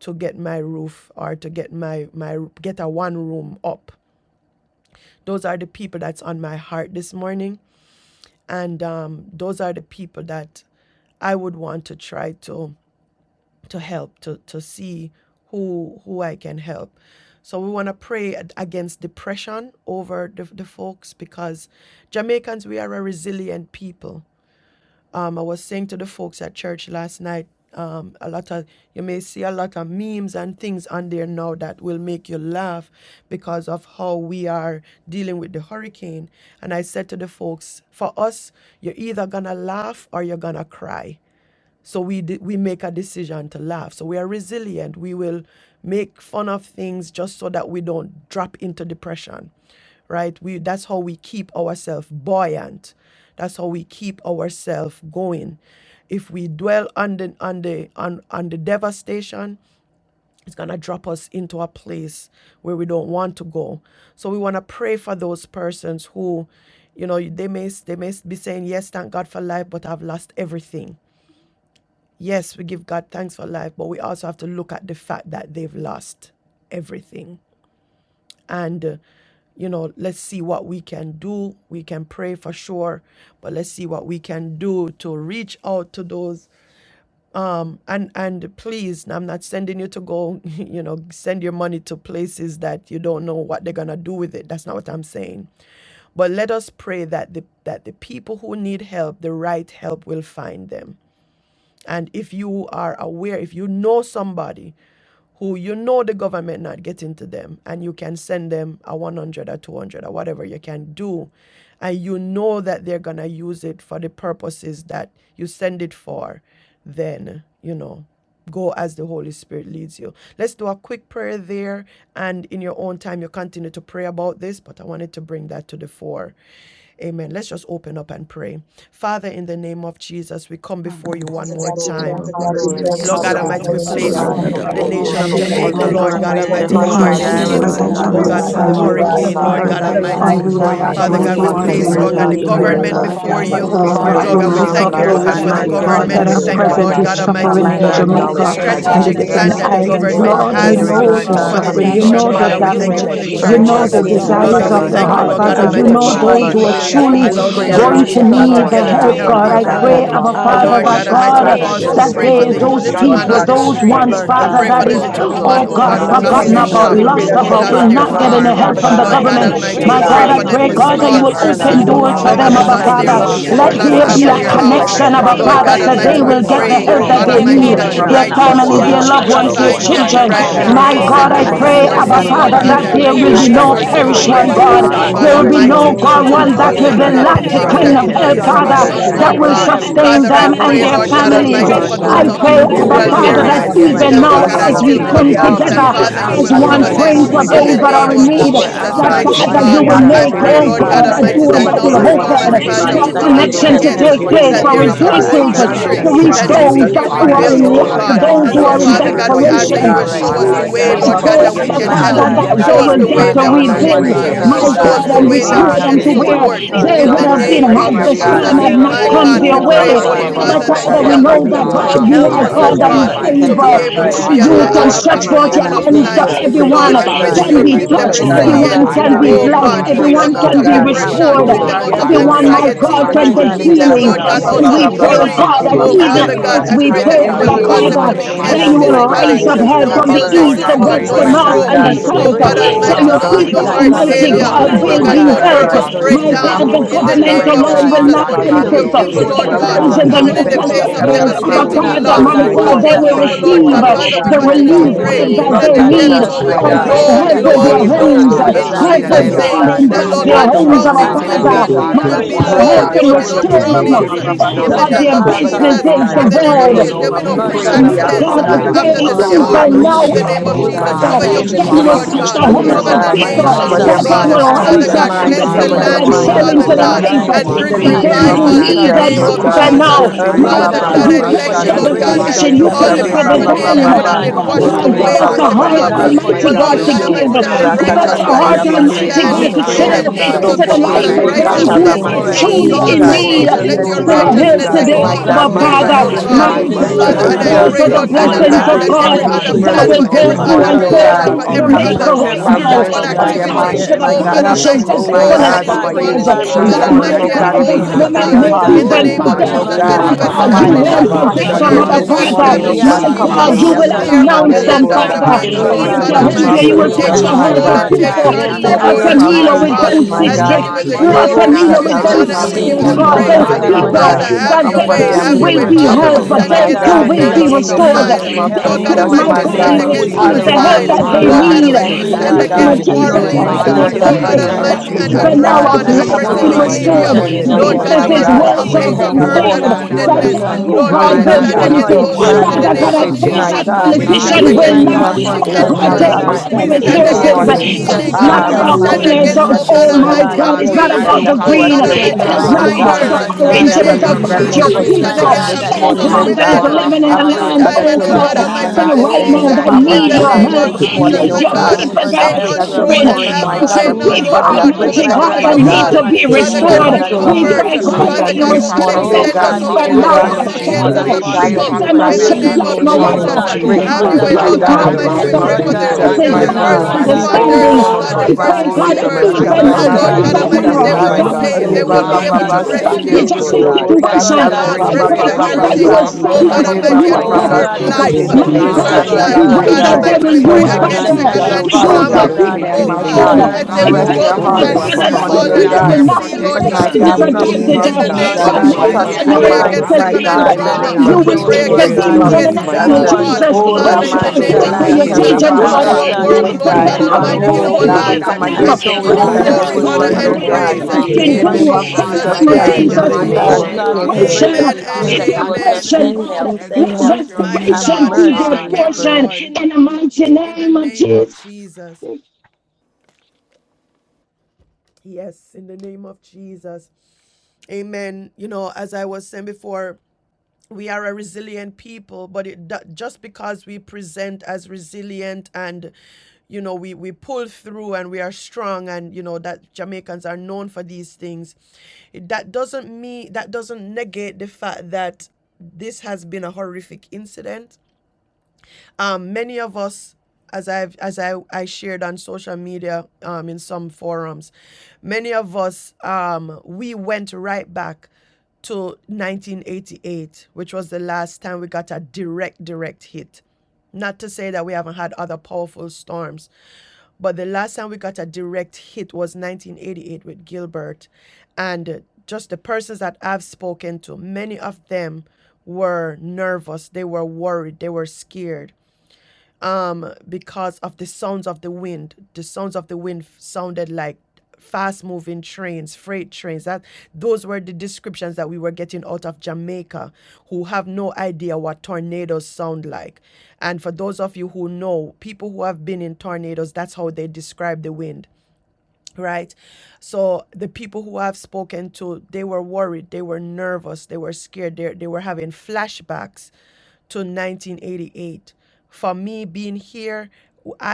S2: to get my roof or to get my, my get a one room up? Those are the people that's on my heart this morning. And um, those are the people that I would want to try to to help to to see who who I can help. So we want to pray against depression over the, the folks because Jamaicans we are a resilient people Um, I was saying to the folks at church last night, um, a lot of you may see a lot of memes and things on there now that will make you laugh because of how we are dealing with the hurricane. And I said to the folks, for us, you're either gonna laugh or you're gonna cry so we de- we make a decision to laugh. So we are resilient. We will make fun of things just so that we don't drop into depression, right? We that's how we keep ourselves buoyant. That's how we keep ourselves going. If we dwell on the on the on, on the devastation, it's gonna drop us into a place where we don't want to go. So we wanna pray for those persons who, you know, they may they may be saying yes, thank God for life, but I've lost everything yes, we give God thanks for life, but we also have to look at the fact that they've lost everything. And, uh, you know, let's see what we can do. We can pray for sure, but let's see what we can do to reach out to those. Um, and, and please, I'm not sending you to go, you know, send your money to places that you don't know what they're going to do with it. That's not what I'm saying. But let us pray that the, that the people who need help, the right help will find them and if you are aware, if you know somebody who you know the government not getting to them, and you can send them a 100 or 200 or whatever you can do, and you know that they're going to use it for the purposes that you send it for, then, you know, go as the Holy Spirit leads you. Let's do a quick prayer there. And in your own time, you continue to pray about this, but I wanted to bring that to the fore. Amen. Let's just open up and pray. Father, in the name of Jesus, we come before you
S8: Hallelujah to
S2: one more
S8: God.
S2: time.
S3: Father
S1: Yes,
S3: God, we
S1: Lord.
S3: thank
S13: Yes,
S3: you
S13: Lord.
S1: Father,
S3: this
S1: we
S3: morning,
S1: place,
S13: Yes,
S3: oh
S1: oh
S13: Lord.
S1: God,
S13: Another da,
S3: God.
S1: these
S13: da,
S3: Father, we
S1: individuals
S3: come, oh
S7: this
S1: before
S3: God,
S1: you.
S3: and
S9: Your
S7: morning.
S8: Father, I
S3: one
S9: great
S3: accord
S7: We
S3: this
S1: Father
S7: come
S9: Jehovah
S1: God,
S8: pray
S3: morning,
S7: into
S13: Yes,
S1: we
S3: oh
S7: your
S8: one
S9: Jireh,
S3: God,
S1: pray,
S8: more
S13: Lord.
S3: and
S9: Lord
S13: Da,
S1: oh
S3: as
S7: presence
S3: we
S8: time.
S13: da,
S1: God,
S9: God.
S13: da,
S1: for
S9: Right
S3: close,
S7: another
S1: the
S13: da,
S9: now,
S7: time,
S9: God.
S13: bo,
S8: for
S3: mighty
S7: and
S1: entire,
S8: these
S3: God.
S1: oh
S7: Father,
S8: people,
S1: God.
S9: Lord
S7: Father,
S8: for
S9: God,
S3: the
S9: we
S8: these
S9: come
S7: on
S3: lives,
S14: My
S3: oh
S8: people,
S9: before
S7: behalf
S9: you,
S7: of
S3: God,
S14: Father,
S3: of
S1: recovery
S3: other
S7: those
S9: Jesus,
S14: we
S7: who
S3: those,
S13: Yes,
S8: for
S9: just
S8: these
S7: are
S14: write
S3: my
S1: process,
S14: you
S9: place
S3: God,
S13: Lord.
S9: in
S1: my
S7: in
S13: Da,
S3: who
S14: down.
S8: people,
S3: are
S13: da,
S1: God,
S7: need.
S13: da,
S1: in
S9: Jamaica,
S8: for
S1: the
S8: these people
S9: Lord
S3: scared,
S1: name
S13: da, da,
S8: for
S1: of
S13: bo,
S3: mighty
S9: God,
S8: these
S3: God.
S14: I'm
S3: But
S8: people
S1: Jesus.
S8: that
S3: my
S8: have
S7: Oh
S9: in
S8: been
S3: God,
S1: Father,
S9: your
S7: God,
S3: some
S7: we
S14: Lord,
S1: we
S3: of
S8: affected
S3: them
S1: pray,
S9: palm
S7: lift
S3: have
S1: oh
S13: da,
S9: of
S7: up
S8: by
S13: da.
S1: God,
S3: lost
S9: your
S1: that
S8: the
S14: your
S1: you
S7: those,
S9: hand,
S1: would
S7: my
S3: everything
S9: Lord
S8: sin.
S1: give
S9: God,
S3: this
S1: our
S9: in
S7: God, that
S9: your
S3: morning,
S7: are
S3: oh
S8: Mighty
S1: leaders,
S13: da, da,
S8: God,
S1: my
S9: care.
S3: God.
S13: da,
S7: presently
S1: God,
S13: da,
S8: oh God,
S9: And
S8: that
S3: Father,
S7: suffering
S9: my
S3: we
S8: you
S7: in
S1: wisdom
S3: were
S13: bo,
S9: God,
S1: and
S9: we
S13: bo,
S8: will
S13: bo,
S1: knowledge,
S3: wondering,
S14: kingdom,
S7: Jamaica
S9: thank
S13: bo,
S3: oh
S1: my
S9: you,
S13: bo,
S3: God,
S7: and
S13: bo,
S7: the
S1: God.
S8: let
S13: bo,
S8: the
S7: different
S3: where
S1: We
S9: Jesus,
S3: their
S13: bo,
S14: of
S8: minds
S1: thank
S13: bo,
S3: next
S8: of
S1: you,
S7: islands.
S13: bo,
S3: is
S1: oh
S14: Jesus,
S9: for
S8: these
S13: bo,
S1: God,
S7: Lord,
S1: for
S3: coming,
S13: bo,
S1: the
S3: oh
S7: you
S13: bo,
S8: people,
S9: sparing,
S3: God,
S13: bo,
S7: know
S1: research
S9: Lord
S7: the
S1: that are
S3: from.
S9: God,
S8: on
S13: shende.
S9: of
S7: suffering,
S8: the
S1: coming.
S7: you
S9: so
S3: Father
S7: know
S8: hearts
S9: many
S8: of
S3: God,
S7: the
S1: Father,
S3: we
S1: we
S8: these
S3: pray
S13: Yen,
S9: lives
S1: pray
S13: da,
S3: this
S1: that
S13: da.
S8: people,
S7: damage,
S1: these
S14: name,
S3: morning,
S9: from
S7: you
S8: God,
S3: oh
S7: know
S3: God,
S7: the
S3: that
S1: resources
S3: you
S1: would
S9: Hurricane
S13: Oh,
S1: be
S8: that
S3: provide
S8: God
S9: Melissa,
S7: desires
S3: the
S7: of
S9: Lord
S1: distributed
S7: the
S14: Jesus,
S8: will
S9: God.
S7: heart,
S9: But
S8: send
S9: the
S1: wisely
S3: resources,
S15: To
S7: Father.
S8: them
S3: that
S1: in the
S15: be
S7: You
S3: you
S1: name
S7: know
S1: of
S9: aftermath,
S3: provide,
S7: those
S9: Lord
S7: who are
S1: Jesus.
S3: mighty
S9: God,
S3: God,
S8: on.
S3: the
S13: Da,
S7: truly
S1: We
S13: da, da,
S14: your
S1: pray,
S8: And
S13: bo,
S1: oh
S9: is
S8: Lord
S14: people,
S13: bo,
S7: going
S1: God,
S3: necessaries,
S8: God,
S1: for
S7: to
S13: bo,
S3: oh
S14: the
S8: that
S9: gruesome,
S1: this
S13: bo,
S3: God,
S14: sheep
S13: bo,
S7: need
S9: Lord
S1: one,
S14: of
S3: that's
S8: you
S7: the
S1: for
S14: your
S8: stop
S9: God.
S3: needed,
S1: that
S13: shende,
S7: help,
S13: da,
S1: one,
S7: God.
S8: us,
S1: my
S13: da,
S3: mighty
S7: I
S14: pasture.
S8: God.
S13: da,
S9: My
S1: God,
S3: God.
S13: da,
S8: I
S9: God,
S1: who's
S7: pray,
S13: da,
S9: the
S13: da,
S7: Abba
S1: lost
S8: Pray,
S13: da,
S3: For the
S8: God,
S13: da,
S7: Father,
S8: that
S13: bo,
S1: everything.
S7: that
S3: ones,
S8: when
S3: oh
S13: bo,
S9: aftermath,
S8: it
S3: God,
S13: bo,
S7: God,
S8: goes
S9: Lord
S3: that
S7: uh,
S1: God,
S13: bo,
S3: have
S1: we
S9: God,
S13: da,
S8: wrong,
S9: there
S1: pray
S9: is
S3: lost
S13: da,
S1: for
S7: that
S13: da,
S9: so
S3: everything,
S13: da,
S7: they,
S9: much
S3: we
S13: da,
S8: if
S1: resilience.
S7: those
S8: it
S3: pray,
S13: bo,
S1: God,
S13: bo,
S8: go
S3: Lord
S1: we
S14: Father,
S13: bo, bo,
S7: people,
S1: pray
S8: into
S3: God,
S9: devastation,
S14: I'm
S13: bo,
S8: the
S1: for
S3: that
S7: those
S3: you
S14: that
S8: right
S3: give
S1: strength.
S13: bo,
S8: hands,
S7: ones,
S3: them
S9: Lord
S13: bo,
S1: God,
S13: bo,
S1: we
S14: person.
S7: Father,
S3: peace,
S13: bo,
S9: God,
S1: pray
S7: that
S9: for
S13: bo.
S8: Almighty
S7: is,
S3: mighty
S1: for
S3: God,
S8: God,
S1: hope.
S3: in the
S9: individuals
S7: oh God.
S9: who
S3: midst
S9: have
S3: of
S14: Every
S8: that
S1: My
S7: God,
S15: today,
S3: the
S1: God,
S8: your
S9: lost
S15: Father,
S7: forgotten
S3: storm.
S1: even
S8: people
S14: need,
S9: homes.
S7: about,
S1: joy
S3: We
S8: will
S1: in the
S14: Father,
S3: pray
S7: lost
S3: that
S1: middle of
S3: you'll
S8: benefit
S7: about,
S1: the
S9: People
S7: will
S14: we
S3: calm
S9: have
S8: from
S3: their
S8: it,
S15: we
S14: need
S7: not
S1: storm.
S7: get
S3: minds
S8: Almighty
S7: any
S3: and
S9: lost,
S3: their
S6: In
S7: help
S6: The
S9: Lord
S1: Father
S8: God.
S14: help.
S7: from
S1: God,
S7: the
S3: hearts
S6: mighty
S1: I
S9: God,
S3: this
S6: name
S1: pray
S7: government.
S8: I
S6: of
S1: that
S3: morning,
S1: you
S8: pray,
S3: oh
S9: their
S1: would,
S7: My
S8: Lord
S6: Jesus,
S1: oh
S3: God.
S7: God,
S6: I
S8: God,
S1: God,
S7: I
S8: that
S9: personal
S7: pray,
S6: thank
S3: We
S6: you,
S1: begin
S7: God,
S3: come
S6: Lord
S1: to
S7: that you
S9: possession,
S7: will
S3: against
S9: Lord
S6: Jesus.
S1: turn
S14: They
S8: you
S7: open
S9: God.
S1: things
S3: depression,
S8: allow
S14: need
S7: doors
S14: to
S7: for
S8: them
S1: around,
S6: I
S8: to
S3: mighty
S1: my
S7: them,
S3: God,
S1: God,
S6: thank
S8: be
S3: in
S9: People
S7: Abba
S6: you
S3: the
S1: for
S9: have
S14: they
S6: for
S3: name
S1: their
S7: Father.
S3: of
S8: to,
S14: need
S1: good
S8: to
S1: and
S9: lost,
S3: Jesus.
S6: sparing
S14: you,
S9: Lord
S7: Let
S6: my
S3: We
S8: send
S7: there
S3: come
S8: them
S1: ultimately
S9: God,
S14: Lord
S7: be
S1: your
S7: a
S6: country,
S8: help,
S3: against
S6: oh
S1: glory.
S6: God.
S14: Jesus.
S9: all
S6: I
S8: Almighty
S9: of
S7: connection,
S14: How
S3: oppression
S9: the
S3: and
S14: is
S8: God,
S7: Abba
S6: thank
S1: Father
S6: you
S14: it,
S9: things
S6: for
S1: God,
S14: Father
S9: that
S7: Father,
S8: because
S1: I
S7: so
S9: they
S8: so
S1: pray
S14: God?
S6: sparing
S7: they
S8: many
S3: frustration
S6: my
S8: of
S1: that
S7: will
S9: need,
S8: them
S1: help
S7: get
S8: are
S9: Lord
S1: would
S7: the
S3: this
S6: family.
S9: God.
S7: help
S8: lost
S6: I
S7: that
S1: come
S9: They
S7: they
S14: It's
S3: morning
S14: a
S6: thank
S3: in
S6: you,
S1: in
S3: the
S9: need,
S14: big
S7: need,
S1: the
S6: Lord
S3: name
S9: Lord
S1: name
S3: of
S1: of
S7: their
S9: God,
S6: Jesus,
S8: everything
S9: not
S8: that
S6: for
S3: Jesus.
S8: they
S14: community.
S1: Jesus.
S7: family,
S3: We
S9: want,
S3: ask,
S7: their
S8: have,
S1: God,
S6: sparing
S9: but
S3: oh
S1: I
S7: loved
S6: my
S3: God,
S9: need,
S1: pray
S7: ones,
S3: for
S6: loved
S8: Almighty
S7: their
S1: that
S3: your
S8: God.
S1: help
S6: ones.
S8: So
S3: divine
S1: would
S7: children.
S8: many of
S9: my
S1: come
S8: them,
S6: Heavenly
S8: God,
S3: intervention
S7: My
S9: God.
S1: in
S3: this
S6: Father,
S1: the
S7: God,
S6: I
S7: I
S1: name
S9: And
S8: don't
S1: of
S3: morning.
S8: have
S9: right
S6: thank
S7: pray,
S6: you
S9: now,
S1: Jesus to
S7: Abba
S1: the
S9: God,
S6: this
S8: anywhere
S9: we
S8: to
S1: right
S7: Father,
S3: Father
S8: go.
S9: just
S6: morning.
S7: that
S3: God,
S1: person
S8: So
S14: It's
S7: there
S3: that
S14: a
S9: pray,
S8: many
S7: will
S3: you'll
S8: of
S9: my
S7: be
S6: Lord,
S1: at
S3: give
S1: the
S14: community.
S6: I
S8: them,
S9: God,
S7: no
S3: them
S1: right
S9: even
S8: God,
S3: hope
S6: thank you,
S9: for
S7: perish
S1: time.
S7: one,
S3: again,
S9: those
S1: My
S6: mighty
S8: don't
S9: who
S3: my
S1: God,
S7: God.
S8: have
S9: do
S6: God,
S8: a
S3: God,
S1: in
S9: not
S3: in
S6: for
S9: know
S3: the
S7: There
S15: pray,
S7: will
S8: roof
S9: where
S6: what
S1: Jesus'
S7: be
S3: name
S9: to
S6: you
S15: Lord,
S3: of
S8: over
S7: no,
S6: have
S1: name,
S8: their
S9: look.
S3: Jesus,
S6: done,
S7: God,
S3: that
S8: head,
S6: oh
S15: mighty
S1: let
S3: you
S7: one
S1: no
S15: God,
S3: cause
S7: that
S6: God,
S8: God.
S1: one
S9: They
S7: will
S3: them
S6: for
S1: be
S3: to
S7: be
S6: that
S9: cannot
S3: draw
S8: So
S1: left
S8: I
S9: look
S7: lack the
S9: to
S15: hear
S3: nearer
S8: pray,
S9: the
S6: country.
S7: kind
S3: to
S1: behind.
S7: rain
S8: Lord
S15: our
S7: of
S3: you
S9: left
S8: God,
S9: or
S3: this
S15: cry,
S9: to
S7: help,
S6: Heavenly
S8: as
S9: the
S8: you
S1: Dando
S3: morning,
S6: Father,
S7: Father,
S3: oh
S9: right.
S8: put
S6: I
S15: Father
S1: mose
S9: They
S8: it
S3: God,
S6: thank
S8: on
S9: have
S7: that
S15: God,
S8: the
S6: you
S7: will
S3: because
S9: no
S15: as
S6: for
S3: of
S15: we
S8: mind
S9: help,
S6: being
S8: of
S3: this,
S1: terebesi,
S8: the
S3: my
S15: come,
S7: sustain
S1: ye
S7: them
S3: God.
S6: merciful
S8: people,
S9: no
S7: and their
S15: Father
S6: towards
S8: God.
S1: korobo
S3: In
S15: God,
S9: destiny
S1: so
S3: the
S15: in
S6: Jamaica,
S3: name
S9: helper,
S7: families.
S3: of
S8: Lord
S6: oh
S9: Lord
S15: prayer
S8: God,
S1: terebesi,
S8: that
S3: Jesus,
S7: I
S9: God.
S15: and
S6: God.
S13: Lord,
S8: you
S3: Father,
S7: pray,
S13: Father
S3: we
S14: Oh
S1: oh
S8: send
S7: Abba
S13: God,
S9: We're
S6: Heavenly
S3: thank
S13: in
S8: them
S3: you
S9: just
S13: the
S1: rapa
S7: Father,
S3: this
S15: intercession
S6: Father,
S14: God,
S8: help,
S7: that
S1: papa
S13: name
S6: I
S9: asking
S13: of
S9: you
S3: morning
S8: God,
S15: on
S8: and
S3: for
S9: right
S6: thank
S1: yende,
S8: the
S3: who
S7: even
S9: now,
S6: you.
S14: and
S13: Jesus,
S3: you
S8: help
S15: behalf
S14: the
S7: now
S9: God,
S1: shando
S9: to
S8: will
S3: are.
S13: Lord
S7: as
S9: have
S6: Lord,
S7: we
S15: the
S1: mose
S14: silver
S6: when
S8: reach
S6: we
S3: We
S7: come
S8: to
S13: Jesus,
S14: Lord
S15: people
S9: mercy.
S6: look
S14: it
S3: ask
S13: make
S6: on
S8: them,
S3: this
S13: a
S1: terebesi,
S6: the
S15: in
S7: together
S9: We're
S14: belongs
S13: way
S3: morning,
S14: to
S3: oh
S8: Almighty
S13: for
S1: ye
S14: you.
S7: as
S6: disaster
S9: asking
S3: God,
S15: Jamaica
S9: you,
S14: So
S8: God.
S6: and
S3: that
S13: those
S7: one
S3: your
S15: right
S9: God,
S1: korobo
S9: to
S6: what
S14: Lord
S3: peace
S1: so
S7: praying
S13: people
S8: And
S3: will
S15: now,
S7: for
S8: that
S9: send
S6: was
S15: Father
S8: it
S3: pass
S7: those
S14: Jesus,
S9: help.
S8: will
S3: all
S7: that
S6: threatened
S7: are
S13: that
S1: terebesi.
S8: go
S6: to
S7: in
S13: have
S15: Touch
S8: into
S7: need,
S6: come,
S8: the
S9: We're
S3: understanding,
S6: oh
S13: lost
S3: my
S8: right
S6: God,
S7: that
S15: of
S9: asking
S3: God.
S15: the
S6: it's
S9: you,
S14: help
S8: hands,
S13: everything,
S7: Father,
S13: that
S14: us,
S6: only
S1: Wando
S7: you
S3: We
S7: will
S6: by
S13: don't
S14: Lord,
S3: ask
S15: aftermath,
S1: Mose
S9: Jesus,
S8: Almighty
S6: your
S13: have
S7: make,
S3: this
S9: my
S8: God.
S15: Father
S7: oh
S13: any
S3: morning, oh
S6: mercy.
S13: way
S15: God,
S9: God,
S7: God,
S1: Terebesi,
S8: And
S9: if
S3: God,
S7: a
S13: of
S8: that
S3: we
S15: of
S9: there
S8: they
S6: It's
S9: is
S15: the
S7: door
S14: to
S8: will
S1: Ye
S9: any
S3: cover
S6: only
S7: that
S8: be
S9: way,
S13: getting
S7: will
S3: this
S6: by
S14: know
S9: Lord
S8: able
S6: your
S13: help.
S7: open
S8: to
S9: God
S3: morning,
S1: Korobosi
S15: hurricane,
S3: this
S13: Father
S6: grace,
S15: the
S14: exactly
S13: God,
S3: line,
S15: list
S8: rebuild,
S6: oh
S3: we
S7: for
S1: Terebe,
S15: of
S14: what
S9: that
S3: cover
S14: to
S13: send
S15: oh
S6: God,
S3: the
S9: we
S1: Shando
S8: Almighty
S6: why
S7: connection
S15: God,
S13: help,
S9: can
S8: God.
S14: do,
S7: to
S1: Mose
S3: airways
S15: that
S9: help
S13: send
S7: take
S3: this
S6: people
S9: for
S15: hit
S9: you
S6: were
S9: to
S7: place,
S15: the
S7: for
S3: morning,
S9: open
S13: laborers
S1: Terebesi,
S3: oh
S9: up
S6: able,
S13: in
S6: oh
S9: our
S15: positive
S3: God.
S13: their
S9: eyes
S7: resources
S6: God,
S8: Mighty
S9: and
S7: to
S13: path,
S6: to
S15: as
S9: our
S14: Lord
S3: In
S8: God
S1: Yando
S15: the
S8: of
S3: the
S6: still
S3: name
S1: Mose
S7: reach
S14: Jesus,
S3: of
S8: Daniel, we
S6: stand.
S9: understanding.
S13: Almighty
S14: so
S7: those
S3: Jesus,
S14: that
S15: category
S8: thank you,
S3: we
S7: that
S13: God.
S14: we
S1: Terebesi
S7: who
S6: Father,
S8: God.
S3: bind
S9: And
S14: need
S7: are
S15: five.
S3: up
S6: it's
S8: But
S7: in
S9: so,
S8: God,
S6: only
S8: we
S7: lack,
S3: anything
S1: Terebeso,
S9: Lord
S3: that
S8: don't
S3: is
S9: God,
S8: know
S9: we
S13: Oh,
S7: those
S3: not
S6: because
S8: when
S15: Mighty
S1: Ye
S7: who
S3: of
S9: pray
S8: it's
S6: of
S7: are
S3: you
S15: God,
S9: that
S8: going
S13: Father
S7: in
S8: to
S9: you
S6: your
S14: them,
S3: this
S9: will
S13: God,
S15: this
S8: happen
S2: God, we
S8: to
S1: Koroboso
S9: touch
S14: Lord,
S3: morning,
S14: to
S8: us,
S9: your
S6: mercy.
S2: ask
S3: oh
S2: that
S15: morning
S13: restore
S2: you
S7: desperation,
S9: people
S2: will
S3: God.
S8: Almighty
S15: we
S6: And
S13: unto
S9: right
S1: Terebesi,
S2: show
S13: them
S6: Father,
S2: us
S9: now,
S15: pray
S8: God.
S2: the
S6: I
S3: In
S9: Lord
S15: you
S3: the
S2: way,
S9: God.
S13: everything
S3: name
S6: thank
S7: I
S1: Rapa
S2: Lord
S6: you,
S13: that
S14: make
S3: of
S8: So
S7: pray,
S2: God,
S1: Papa
S13: they
S6: Lord
S2: that
S8: this
S3: Jesus,
S13: have
S7: Abba
S3: we
S1: Yende.
S8: morning,
S6: Jesus,
S9: My
S15: in
S3: ask,
S14: decisions,
S13: lost,
S6: for
S15: the
S8: God,
S7: Father,
S14: Father,
S9: God,
S3: my
S6: your
S8: we
S13: oh
S1: Yes,
S7: that
S15: name
S3: God,
S7: they
S15: of
S13: God.
S8: cover
S3: for
S1: God,
S7: will
S9: the
S3: your
S14: opportunity,
S6: mercy.
S8: them,
S1: in
S3: blood
S7: get
S1: the
S9: man
S7: to
S8: God.
S9: and
S15: Jesus
S9: the
S1: name
S8: We
S6: Father, I
S1: of
S3: covering
S13: Make
S3: this
S13: a
S9: woman,
S15: Christ
S8: cover
S6: pray,
S7: rebuild,
S15: of
S8: them, we
S9: Lord
S6: dear
S1: Jesus,
S13: way
S3: morning,
S8: pray,
S3: oh
S13: for
S9: God,
S7: my
S15: Nazareth
S8: Lord
S6: God,
S8: God,
S6: for
S8: that
S3: God.
S1: Ya
S13: them,
S6: the
S7: God,
S14: resources,
S8: there
S9: who
S7: and
S13: Lord
S15: that
S6: less
S8: will
S9: do
S13: God.
S15: you
S14: Father.
S9: not
S13: Let
S8: not
S15: will
S7: restore
S3: Ah,
S1: Korobosi
S9: have
S3: this
S7: them
S13: not
S15: meet
S7: to
S13: a
S6: fortunate.
S8: be
S9: anyone
S15: them
S3: morning,
S6: uh,
S7: where
S1: Terebe,
S9: to
S3: in
S15: at
S3: the
S13: person
S15: their
S9: turn
S6: Oh
S7: they
S13: on
S3: name
S13: the
S8: any
S9: to.
S7: would
S3: of
S6: God,
S1: Shando
S15: point
S7: have
S6: I
S15: of
S8: plague,
S7: been
S13: island,
S6: pray,
S8: any
S1: Mose
S3: Jesus,
S7: had
S3: my
S15: need,
S6: dear
S13: God.
S7: the
S14: I
S15: O
S8: disaster,
S6: God,
S3: God.
S7: storm
S9: And
S14: thank
S6: that
S15: Lord
S7: had
S9: there,
S14: you
S1: Terebesi,
S6: help
S9: Lord
S7: not
S13: Let
S14: that
S15: God
S9: God,
S13: have
S6: will
S3: Oh,
S9: are
S7: come
S14: is
S6: be.
S14: your
S7: their
S6: uh,
S13: lost
S9: looking
S1: O
S15: Almighty.
S9: for
S1: Rabba
S7: way.
S8: additional
S6: And they
S1: Baba
S13: everything
S9: God
S8: Almighty
S13: be
S6: will
S3: Katalamandirio
S7: Abba
S1: Baba Baba
S15: Father
S13: left
S6: find
S3: Satai,
S7: Father,
S15: God,
S7: we
S9: just
S1: Baba,
S6: help,
S8: God.
S13: alone
S6: oh
S7: know
S1: in
S9: some
S1: the
S7: that
S13: and
S15: lift
S3: Yamandirio
S13: be
S8: We
S6: God. uh,
S7: God,
S15: up,
S8: pray,
S1: mighty
S3: Robo
S9: resources
S7: you
S9: to
S7: are
S1: name
S6: Our
S15: Father
S1: of
S13: forgotten,
S3: Satai,
S7: God
S6: help
S8: Almighty
S9: build
S13: O
S15: God,
S7: that
S6: will
S9: so
S7: is
S8: God,
S9: that
S15: my
S1: Jesus.
S9: they
S13: God, in
S6: find
S8: as
S9: can
S3: Yamandirio
S13: the
S14: profit
S9: have
S6: them.
S15: Lord.
S7: able,
S14: of
S9: a
S6: uh.
S14: the
S13: name of
S3: Satai.
S9: roof
S1: Yes,
S7: and
S6: Father,
S9: over
S14: earth,
S13: Jesus.
S6: in
S8: they
S7: you
S6: the
S15: Oh
S9: their
S1: Lord
S7: can
S3: Oh,
S15: my
S8: try
S1: God,
S9: head
S6: mighty
S15: God.
S8: to
S7: stretch
S1: in the
S6: name
S7: forth
S6: of
S9: and
S7: your
S1: name
S9: a
S3: Ramandirio
S1: of
S8: rebuild,
S15: Father
S8: Lord
S7: hands
S9: bed
S6: Jesus,
S7: so
S9: to
S13: Lord
S3: Soto
S8: God,
S6: I
S1: Jesus.
S15: God,
S3: Robo
S15: that's
S9: sleep
S6: pray,
S9: in,
S7: everyone
S8: that
S6: dear
S15: been
S13: Jesus,
S9: Lord
S8: you
S3: Sekete
S1: Father,
S6: God,
S13: do,
S8: will
S1: we
S6: for
S9: God.
S14: riches,
S13: O
S6: the
S7: can
S1: thank
S8: be
S7: be
S15: affected
S1: you
S6: Prime
S1: for
S13: God,
S8: with
S9: For
S8: them,
S13: what
S7: touched,
S15: in
S14: everyone.
S1: sending
S9: those,
S15: a
S3: Satai.
S1: the
S6: Minister.
S8: God.
S13: only
S9: Lord
S1: help,
S9: God,
S7: everyone
S1: Lord
S13: you
S6: I
S15: negative
S3: In
S9: who
S7: can
S3: the
S8: Oh
S9: have
S1: God.
S7: be
S6: pray,
S13: can
S8: God,
S15: way,
S13: do,
S3: name
S6: dear
S8: that
S3: of
S7: blessed,
S8: you
S1: We
S15: Father
S6: God,
S13: Lord
S8: put
S6: for
S15: God.
S1: pray,
S9: children
S8: your
S6: the
S1: oh
S3: Jesus,
S7: everyone
S8: hands
S3: oh
S8: of
S1: God,
S7: can
S6: people
S15: Some
S13: Jesus.
S1: in
S7: be
S1: the
S15: of
S6: that
S3: God.
S9: who
S6: is
S1: name
S9: have
S2: we will
S1: of
S15: them,
S6: in
S14: May
S8: protection
S7: restored,
S2: keep
S14: you
S15: Father,
S8: around
S1: Jesus.
S6: power.
S13: Make
S9: nowhere
S2: out
S14: good
S2: of
S13: a
S8: them,
S9: to
S1: Yes,
S14: that
S6: I
S15: they're
S3: Rebandirio
S14: you're
S1: Lord
S8: God.
S6: pray,
S7: everyone,
S9: turn,
S13: way
S1: God,
S7: my
S3: Sata,
S15: without
S13: in
S14: kind
S6: Heavenly
S13: the
S14: to
S7: God,
S13: name
S8: Oh
S6: Father,
S1: that
S7: can
S1: you
S9: my
S15: homes
S14: all.
S13: of
S8: God,
S6: for
S1: would
S7: get
S3: Ramandirio
S6: the
S9: God,
S15: now,
S2: Keep
S9: we
S8: you
S2: them,
S1: minister
S3: Sata,
S6: people
S1: to
S9: ask
S7: healing.
S13: Jesus.
S2: Lord
S9: you
S6: that
S8: cover
S3: Reba,
S1: that
S9: to
S6: is
S2: God,
S15: mighty
S3: Baba,
S1: one.
S14: And
S6: in
S8: them,
S2: out
S13: Yonder
S15: God. Father,
S7: And
S9: send
S2: of
S14: so,
S3: Baba,
S7: we
S8: God
S1: Shando
S9: help.
S3: Baba,
S6: control
S7: pray,
S1: Mose
S13: portion,
S14: Father,
S2: worry.
S6: of
S13: the
S6: the
S7: God,
S3: Baba,
S8: oh
S13: the
S7: that
S13: the
S15: They
S2: Oh,
S6: stuff
S9: We
S1: Terebe
S8: God,
S3: Baba,
S6: to
S8: and
S13: the
S7: even
S8: that
S13: the
S9: ask
S2: Father
S6: help
S8: they
S9: you,
S15: don't
S8: would
S2: God,
S6: our
S9: Lord,
S7: as
S3: Satai.
S2: I
S9: to
S13: the
S15: have
S8: draw
S15: a
S7: we
S13: the
S9: have
S2: pray
S1: Yes,
S2: that
S7: pray,
S14: thank
S15: place,
S6: people.
S8: closer
S3: In
S2: you
S14: you,
S3: the
S1: God,
S2: will
S1: we
S7: Abba
S8: to
S13: the
S6: Oh
S15: Father
S2: cause
S1: call
S15: God,
S14: Lord,
S3: name
S9: mercy.
S2: them
S3: of
S15: or
S6: God,
S1: upon
S2: to
S7: Father,
S8: you,
S15: room
S6: in
S1: the
S2: be
S6: the
S13: yonder
S14: for
S1: name
S13: the
S9: We
S2: kept
S1: of
S8: Almighty
S7: that
S3: Jesus,
S1: the
S13: the
S6: mighty
S7: you
S13: yonder
S9: ask
S15: over
S7: will
S3: my
S9: you,
S1: Lord
S6: name
S8: God,
S1: this
S15: their
S14: saving.
S6: of
S3: God.
S7: rise
S15: bed,
S7: up
S9: Jesus,
S1: morning.
S2: physically.
S9: to
S6: Jesus.
S7: help
S2: No
S8: in
S15: Father
S6: uh,
S9: have
S3: In
S7: from
S8: the
S3: the
S7: the
S1: Father
S15: God,
S13: the
S1: God,
S8: name
S3: name
S6: Lord,
S7: east
S1: we
S9: mercy.
S3: of
S6: I
S14: livestock.
S2: illnesses,
S7: east,
S8: of
S7: the
S15: or
S1: call
S2: Lord,
S6: pray,
S13: po
S7: west,
S2: no
S7: the
S1: upon
S6: dear
S9: My
S3: Jesus,
S1: you
S14: But
S15: room
S13: po
S8: Jesus.
S1: this
S3: my
S7: north,
S15: to
S9: God,
S6: God,
S9: we
S2: stroke.
S7: and
S13: po
S7: the
S6: that
S1: morning
S15: sleep
S3: God.
S13: po
S6: you
S9: even
S1: for
S8: Glory
S13: po
S15: in,
S6: give
S2: Oh,
S7: south.
S1: making
S8: to
S9: pray
S13: to
S1: a
S2: God
S6: them the
S15: Father
S8: God.
S9: right
S1: way.
S3: Oh,
S7: So
S13: send
S15: God,
S2: Almighty,
S13: the
S9: now
S7: your
S13: the
S2: no,
S1: God,
S6: Solomon
S15: because
S8: Father,
S1: we
S7: people,
S2: no
S3: Ramande
S13: the
S8: I
S1: call
S13: the
S9: that
S2: heart
S15: Father
S3: Dios
S6: wisdom.
S13: the
S1: upon
S9: God
S6: uh,
S1: the
S8: pray,
S14: this
S7: Almighty
S3: Satai,
S1: name
S15: has
S8: oh
S1: of
S13: the
S2: failure.
S1: the
S8: God,
S6: Father,
S13: the
S15: been
S7: God,
S9: monies,
S6: in the
S3: Ramande
S1: Lord,
S2: Lord
S7: will
S9: Lord
S1: my
S2: God,
S3: Dios
S7: be
S2: no
S9: God,
S6: mighty
S1: God,
S13: portion
S1: for
S8: and
S13: the
S15: negatively
S9: that
S6: name
S7: helped.
S14: much
S2: nervous
S3: Satai.
S13: the
S8: oh
S6: of
S14: word
S1: ministering
S9: will
S8: God,
S1: to
S7: My
S8: we
S14: for
S15: affected
S1: your
S9: be
S6: Jesus.
S2: breakdown.
S13: yonder
S8: thank
S14: good.
S7: God,
S6: uh,
S15: by
S7: the
S8: you,
S13: the
S1: people.
S13: the
S2: In
S15: God,
S13: the
S2: the
S6: I
S14: And
S9: donated,
S8: God,
S13: the
S7: government
S1: God,
S2: name
S6: pray,
S1: we
S9: Lord
S13: po
S2: of
S6: oh
S13: po
S15: Father,
S7: alone
S1: thank
S9: God
S7: will
S13: po
S1: you,
S6: God,
S2: Jesus,
S13: po
S15: on
S1: oh
S7: not
S6: that
S2: but
S13: po
S1: God,
S6: they
S1: for
S9: to
S15: him.
S1: the
S2: keep
S6: will
S13: po
S2: your
S7: benefit,
S8: and
S3: Mandirio
S8: they
S2: people,
S15: But
S8: will
S9: restore
S1: resilience,
S6: locate,
S9: the
S8: be
S2: Lord
S1: my
S7: but
S6: oh
S3: Satare
S2: God,
S9: lives
S1: God.
S14: of
S7: those
S3: Bobo
S6: God,
S9: of
S7: in
S8: grateful,
S15: mighty
S7: the
S13: Yen
S9: your
S6: uh,
S8: Lord
S1: We
S2: even
S13: da
S3: Bobo
S15: God,
S2: in
S13: da
S2: the
S3: Bo
S1: thank
S7: local
S13: da
S8: Jesus,
S1: you,
S13: da
S9: people.
S2: face
S1: oh
S2: of
S13: da
S6: locate
S1: God,
S14: the
S13: po
S6: your
S7: areas,
S15: morning
S3: Sakatara
S1: that
S9: It
S13: po
S8: that
S1: they
S15: we
S7: Abba
S9: will
S13: po
S8: no
S14: knowledge
S1: will
S3: Mandi.
S6: people,
S2: devastating
S14: of
S13: po
S6: oh
S8: one
S9: not,
S14: the
S15: come
S13: po
S8: will
S7: Father,
S14: truth
S2: loss.
S15: to
S9: Lord
S3: We
S8: be
S6: God,
S13: po
S1: rebuild,
S7: my
S8: able
S15: the
S13: po
S1: my
S6: who
S9: God,
S3: pray
S8: to
S6: are
S14: that
S9: go
S3: for
S7: God,
S13: to
S2: Keep
S1: God.
S9: into
S14: there
S7: they
S15: altar
S2: your
S9: the
S14: is
S6: who
S8: see
S3: peace
S7: will
S1: Thank
S6: has
S2: people,
S3: this
S14: one
S13: shin
S1: you,
S9: hands
S13: da
S9: of
S2: Lord
S14: God
S1: oh
S6: been
S13: da
S7: receive
S8: anything,
S15: because
S1: God,
S2: God.
S13: da.
S3: morning,
S8: God.
S3: oh
S1: that you
S2: Father,
S1: would
S2: we
S3: God.
S9: corrupted
S7: the
S8: They
S6: affected, oh
S15: mighty
S1: grant
S8: will
S2: continue
S1: them
S6: God,
S2: to
S3: In
S7: relief
S9: people.
S8: get
S3: the
S1: more
S15: God,
S13: Yen
S7: help
S1: than
S13: da
S1: they
S2: pray
S3: name
S8: it
S7: that
S13: da
S1: had
S3: of
S6: directly.
S2: that
S15: the
S9: Lord
S7: they
S13: da
S2: the
S8: in
S13: da
S9: God,
S1: ever
S15: very
S8: the
S13: da
S14: and
S9: we
S6: Oh
S2: death
S7: need.
S3: Jesus,
S13: da
S14: God
S1: lost,
S2: toll
S9: just
S6: God,
S13: po
S8: name
S3: my
S2: will
S1: my
S13: po
S2: be
S14: and
S7: Oh
S15: present
S9: pray,
S13: po
S3: God.
S1: God.
S9: my
S13: po
S15: help
S6: locate
S7: God,
S8: of
S2: low,
S9: God,
S13: to
S6: these
S7: help
S3: In
S15: that
S9: that
S1: In
S9: the
S3: the
S8: Jesus.
S1: the
S7: with
S2: low,
S13: shin
S7: their
S15: time
S13: da
S6: ones,
S1: name
S3: name
S9: monies
S15: of
S13: da
S6: oh
S3: of
S9: will
S1: of
S2: low.
S14: Jesus
S9: not
S7: homes,
S13: da
S9: go
S6: God,
S15: trouble.
S3: Jesus
S1: Jesus.
S9: into
S2: In
S6: uh,
S8: Glory
S9: the
S3: this
S13: shin da
S8: to
S7: help
S9: hands
S6: the
S13: da.
S9: of
S2: Jesus'
S7: with
S3: morning,
S8: God.
S9: the
S6: less
S15: My
S3: oh
S1: Hallelujah.
S9: wrong
S3: God.
S15: God,
S2: name,
S7: building
S14: gave
S2: that
S13: Send
S6: fortunate
S1: Oh,
S8: Hallelujah.
S7: back
S2: Lord
S9: person.
S7: their
S14: himself
S2: God,
S3: Oh
S2: uh,
S14: and
S8: Thank
S6: ones,
S1: Shando
S8: you,
S13: laborers,
S6: oh
S7: homes,
S14: it's
S7: Abba
S1: Mosi
S2: drownings
S13: Lord,
S9: And
S6: God.
S3: Ramandirio
S2: will
S8: Jesus.
S9: my
S6: uh,
S15: there
S13: send
S2: be
S7: Father.
S9: God,
S15: is
S13: help,
S9: we
S1: Terebesi.
S3: Satara
S6: Father,
S15: too
S6: the
S2: will
S7: My
S13: Father
S9: pray,
S2: be
S7: God,
S15: big
S13: God,
S6: ones
S9: God,
S1: My
S3: Mandirio
S13: to
S8: Mighty
S6: that
S9: that
S2: low.
S13: the
S15: God
S7: help
S8: God,
S6: are
S1: God,
S3: Say.
S2: There
S7: in
S2: will
S9: people
S2: be
S6: trying
S9: will
S13: people
S2: no
S8: send
S1: Shando
S15: for
S6: to
S8: and
S13: that
S9: do
S8: we
S3: Reba
S15: you
S1: Mosi
S7: restoring,
S8: bless
S9: good.
S15: to
S13: don't
S2: drownings
S6: rebuild
S3: Baba
S8: you.
S13: have
S6: with
S8: We
S3: Baba
S7: oh
S13: any
S15: handle.
S2: in
S1: Terebeso.
S2: the
S9: Change
S13: other
S8: honor
S7: God,
S9: the
S6: nothing.
S2: name
S7: their
S14: Mhm.
S3: Satara
S13: way,
S2: of
S8: you.
S6: uh,
S15: So
S8: We
S1: Father
S9: hearts
S13: Father
S9: of
S6: oh
S1: God,
S3: Mandirio
S2: Jesus.
S13: God.
S1: in
S8: glorify
S15: mighty
S7: businesses,
S6: God,
S3: Sai.
S7: the
S15: God,
S2: In
S6: I
S9: evil
S14: Lord,
S8: your
S2: the
S8: name,
S1: Jesus'
S14: I
S2: name
S6: pray
S13: You
S8: God.
S2: of
S3: In
S6: you
S3: the
S7: road.
S13: are
S14: pray
S9: people.
S1: name,
S2: Jesus, there
S14: that
S3: name
S13: their
S2: will
S15: we
S2: be
S3: of
S2: no
S1: we
S7: Oh
S13: only
S6: locate
S14: hearts
S9: Lord
S2: freak
S6: them,
S8: And
S1: pray,
S3: Jesus,
S7: God,
S9: God,
S8: we
S1: oh
S14: from
S3: we
S9: of
S15: in
S7: my
S6: Heavenly
S3: ask,
S8: thank
S1: God
S15: this
S8: you
S3: oh
S2: accidents
S14: and
S13: resource,
S7: God,
S8: for
S3: God,
S7: I
S9: greedy
S13: Father
S3: that
S6: Father.
S15: place
S1: Almighty,
S8: your
S3: you will
S2: after
S13: God,
S7: pray
S14: good
S9: people,
S2: the
S6: Oh
S3: cover
S8: doing,
S3: their
S15: of
S1: Father
S13: because
S15: prayer
S14: close
S9: remove
S8: God, We
S6: God,
S1: God,
S2: storm.
S7: even
S14: that
S3: minds
S8: Thank
S1: that
S8: you
S13: God,
S1: you
S3: this
S2: In
S8: for
S1: would
S9: greed,
S7: now,
S2: the
S15: this
S8: your
S6: locate
S11: Restoration,
S1: help
S2: name
S7: Abba.
S3: morning,
S6: them,
S2: of
S3: oh
S8: healing
S1: those,
S11: Lord
S6: oh
S8: the
S1: my
S9: remove
S3: God.
S2: Jesus,
S15: morning,
S1: God,
S8: seas.
S6: God.
S7: Father,
S2: cover
S11: God.
S1: who
S6: uh,
S1: may
S2: your
S15: O
S3: In
S1: be
S3: the
S13: you
S7: that
S15: God,
S2: people,
S7: you
S3: name
S1: slipping
S7: will
S6: Father,
S3: of
S2: Lord
S13: see,
S1: into
S9: selfishness
S15: we
S8: God,
S7: touch the
S2: God.
S8: help
S3: Jesus,
S6: comfort
S13: you
S9: in
S15: pray.
S9: the
S6: their
S3: my
S8: let
S1: depression.
S7: hearts
S14: present
S2: Cover
S9: name
S7: of
S2: the
S8: us
S13: know
S6: heart,
S3: God.
S9: of
S1: My
S14: what
S6: oh
S8: spend
S11: Pray
S13: all
S8: the
S7: people,
S15: Let
S1: God,
S2: nation,
S11: for
S3: Cover
S15: the
S6: God.
S1: in the
S3: their
S2: oh
S13: things,
S6: uh,
S7: that
S9: Jesus.
S8: helping
S7: they
S11: res-
S1: name
S2: God.
S15: arm
S13: Father
S1: of
S8: hand,
S15: of
S3: minds,
S7: will
S6: Lord,
S9: And
S13: God.
S6: I
S3: cover
S8: God,
S15: God
S2: Father
S9: Lord
S14: experiencing
S7: rise
S3: their
S6: pray,
S1: Jesus,
S2: God,
S7: up,
S9: God,
S6: dear
S1: in
S9: we
S15: reach
S11: restoration
S8: whatever
S3: minds,
S1: the
S7: Abba
S8: it
S2: cleanse
S13: You
S11: of
S6: God,
S2: the
S9: pray
S8: is,
S1: name
S3: cover
S6: for
S11: their
S15: down,
S9: that
S7: Father,
S6: the
S13: know
S1: of
S9: the
S3: their
S15: O
S8: God,
S2: land,
S7: and
S6: one
S13: every
S2: oh
S7: sow
S1: Jesus.
S3: minds,
S6: that
S15: Lord
S14: the
S9: country
S3: oh
S11: homes,
S2: Father
S7: into
S8: because
S9: will
S7: the
S6: lost
S15: God,
S3: God
S2: God,
S6: their
S11: those
S13: crevice
S7: life
S13: of
S14: the
S6: loved
S11: that
S8: miracle
S1: Yando
S9: unite
S13: the
S2: and
S15: for
S8: is
S1: mo
S3: in
S2: bring
S3: the
S6: ones.
S11: don't
S8: much
S1: se
S7: of
S15: these
S6: uh,
S13: island.
S1: te
S9: and
S13: You
S8: when
S3: name
S11: even
S7: those
S13: know
S8: you
S3: of
S9: help
S7: who
S13: where
S6: Father,
S2: revival
S15: people.
S11: have
S8: are
S14: trust
S13: the
S1: si,
S6: I
S9: each
S8: up
S2: in
S11: the
S14: in
S7: need
S2: the
S6: pray,
S14: you
S9: other.
S8: in
S3: Jesus,
S7: them
S2: name
S6: dear
S8: it,
S13: people
S3: oh
S2: of
S15: Mighty
S8: God.
S13: that
S6: God,
S8: So
S13: have
S3: God.
S7: even
S6: that
S1: makorobo
S11: resources
S8: whatever
S6: they
S15: God,
S2: Jesus.
S7: now.
S1: so
S6: will
S13: lost
S8: we
S11: right
S1: te
S14: and
S6: find
S8: can
S7: My
S14: the
S9: Lord
S3: Reba
S8: do,
S11: now,
S2: Father
S3: ba
S9: God,
S13: everything.
S14: hope
S13: You
S9: we
S8: God,
S7: God,
S3: ba
S2: God,
S15: because
S6: comfort
S13: know
S7: you
S2: I
S11: but
S3: ba
S6: in
S13: where
S9: pray
S15: you
S9: for
S15: are
S13: all
S7: care
S2: thank
S15: the
S6: you.
S2: you,
S9: your
S6: uh,
S11: you
S7: for
S3: sande
S1: Yes,
S2: Lord
S13: things,
S7: the
S3: de
S11: can
S3: de
S8: whatever
S1: God,
S2: God,
S15: supplier
S3: de
S14: you
S13: Father
S11: make
S6: by
S9: grace
S8: we
S2: that
S3: de
S11: a
S13: God.
S6: the
S14: are.
S7: perishing,
S15: of
S8: can
S1: shando
S7: you
S8: do
S9: to
S2: all
S1: mo
S3: sata
S15: me,
S8: to
S2: the
S7: care
S6: Spirit
S1: se
S9: just
S7: for
S11: way.
S13: And
S6: of
S1: te
S3: reba
S7: the
S6: the
S8: help,
S13: God,
S3: ba
S15: Father.
S9: cover
S3: ba
S13: dear, I
S9: the
S8: God,
S2: paraphernalia
S6: Living
S11: My
S7: dying.
S3: ba
S8: let
S1: si.
S2: would
S13: know
S2: have
S3: ba.
S8: us
S6: God.
S15: we
S2: been
S13: there
S9: island.
S6: uh,
S11: Lord,
S13: is
S7: Oh
S15: call
S8: help
S2: washed
S11: my
S7: God,
S1: Oh,
S13: nothing
S9: We
S3: Reba
S8: Almighty
S7: give
S13: that
S11: Lord,
S2: away
S3: ba
S1: rapa
S7: us
S6: Reba
S13: is
S7: the
S2: with
S3: ba
S9: pray,
S11: my
S2: the
S1: papa
S3: ba
S8: God.
S9: my
S3: ba
S7: heart,
S2: floods.
S3: ba
S9: God,
S1: yende,
S13: impossible
S11: Lord,
S15: Lord,
S9: for
S3: se
S1: my
S13: to
S7: Almighty
S9: your
S2: But
S3: te
S8: Oh
S1: God,
S13: you,
S2: Lord
S8: God,
S3: te
S15: invite
S7: God, to
S14: Thank
S2: God
S9: grace.
S13: God.
S14: you.
S8: because
S3: te.
S9: We
S8: you
S7: give.
S2: Almighty,
S15: God,
S1: resilience.
S9: pray
S11: you
S13: So,
S2: that
S11: are
S2: the
S15: we
S9: that
S8: bless
S9: you
S13: Lord
S8: us
S7: Give
S9: will
S15: pray
S7: us
S13: God.
S2: righteous
S7: the
S9: send
S1: Shando
S2: will
S8: with
S3: Brakatata
S6: Sientenebesiorokonasiaraba,
S1: mo
S9: help
S7: heart,
S8: help,
S1: se
S11: almighty,
S2: indeed
S8: you
S1: te de
S11: you're
S7: Almighty
S8: bless
S3: yabanderio
S2: stand.
S6: Reba
S9: we
S8: us
S11: all
S1: si
S7: God, to
S13: Oh,
S8: with
S9: pray
S2: In
S3: soto.
S7: sow
S15: that
S9: that
S13: have
S14: Restoration,
S2: the
S9: Res-
S2: name
S13: mercy,
S6: Kasete.
S2: of
S7: into
S11: powerful.
S7: the
S9: Jamaica
S13: Lord
S3: Rokote
S9: will,
S8: bountiful
S1: In
S6: Father,
S7: life
S2: Jesus,
S14: restoration,
S15: show
S1: the
S6: in
S15: up,
S7: of
S3: rebe
S6: the
S11: You
S9: will,
S13: Jesus,
S8: things,
S11: can
S9: will
S1: name
S7: those
S8: God.
S13: and
S11: do
S1: of
S15: Father
S13: do
S7: who
S3: katala
S8: You
S2: righteousness
S6: matchless
S13: what
S7: are
S9: restore
S11: all
S6: name
S8: bless
S15: God,
S1: Jesus.
S9: and
S8: us,
S6: of
S3: manderio
S13: only you
S7: truly
S8: Almighty
S15: in
S2: exalts
S9: rebuild
S7: in
S1: Ye
S13: can
S2: a
S3: satai.
S15: their
S6: Jesus,
S9: and
S11: things.
S13: do.
S6: uh,
S7: need
S8: God,
S13: We
S2: nation.
S1: korobo
S9: rebuild
S3: In
S2: Let
S3: the
S6: oh
S13: Thank
S1: so
S7: as
S2: your
S8: with
S3: name
S1: te
S15: situation,
S13: you,
S1: de
S7: our
S3: of
S9: strong.
S6: God,
S13: Lord,
S11: You
S15: Father.
S8: property,
S7: health
S6: this
S2: righteousness
S13: this
S11: can
S3: Jesus,
S8: you
S7: today,
S11: do
S9: Oh
S3: my
S6: morning
S2: exalt
S15: My
S13: morning,
S8: bless
S3: God,
S2: this
S6: I
S7: Abba
S9: God,
S14: restoration.
S8: us
S13: oh
S11: all
S9: we
S1: my
S8: with
S13: God,
S15: God,
S2: nation,
S3: release,
S8: love.
S6: thank
S9: cry
S1: God,
S7: Father.
S2: oh
S9: out
S6: you.
S1: in
S3: my
S11: things.
S9: to
S15: Father,
S1: the
S11: You
S2: God.
S3: God,
S9: you
S15: not
S6: I
S7: My
S1: name
S11: are
S13: for
S11: a
S3: release
S13: the
S8: you
S1: of
S9: this
S6: thank
S7: God,
S3: your
S6: you,
S2: Father,
S15: only
S8: bless
S1: Jesus,
S7: I
S2: and I
S15: for
S7: pray
S15: the
S9: morning
S11: God.
S3: angels.
S2: pray,
S7: for the
S6: everlasting
S13: restoration
S2: Lord
S8: us
S1: wisdom,
S13: of
S2: God
S9: and
S15: government,
S1: my
S13: the
S11: You
S9: we're
S3: Release
S7: blessings
S11: are
S6: Father,
S2: Almighty,
S15: Father
S1: God,
S7: of
S11: the
S2: that
S3: grace,
S13: island.
S15: God,
S8: that
S9: asking
S7: God
S13: We
S2: every
S9: you,
S1: Shando
S8: these
S3: release
S2: other
S6: because
S13: thank
S15: to
S6: you
S13: you,
S8: people
S7: that
S6: are
S9: Jesus,
S13: oh
S2: plan
S15: build
S1: Mosing,
S7: will
S8: have
S3: mercy
S2: for
S11: Almighty
S9: to
S13: God,
S6: so
S3: this
S7: go
S2: every
S13: for
S11: God.
S9: touch,
S8: thought
S6: good
S7: through
S2: other
S7: and
S3: morning,
S8: that
S6: and
S13: the
S14: Thank
S9: Lord
S3: oh
S6: you
S1: oh
S6: are
S7: spoil
S9: God,
S8: God.
S3: God.
S2: religion,
S1: God,
S15: infrastructure
S2: for
S6: so
S7: in
S11: I
S13: revivals
S2: every
S8: Thank
S15: and
S3: Have
S8: you,
S11: pray,
S2: other
S1: Almighty,
S7: Jamaica
S8: Lord
S9: touch
S8: God,
S3: mercy,
S11: Lord
S15: roads,
S6: merciful.
S9: your
S7: right
S3: have
S9: people
S11: God,
S1: Almighty,
S7: now.
S6: I
S9: and
S13: the
S2: spiritual
S3: mercy on
S6: thank
S7: Oh
S6: you,
S9: provide
S3: their
S13: island. We
S1: Almighty,
S7: God,
S9: for
S2: activity,
S6: Lord
S15: but
S8: that
S9: their
S3: minds,
S7: into
S13: thank
S7: the
S8: that's
S11: for
S3: my
S9: every
S13: you,
S2: oh
S8: your
S11: the
S6: Jesus,
S13: O
S3: God.
S15: Father
S2: God
S9: need.
S8: blessing.
S3: Have
S6: for
S15: God,
S13: God,
S6: your
S8: that
S7: parishes,
S13: that
S2: Almighty,
S3: peace,
S8: We
S7: the
S8: can
S1: oh
S3: my
S8: be a
S2: goes
S15: that
S11: resources
S13: everything
S9: My
S7: desolate
S2: and
S1: Rapa
S3: God,
S6: compassion.
S13: that
S2: is
S3: we
S6: uh.
S9: God,
S1: Papa
S8: blessing
S13: has
S8: to
S3: pray
S7: areas
S9: people
S15: we
S2: demolished,
S6: Oh
S13: been
S1: Yende,
S8: them,
S9: are
S15: will
S2: oh
S8: Lord
S3: this
S11: Come
S13: washed
S6: God,
S2: God
S9: praying,
S1: Shando
S7: that
S15: very
S6: I
S13: away,
S8: Jesus.
S3: morning,
S9: Lord
S11: forth,
S15: own,
S7: my
S2: Almighty,
S3: oh
S1: Mose
S6: thank you
S13: every
S9: God.
S11: Lord
S2: and
S3: God,
S6: for
S7: God,
S3: that
S7: the
S15: Father
S2: goes
S1: Terebe,
S3: you'll
S6: being
S2: with
S6: a
S2: the
S1: Si
S8: Lord
S11: God.
S3: touch
S15: God.
S8: God,
S7: government
S9: And
S3: their
S2: floods.
S9: Lord
S1: Terebe,
S7: may
S8: pray,
S3: hearts
S9: God,
S2: In
S14: you,
S15: You,
S13: everything
S2: the
S3: this
S13: that
S8: God,
S7: even
S9: while
S6: consistent
S1: so,
S8: that
S2: name
S15: Father
S14: Lord.
S13: is
S2: of
S6: God.
S8: you
S3: morning,
S13: not
S15: God,
S9: prayer,
S14: When
S7: forget.
S8: give
S6: uh.
S3: oh
S14: the
S13: as
S8: us
S2: Jesus,
S9: Lord
S14: earth
S8: the
S1: oh
S11: I
S2: as
S3: God.
S2: you
S13: you,
S9: God,
S7: But
S6: Father,
S1: Rabba
S15: send
S9: will
S13: every
S8: resources,
S14: becomes
S6: I
S11: pray,
S7: God,
S9: knock
S1: Baba
S14: your
S3: My
S7: you
S9: on the
S11: Lord
S2: establish
S8: give
S6: thank
S13: demonic
S1: Baba
S6: you,
S3: God,
S8: us
S9: head
S7: won't
S15: labor
S1: Baba,
S13: spirit,
S11: God,
S6: Lord
S8: the
S9: doors
S11: in
S7: forget
S15: and
S2: the
S9: of
S11: the
S3: comfort
S13: every
S7: them,
S15: poor,
S1: Shando
S2: church,
S11: name
S3: them
S7: Abba
S8: resources,
S2: as
S6: Jesus.
S9: heaven,
S3: this
S11: of
S2: you
S6: uh.
S8: God,
S1: Mose
S13: ungodly
S3: morning,
S7: Father.
S15: Father
S3: oh
S6: Oh
S1: Terebe,
S9: we
S2: establish your
S3: God,
S1: Si
S9: ask
S8: that
S7: My
S6: God,
S9: you,
S8: we can
S3: comfort
S7: God,
S8: be
S1: Terebe,
S2: kingdom
S8: a
S7: you
S11: Jesus.
S13: things,
S6: because
S15: God,
S7: will
S3: them
S6: a
S3: this
S9: Jesus,
S2: there
S13: Father
S6: lot
S9: to
S8: blessing
S2: on
S6: of
S8: to
S13: God,
S7: announce
S2: the
S3: morning,
S1: yes,
S15: but
S14: eternity,
S3: oh
S9: place
S6: place,
S8: them
S7: them,
S9: in
S2: land
S14: your
S1: Lord
S2: of
S6: oh
S3: God.
S13: that
S9: their
S8: in
S2: of
S14: Father
S15: Do
S1: God,
S13: is
S8: the
S7: Father.
S6: God,
S1: in
S2: Jamaica,
S9: hearts,
S15: not
S1: the
S6: that
S13: washed
S9: Lord
S8: name
S3: In
S2: Lord
S6: have
S3: the
S15: have
S7: Oh
S13: away.
S14: Jesus
S8: of
S9: God,
S2: God
S1: name
S6: been
S1: of
S13: God,
S3: name
S2: Almighty.
S3: of
S7: Jehovah,
S11: Yes,
S13: I
S9: if
S7: you
S8: Jesus.
S1: Jesus,
S7: will
S6: affected,
S11: Lord
S9: they
S15: insurance
S6: oh
S13: thank
S2: Take
S7: touch
S9: can
S7: the
S13: you,
S3: Jesus,
S15: or
S13: O
S11: God.
S3: my
S6: God,
S14: comes
S7: heart
S9: help,
S13: God,
S6: uh,
S2: control
S7: of
S2: and
S14: in
S13: for
S3: God.
S9: Lord
S13: the
S15: anything,
S14: to
S6: by
S2: take
S6: a
S9: God.
S7: people
S2: charge
S15: Father
S3: In
S11: That
S7: who
S14: lift
S3: the
S13: cleansing
S15: God,
S2: now,
S11: they'll
S14: up
S11: be
S7: are
S13: of
S9: And
S14: a
S2: Lord
S13: the
S6: category
S11: able
S3: name
S15: the
S7: familiar
S9: Lord
S3: of
S11: to
S15: bless
S14: stand.
S2: Almighty
S7: familiar
S6: five.
S9: God,
S13: island,
S15: of
S9: if
S7: with
S6: uh.
S13: O
S3: Jesus,
S9: they
S2: God.
S7: those
S13: God,
S9: can
S3: my
S2: As
S6: Oh
S13: in
S11: rebuild.
S2: we
S3: God.
S9: raise
S13: this
S7: districts.
S2: give you
S6: God,
S15: mighty
S2: the
S7: Who
S6: they
S7: are
S13: hurricane,
S15: God,
S9: monies,
S6: did
S2: glory,
S3: Alebo
S9: Lord
S2: we
S13: God.
S6: not
S2: give
S7: familiar
S9: God,
S2: you
S11: That
S7: with
S15: the
S2: the
S11: they'll
S15: name
S7: those
S6: stand.
S11: be
S2: honor,
S13: We
S2: and
S6: uh,
S9: if
S15: of
S2: we
S13: are
S9: they
S3: sataramande
S2: give you
S7: areas,
S11: safe,
S3: Dios
S6: but
S2: the
S13: Lord,
S9: can
S7: God,
S15: Jesus
S9: be,
S13: are
S6: Lord,
S11: Lord.
S2: praise.
S9: Lord
S7: those
S6: by
S9: God,
S15: Christ
S9: of
S6: your
S13: category
S15: of
S7: people
S2: Father,
S3: sataramandai.
S13: five
S1: hallelujah,
S6: mercy,
S15: Nazareth.
S13: to
S2: have
S9: assistance,
S7: that
S13: hit
S11: They
S2: your
S13: the
S9: Lord
S11: can
S3: Comfort
S6: Jamaica
S7: they
S11: be
S2: way,
S15: Just
S9: God,
S7: too
S3: them,
S6: still
S2: have
S13: island,
S3: we
S11: safe,
S2: your
S15: as
S7: will
S2: way.
S3: pray,
S13: Lord
S7: be
S15: you
S9: to
S2: Father,
S6: standing.
S16: to the they need. thank you well,
S13: God,
S15: provide
S6: Uh,
S3: comfort
S7: helped,
S2: we
S11: protected.
S9: even,
S3: them,
S2: stand
S13: because
S9: my
S3: my
S6: oh
S7: they
S13: you
S2: against the
S1: in
S7: too
S3: God.
S9: God,
S1: the
S6: God,
S13: know,
S7: will
S15: God,
S2: spirit
S6: by
S1: name
S2: of
S7: be
S1: of
S9: bless
S13: Father
S6: your
S3: In
S13: God
S3: this
S15: what
S6: grace,
S7: restored.
S1: Jesus.
S9: someone,
S2: suicide.
S11: Thank
S3: name
S9: to
S15: the life
S11: you,
S3: of
S9: help
S13: what
S6: Jamaica
S7: They
S2: Lord God
S13: it
S15: in
S7: too,
S6: still
S3: Jesus,
S13: is
S15: the
S9: someone
S7: my
S2: Almighty,
S11: Lord.
S1: in
S8: In
S13: that
S2: we
S1: the
S3: my
S8: the
S15: life
S7: God,
S6: standing.
S2: stand
S1: name
S13: needs
S3: God.
S11: Thank
S8: name
S7: will
S13: to
S6: uh.
S8: of
S11: you,
S1: of
S9: who
S13: be
S2: against
S15: for
S9: is
S15: our
S9: in
S3: Have
S6: And
S7: receive
S9: the
S13: done
S1: Jesus.
S7: the
S8: Jesus,
S15: God, for
S3: your
S13: on the
S1: Father,
S6: Heavenly
S7: help
S3: way,
S9: rut,
S11: Lord.
S8: glory
S7: that
S3: Lord
S2: homicide.
S1: wisdom
S7: they
S6: Father,
S8: to
S9: Lord
S13: island
S11: You
S1: as
S3: God.
S13: to
S2: Lord
S8: God.
S9: God.
S2: God
S6: I
S3: We
S15: my
S7: need.
S11: are a
S9: We
S2: Almighty,
S6: say
S3: thank
S1: resources
S2: we
S15: God,
S3: you,
S9: pray,
S7: In
S13: restore
S3: Lord
S2: stand
S11: mighty
S7: the
S15: for
S1: are
S9: God,
S6: thank
S15: the
S7: name
S13: and
S1: being
S3: God.
S7: of
S2: against
S11: God.
S6: you.
S13: bring
S9: that
S15: food
S11: You
S3: We
S9: you'll
S7: Jesus,
S6: Oh
S1: distributed,
S11: are a
S1: my
S15: in
S8: Glory
S3: thank
S7: God,
S2: quarrelings.
S3: you,
S9: reveal
S6: God,
S15: due
S1: God,
S9: it
S8: to
S7: I
S13: righteousness
S3: Lord
S6: I
S9: to the
S1: in
S8: God.
S3: God,
S13: back
S2: Oh
S1: the
S6: say
S3: for
S11: worthy
S2: God
S8: Father
S7: pray
S13: in
S9: hearts
S3: your
S1: name
S15: season.
S8: God,
S9: of
S1: of
S9: your
S6: thank
S8: in
S7: that
S13: vessels
S2: Almighty,
S11: God.
S8: that
S3: mercies,
S2: and
S6: you.
S13: for
S3: my
S9: people.
S1: Jesus.
S13: our
S7: even
S11: You
S8: church,
S15: Mighty
S7: now,
S11: are
S3: God.
S6: Lord
S7: as
S2: aggression,
S15: God,
S9: And
S1: We
S13: revival,
S8: Almighty
S3: Have
S7: light
S13: for
S9: so,
S6: Jesus,
S2: aggressive
S7: being
S1: cover,
S8: God,
S6: I
S13: our
S3: mercy
S15: you
S9: Lord
S11: worthy.
S1: my
S3: this
S8: we
S6: say
S15: need
S1: God,
S2: behavior.
S7: restored,
S9: Jesus,
S1: in
S8: thank
S9: we
S14: Praise
S3: morning
S1: the
S15: now,
S6: thank
S14: the
S8: you,
S3: on
S9: just
S1: name
S14: name,
S2: Lord
S15: Father
S6: you.
S11: You
S3: them,
S9: pray
S2: God
S1: of
S11: are
S14: Lord
S3: my
S15: God,
S6: We
S13: awakening
S7: businesses,
S9: for
S2: Almighty,
S13: on
S3: God.
S6: could
S1: Jesus.
S13: the
S2: from a
S6: have
S7: roads
S14: Jesus.
S11: worthy,
S8: God,
S7: are
S3: May
S2: place
S15: come
S6: wake
S13: island,
S3: they
S11: Lord
S2: of
S9: help,
S7: being
S6: up,
S3: not
S8: pray
S13: Father
S2: hurt
S6: oh
S15: through
S9: Lord
S14: We
S13: God.
S3: fall
S2: and
S8: God
S14: do
S7: cleared,
S9: God,
S8: that
S3: into
S6: God,
S14: not
S8: they
S9: for
S6: and
S15: on
S11: God.
S6: the,
S14: something.
S9: your
S7: that
S8: can
S13: We
S15: behalf
S7: they
S6: ma-
S3: depression.
S2: woundedness.
S13: thank
S11: Come,
S8: lose
S7: too,
S9: people.
S2: Lord
S13: you,
S6: the
S3: May
S2: God,
S3: they
S7: God,
S2: we
S13: Lord.
S3: not
S9: We
S7: will
S13: I
S6: island
S2: stand
S3: fall
S9: pray
S6: would
S8: something,
S1: Hallelujah.
S11: thank
S15: be
S13: thank
S6: have
S9: for
S3: into
S13: you
S2: against
S11: you,
S15: the
S6: been
S8: God.
S7: benefit.
S2: those
S13: this
S2: things
S6: wiped
S2: blessings
S9: divine
S2: in
S11: Lord.
S8: Some,
S1: Shando
S2: the
S13: morning,
S6: off
S3: oppression,
S7: Father
S6: the
S13: O
S7: God,
S15: Almighty
S1: Mose
S2: name
S14: Thank
S7: I
S2: of
S6: map.
S13: God.
S14: you,
S7: pray
S6: ah.
S3: my
S15: God.
S9: intervention.
S14: Lord
S2: Jesus.
S1: Terebe
S7: that
S11: Well,
S1: Si
S6: But
S14: Jesus.
S3: God.
S2: We
S15: We
S9: We
S6: God
S2: stand
S15: pray
S7: politicians
S6: is
S11: thank
S9: pray,
S8: Lord
S3: In the
S11: you.
S8: God,
S7: will
S1: So.
S9: my
S2: against
S13: That,
S11: We
S3: name
S15: you
S7: life.
S3: of
S9: God,
S13: oh
S6: because
S8: some
S15: in
S8: of
S9: for
S15: the
S11: thank
S2: looting
S6: of
S13: God,
S7: Oh
S13: you
S8: them
S1: Oh
S6: your
S3: Jesus,
S2: and
S11: you.
S9: help,
S15: awesome
S8: needs,
S1: my
S7: God,
S13: will
S3: my
S9: Lord
S11: Um,
S1: God,
S7: take
S2: killing.
S3: God,
S13: do,
S8: even
S3: we
S15: name
S6: mercy.
S9: God.
S13: O
S14: Mercy,
S7: all
S15: of
S7: the
S2: We
S8: one
S3: thank
S1: rescue,
S14: Father.
S13: God,
S3: you
S8: more,
S1: oh
S11: pray
S2: stand
S3: this
S6: Heavenly
S7: resources.
S8: God,
S11: for
S15: Jesus
S1: God,
S9: Oh,
S2: against
S13: what
S1: and
S6: Father
S11: peace
S3: morning.
S15: Christ
S11: and
S6: is
S15: of
S8: that
S7: It
S13: needs
S1: research,
S13: to
S7: is
S9: Jesus,
S2: stealing.
S8: they
S11: comfort
S15: Nazareth.
S1: my
S13: be
S11: for
S6: because
S9: send
S7: not
S3: Ah,
S8: can
S2: We
S6: of
S1: God,
S9: help,
S13: done,
S7: about
S11: those
S15: Lord,
S2: stand
S6: your
S9: send
S11: that
S3: Lamande,
S13: Father
S7: colors.
S3: make
S8: get
S2: against,
S7: Oh,
S13: God,
S11: need
S3: that
S2: oh
S8: back
S6: mercy.
S13: in
S11: you,
S9: resources,
S3: them
S2: God
S13: the
S7: oh
S8: on
S3: know
S9: Lord
S14: Mercy,
S3: that
S7: my
S13: name
S6: Oh
S2: Almighty,
S9: God.
S3: you
S13: of
S8: their
S3: are
S11: Lord.
S8: feet,
S7: God,
S6: God,
S7: it's
S3: there
S6: when
S3: with
S7: not
S8: Almighty
S13: Jesus,
S2: abuse.
S6: I
S3: them,
S13: Lord.
S7: about
S15: heaven
S8: God,
S7: the
S13: I
S6: look
S3: that
S8: and
S6: at
S3: you
S13: pray,
S2: Oh
S3: are
S15: come
S14: Father.
S8: even
S7: green.
S2: God
S13: O
S8: the
S3: there
S15: to
S8: bus-
S3: with
S13: God,
S9: Send
S11: The
S2: Almighty,
S9: the
S15: them
S7: It
S3: them,
S2: of
S7: is
S6: Jamaica,
S8: business
S15: from
S9: right
S3: my
S15: the
S7: not
S15: God,
S7: about
S3: God.
S6: all
S13: that
S8: places,
S9: people,
S2: minors.
S7: the
S6: I
S13: you
S11: resiliency
S9: Lord
S8: God.
S13: make
S15: from
S2: In
S3: You'll
S6: see
S7: orange.
S11: comes
S2: the
S9: God.
S7: It
S15: the
S3: never
S11: from
S6: is
S7: is
S8: I
S2: name of
S6: your
S13: haste,
S3: leave
S8: pray,
S15: east
S11: you,
S13: O
S3: them
S9: We
S7: about
S8: Lord
S15: and
S11: for
S3: nor
S13: God,
S7: your
S8: God,
S2: Jesus,
S13: to
S15: the
S8: that
S2: we
S11: you
S6: mercy.
S13: the
S9: pray,
S15: west
S8: the
S3: forsake
S2: stand
S11: give
S9: my
S7: people.
S8: business
S6: And
S15: and
S11: us
S3: them
S15: the
S2: against
S13: people
S6: I
S9: God,
S3: this
S9: that
S15: north
S8: places
S6: say
S13: who
S9: they
S7: Oh
S2: abuse
S13: have
S2: of
S9: will
S3: morning, oh
S15: and
S7: God,
S13: no
S6: thank
S7: that
S15: the
S6: you,
S11: strength.
S7: is
S8: also,
S3: God.
S15: south.
S2: women
S9: recover
S8: dear
S13: one
S6: Abba
S9: it
S7: living
S13: and
S7: in
S3: I
S2: in
S7: the
S8: God,
S13: know
S9: all,
S2: this
S3: pray,
S6: Father.
S13: no
S9: Lord
S7: land.
S3: God,
S15: Lord
S2: time
S3: that
S11: People
S13: one,
S2: and,
S7: Oh
S8: will
S3: you'll
S2: oh
S13: oh
S8: be
S15: God,
S6: Heavenly
S11: can
S2: God
S9: Jesus.
S7: God,
S3: uplift
S13: God.
S8: able
S3: them
S6: Father,
S2: Almighty,
S8: to
S3: and
S2: in
S6: I
S7: so
S2: this
S11: laugh.
S8: bring
S3: keep
S7: right
S15: Almighty
S3: them
S8: back
S6: say
S3: in
S7: now
S3: the
S8: God,
S2: season.
S9: Oh
S7: that
S13: Help
S8: the
S15: Father,
S11: You
S6: thank
S3: palm of
S11: are
S2: In
S7: need
S8: people
S6: you.
S13: them,
S9: God,
S2: the
S3: your
S8: will
S7: your
S15: help
S9: we
S13: Lord
S8: have
S15: me
S2: name
S3: hands
S6: Oh
S14: So
S2: of
S7: help.
S3: this
S9: thank
S15: to
S11: joy
S13: Jesus
S6: God,
S14: give.
S8: jobs,
S9: you,
S15: be
S7: It
S2: Jesus,
S11: because
S3: morning,
S7: is
S2: my
S11: you
S6: thank
S3: oh
S6: you
S7: your
S15: resilient.
S11: give
S8: Almighty
S2: God,
S3: God.
S6: for
S9: Jesus,
S13: Lord,
S7: people
S6: your
S8: God.
S9: for
S13: we
S7: that
S11: us
S9: the
S3: I
S2: take
S7: are
S3: pray
S9: help
S13: thank
S3: that
S13: you
S9: you
S6: mercy.
S8: In
S9: have
S13: for
S3: you'll
S7: suffering.
S2: control
S8: the
S13: your
S2: and
S11: strength
S9: sent
S3: pour
S6: Oh
S8: name
S3: in,
S11: and
S9: us
S2: have
S3: my
S7: It
S11: your
S2: your
S6: God,
S13: life.
S7: is
S9: far.
S3: God,
S2: way
S7: your
S6: we
S3: a
S13: So
S2: now,
S3: fresh
S15: God,
S7: people,
S11: joy.
S6: thank
S2: Lord
S13: we
S3: oil,
S9: We
S15: in
S3: a
S6: you.
S2: God.
S13: thank
S3: fresh
S13: you
S9: pray,
S2: Cover
S7: Almighty
S13: for
S9: my
S2: them
S3: touch,
S15: the
S7: God,
S2: under
S6: Heavenly
S9: God,
S13: life.
S3: my
S7: that
S2: your
S8: Lord
S9: that
S13: But
S9: you
S8: to
S15: name
S7: need
S15: of
S9: will
S3: God.
S2: blood.
S6: Father,
S7: to
S15: Jesus
S13: God,
S8: God,
S7: be
S8: we
S15: Christ,
S6: this
S3: Take
S13: send
S2: Father
S9: continue,
S8: thank
S3: full
S15: as
S11: Thank
S2: God,
S6: morning,
S8: you,
S7: restored.
S9: Lord
S11: you,
S13: help.
S15: we
S2: bring
S6: oh
S9: God, it
S3: control
S9: will
S3: of
S7: We
S8: Jesus.
S3: the
S6: God,
S13: God,
S11: Lord
S15: people,
S2: comfort.
S6: uh,
S8: We
S7: pray,
S13: send
S7: God,
S13: the
S15: call
S8: thank
S11: God.
S6: we
S9: continue.
S2: Father
S7: that
S8: you,
S3: situation
S7: you
S2: God,
S6: pray
S3: this
S8: God.
S15: upon
S2: oh
S6: for
S2: God,
S15: the
S7: restore
S11: Thank
S3: morning,
S8: Thank
S11: you.
S3: oh
S9: Oh
S8: you
S7: them
S15: name
S2: extend
S8: that
S6: provision
S3: God.
S2: us,
S9: God,
S2: oh
S13: protection.
S9: we
S15: of
S2: God,
S11: Thank
S8: we
S6: for
S1: in
S7: even
S2: in
S11: you.
S9: pray
S6: our
S8: are
S1: the
S3: We
S13: Send
S7: now,
S2: our
S9: that
S15: Jehovah.
S1: name
S3: ask
S9: your
S13: life.
S1: of
S3: this
S7: Abba
S11: Thank
S9: people
S6: family.
S11: you.
S9: will
S2: resilience
S13: Thank
S1: Jesus.
S2: as
S3: morning,
S7: Father.
S9: not
S2: a
S6: We
S3: oh
S15: Mighty
S9: fall
S3: God,
S6: pray
S15: God,
S9: into
S3: that
S2: people,
S8: united
S7: Give
S6: for
S15: I
S3: you
S7: them
S13: Lord,
S7: a
S8: with
S2: in
S3: grant
S13: God,
S2: the
S9: depression.
S13: I
S8: you.
S7: strength
S3: peace
S15: pray,
S6: provision,
S2: name
S13: pray,
S2: of
S11: Thank
S7: like
S6: oh
S3: this
S11: you,
S1: In the
S13: oh
S7: no
S9: They
S6: God,
S1: name
S13: God,
S9: will
S15: Father
S3: morning.
S7: other.
S11: Lord.
S2: Jesus.
S8: God,
S1: of
S13: in
S6: for
S13: the
S2: Uh,
S8: we
S9: not
S6: our
S15: God,
S8: have
S9: go
S13: name
S3: Bring
S1: Jesus,
S8: a
S7: Give
S13: of
S2: Have
S3: hope,
S7: them
S2: your
S11: Thank
S9: under,
S8: heart
S1: Father
S15: that
S2: way,
S6: neighbors
S11: you,
S3: my
S1: God,
S13: Jesus,
S6: uh,
S9: Lord
S15: you
S2: Lord
S7: peace,
S13: that
S2: God
S3: God,
S1: cover
S9: God.
S3: in
S7: my
S11: Lord.
S1: the
S6: and
S3: the
S13: every
S2: Almighty.
S15: send
S8: that's
S7: God,
S6: their
S2: We
S3: name
S15: down
S1: rescue
S7: that
S3: of
S2: pray
S1: and
S9: Lord
S2: for
S15: my
S2: the,
S13: scammer
S6: children
S9: God,
S1: resource
S9: they
S3: Jesus,
S15: soul
S6: and
S2: the,
S7: surpasses
S9: will
S3: my
S6: their
S2: the
S15: to
S1: team.
S8: open
S13: and
S11: Have
S7: all
S6: loved
S9: not,
S8: to
S2: first
S11: your
S3: God.
S15: form
S9: Lord
S1: God,
S13: everyone
S15: of
S1: we
S6: ones.
S13: that
S11: way.
S9: God,
S8: God.
S15: God
S6: uh.
S13: will
S1: thank you
S2: responders,
S13: take
S1: for
S9: turn
S7: understanding.
S2: oh
S9: to
S8: We
S3: Oh,
S6: Father,
S2: God,
S8: will
S15: and
S2: the
S9: Lord
S1: comfort,
S8: not
S7: I
S15: God,
S6: this
S13: advantage
S2: first
S8: sit
S7: pray,
S9: God.
S3: Rapande
S7: God,
S8: down
S6: morning,
S3: Dios,
S7: that
S6: in
S1: wisdom
S8: and
S6: the
S2: receivers,
S1: as
S2: uh,
S8: mourn
S13: of
S3: Tata
S15: send
S13: the
S8: and
S7: even
S6: mighty
S8: not
S7: now,
S9: Lord
S2: that
S1: resources
S8: sit
S6: name
S2: Lord
S1: are
S13: suffering
S3: Ramande
S15: destiny
S9: God,
S7: those
S2: God
S6: of
S15: help
S1: being
S13: and
S7: that
S3: Dios,
S13: the
S7: want
S2: Almighty,
S7: to
S15: for
S11: Have
S2: they
S9: illicit
S11: your
S1: distributed.
S15: us,
S2: will
S6: Jesus,
S13: loss
S3: Tata,
S7: rise
S1: My
S9: or
S2: be
S13: of
S6: uh,
S15: God.
S7: up
S11: way,
S1: God,
S13: the
S7: uh,
S8: We will
S2: saved.
S1: in
S9: illegal
S2: They
S1: the
S6: oh
S11: have
S8: do
S3: Reba
S9: ways,
S8: what
S7: and
S2: will
S13: people
S15: Tell
S1: name
S11: your
S2: be
S9: Lord
S8: we
S1: of
S13: on
S6: God,
S7: take
S3: Baba
S2: able
S8: have
S11: way.
S9: God,
S6: we
S13: the
S15: Father
S2: to
S9: to
S15: God
S1: Jesus.
S8: to
S6: say
S15: the
S9: do
S13: islands,
S8: do
S3: Basande
S2: rescue
S1: Yes,
S7: disadvantage
S8: in
S13: Father,
S6: thank
S7: of
S9: things.
S1: Lord
S8: the
S7: this
S13: God,
S6: you.
S15: necessary
S8: name
S13: I
S1: God.
S3: Dodobo,
S15: help
S13: pray,
S9: But
S8: of
S6: Thank
S8: Jesus.
S6: you,
S9: Lord
S15: we
S11: Thank
S7: situation,
S2: the
S3: Tata
S13: God,
S15: need,
S9: God,
S13: that
S6: Lord
S9: we
S2: lost,
S3: Reba
S1: Bring
S7: I
S15: Father
S11: you,
S9: pray
S2: rescue
S1: hope
S3: Baba
S7: pray,
S15: God.
S2: the
S1: in
S9: that
S8: Christ,
S6: Jesus,
S1: the
S9: you
S7: God,
S3: Baba
S6: uh,
S9: will
S7: that
S13: you
S1: name
S7: you
S2: perishing,
S8: God.
S1: of
S2: uh,
S15: Oh,
S7: will
S3: Sai,
S6: for
S13: cut
S9: send
S8: And
S2: oh
S13: them
S8: then
S1: Jesus.
S9: help.
S8: we
S2: God
S7: silence
S11: thank
S13: off,
S6: providing
S7: them.
S3: Reba
S13: oh
S8: thank
S11: you,
S1: Comfort,
S6: for
S2: Almighty,
S7: You
S8: you,
S7: will
S2: and
S1: my
S13: God,
S6: your
S3: Baba
S9: Oh
S7: cut
S13: and
S11: thank
S8: God.
S1: God,
S15: support
S2: preserve
S13: you
S8: We
S11: you,
S9: God,
S15: me,
S7: off,
S6: people.
S7: uh,
S13: will
S8: thank
S3: Basete
S2: life.
S11: thank
S1: in
S15: come
S11: you,
S8: you.
S1: the
S13: be
S6: Oh
S9: protect
S8: We
S15: to
S7: my
S3: Rebe
S13: unto
S1: name
S8: thank
S6: God,
S11: thank
S2: Preserve
S15: Father
S1: of
S9: those,
S7: God,
S6: I
S8: you
S15: God,
S13: others
S9: Lord
S11: you.
S2: life,
S7: every
S1: Jesus.
S13: that
S8: one
S6: thank
S2: oh
S15: on
S13: they
S9: God.
S7: way
S15: the
S8: day,
S2: God
S6: you.
S11: Pray
S7: that
S13: are
S8: God,
S15: earth.
S7: they
S2: Almighty.
S11: for
S13: not
S7: will
S1: Reassurance,
S2: We
S6: Heavenly
S1: my
S3: Let
S9: Protect
S2: pray
S9: the
S7: use,
S3: your
S6: Father,
S1: God.
S8: that
S11: team
S13: any
S3: will
S6: I
S2: against
S8: we've
S15: Mighty
S3: be
S7: Father,
S8: been
S9: possessions
S6: thank
S8: to
S3: done,
S6: you
S9: of
S1: Oh,
S15: God,
S2: secondhand
S7: to
S15: our
S6: for
S11: resilience.
S3: Father
S9: those,
S7: use
S8: render
S1: Shando
S2: trauma,
S7: your
S3: God,
S9: Lord
S15: Lord,
S1: Mose
S6: sparing
S3: in
S13: good.
S9: God,
S7: people as
S3: them,
S6: them.
S2: oh
S8: every
S11: Pray
S15: our
S3: my
S6: uh.
S8: hand.
S11: for
S2: God,
S9: that
S7: pawn.
S8: We
S3: God.
S15: Savior,
S11: their
S9: are
S1: Terebesi.
S6: Oh
S13: Oh
S2: as
S8: thank
S2: they
S6: God,
S7: I
S13: God,
S8: you,
S2: will
S3: Rest
S11: minds,
S13: It
S15: minister
S6: thank
S7: pray,
S2: go
S13: to
S8: God,
S3: their
S9: exposed
S6: you
S15: to
S9: and
S2: through
S6: for
S7: Abba
S3: hearts
S9: there
S15: the
S1: Oh,
S2: and
S8: so
S9: is
S11: peace,
S13: remove
S15: heart
S6: being
S3: this
S1: Rapa
S13: the
S9: no
S7: Father,
S11: Lord
S6: their
S2: see
S7: that
S1: Papa
S11: God,
S7: your
S3: morning,
S2: all
S8: fire.
S3: oh
S6: shield
S11: that
S2: that they
S7: people
S6: and
S3: God
S1: Yende.
S9: security.
S7: will
S2: will
S11: they
S6: their
S13: scammers,
S11: can
S15: people.
S13: oh
S7: not
S2: see,
S7: be
S11: do
S3: peace,
S13: God,
S2: Lord
S13: and
S11: these
S3: my
S2: God.
S6: protector.
S7: taken
S9: Protect
S15: Comfort
S3: God,
S9: them
S11: coming
S15: them,
S3: in the
S15: O
S9: from
S13: everything
S8: In
S3: name
S7: disadvantage
S11: days
S3: of
S8: the
S1: Yes,
S8: name
S11: and
S7: of.
S9: looting,
S15: my
S1: God,
S6: Oh
S15: Lord.
S8: of
S9: Lord
S11: months,
S3: Jesus.
S1: in
S8: Jesus.
S7: That
S1: the
S6: God,
S13: that
S11: Lord
S9: God,
S7: my
S15: Let
S6: why
S13: they
S1: name
S3: Touch
S11: God.
S13: have
S15: them
S1: of
S6: they're
S7: God,
S3: their
S7: you
S9: and
S6: still
S7: will
S15: know,
S8: My
S1: Jesus.
S9: from the
S3: minds,
S13: reported
S8: God,
S15: Father
S3: my
S13: and
S15: God,
S6: scrambling,
S8: my
S9: thieves,
S7: intercede
S15: that
S6: oh
S13: done,
S9: Lord
S8: God,
S1: In
S3: God,
S1: the
S9: God,
S15: even
S8: lay
S6: God,
S11: They'll
S8: the
S9: and
S1: name
S7: and
S13: everything
S11: be
S6: uh,
S7: you
S15: in
S1: of
S13: that
S9: from
S11: able
S8: burdens
S15: the
S2: We
S7: will
S13: has
S6: to
S9: those,
S2: pray
S1: Jesus.
S15: midst
S11: to
S13: been
S8: on
S3: in
S15: of
S6: put
S3: the
S8: the
S9: Lord
S2: against
S15: the
S8: on
S13: said
S3: name
S9: God
S6: stuff
S13: that
S8: the
S7: intervene
S3: of
S7: in
S11: restore.
S7: the
S1: Reassurance,
S13: is
S2: PTSD.
S8: heart.
S15: storm,
S1: my
S13: not.
S7: name
S6: together,
S3: Jesus.
S7: of
S11: Pray
S15: they're
S9: who
S1: God.
S3: Uh,
S11: for
S9: are
S6: to
S11: the
S15: not
S9: just
S7: Jesus.
S6: put
S3: Oh,
S11: government
S9: looking
S15: alone
S1: Oh,
S9: to
S7: Oh
S8: Lay
S6: food
S8: the
S7: God,
S3: Ramande
S1: Shando
S11: infrastructure.
S7: do
S15: because
S1: Mose
S7: it
S11: They'll
S6: together,
S7: for
S15: you're
S3: Diosa,
S11: be
S8: burdens
S7: your
S9: capitalize
S11: able
S8: on
S6: to
S8: the
S2: Jesus.
S15: there
S11: to
S2: Uh,
S7: children,
S6: put
S15: with
S8: heart
S9: and
S7: God.
S2: Do
S8: of
S1: Terebesi.
S15: them,
S9: Lord
S6: little
S2: a
S3: Tarapapapande
S8: people
S9: God,
S7: Do
S8: that
S2: work,
S15: O
S6: things
S11: restore,
S7: it for
S9: looking
S2: Lord
S8: they
S1: Ye
S11: Lord
S3: Diosai.
S9: to
S2: God
S7: them,
S15: God
S8: who
S6: together.
S9: rob
S7: our
S15: and
S9: your
S2: Almighty,
S15: my
S11: God.
S8: can
S2: in
S1: Koroboso
S3: Oh,
S6: Oh
S7: Father.
S2: our
S13: Messiah.
S7: Do
S3: God,
S8: stand,
S9: people.
S15: Savior.
S3: we
S6: God,
S7: it
S2: lives
S8: they
S7: for
S2: uh,
S6: I
S3: come
S1: Terebesi.
S7: them.
S8: who
S9: And
S2: as
S15: O
S6: pray,
S3: against
S8: can
S2: we
S9: so
S6: dear
S2: give
S7: Do
S9: we
S2: you
S7: it
S1: My
S13: Remove
S8: stand.
S6: God,
S15: Spirit
S9: pray
S7: for
S3: oppression
S15: of
S9: that
S13: every
S6: that
S11: Thank
S9: you
S2: glory,
S3: this
S7: them,
S15: the
S6: you
S1: God,
S9: will
S11: you,
S6: be
S7: God,
S2: honor,
S3: morning,
S13: scammer,
S9: shut
S7: what
S2: and
S1: Shando
S8: In
S3: oh
S6: their
S15: living
S9: it
S7: what
S11: thank
S8: the
S7: a
S13: Lord
S11: you,
S9: down
S15: God,
S13: God,
S9: in
S3: God.
S1: Mose
S9: the
S7: power
S2: praise
S15: we
S13: I
S2: uh,
S8: name
S7: we
S8: of
S6: helper.
S11: thank
S13: pray,
S11: you.
S9: mighty
S13: oh
S3: In
S7: can
S15: call
S3: the
S9: name
S2: in
S15: your
S9: of
S13: God,
S11: Pray
S3: name
S7: do.
S6: Heavenly
S1: Terebesi.
S13: that
S8: Jesus
S3: of
S13: you
S15: Father
S7: In
S9: Jesus.
S6: Father,
S7: the
S13: send
S2: Jesus'
S6: I
S1: My
S3: Jesus
S7: name
S15: to
S7: of
S13: help,
S3: Christ,
S1: God,
S6: pray
S11: for
S3: we
S2: name.
S6: in
S8: Christ.
S13: send
S6: the
S15: do
S1: in
S3: pray
S7: Jesus,
S1: the
S3: with
S2: Amen
S11: life,
S6: mighty
S7: God,
S1: name
S9: Oh
S1: of
S13: deliverance
S11: Lord
S6: name
S15: miracles,
S9: God,
S13: in
S8: Hallelujah.
S9: we
S13: the
S6: of
S3: thanksgiving.
S11: God.
S15: Father
S9: pray,
S13: private
S7: restoration
S15: God,
S2: and
S9: we
S6: Jesus
S13: that
S11: the
S6: uh,
S9: pray
S15: for
S8: Thank
S7: be
S15: us.
S11: life
S9: that
S8: you,
S9: you
S7: their
S11: we
S6: that
S9: will
S6: you
S9: just
S8: Jesus.
S7: portion,
S13: work.
S6: send
S9: send
S2: amen.
S11: serve,
S8: Thank
S7: God.
S6: forth
S9: help,
S11: Lord
S6: help
S8: you,
S9: send
S7: Let
S8: Lord.
S9: help.
S11: God.
S6: towards your
S9: Have
S11: Amen.
S6: people,
S7: restoration
S8: We
S6: oh
S7: be
S8: thank
S9: mercy,
S7: their
S6: God.
S9: we
S6: uh,
S8: you.
S9: pray.
S7: portion in
S8: We
S7: the
S8: thank you,
S7: mighty
S8: Lord.
S2: In
S8: We
S2: the
S7: name of
S8: thank
S2: name
S8: you.
S2: of
S7: Jesus.
S2: Jesus.
S8: Thank you.
S2: Yes, in the name of Jesus. Amen. You know, as I was saying before, we are a resilient people but it, do- just because we present as resilient and you know we, we pull through and we are strong and you know that jamaicans are known for these things it- that doesn't mean that doesn't negate the fact that this has been a horrific incident um, many of us as i've as i i shared on social media um, in some forums many of us um, we went right back to 1988 which was the last time we got a direct direct hit not to say that we haven't had other powerful storms but the last time we got a direct hit was 1988 with gilbert and just the persons that i've spoken to many of them were nervous they were worried they were scared um because of the sounds of the wind the sounds of the wind sounded like fast moving trains freight trains that those were the descriptions that we were getting out of Jamaica who have no idea what tornadoes sound like and for those of you who know people who have been in tornadoes that's how they describe the wind right so the people who i've spoken to they were worried they were nervous they were scared they, they were having flashbacks to 1988. For me being here, I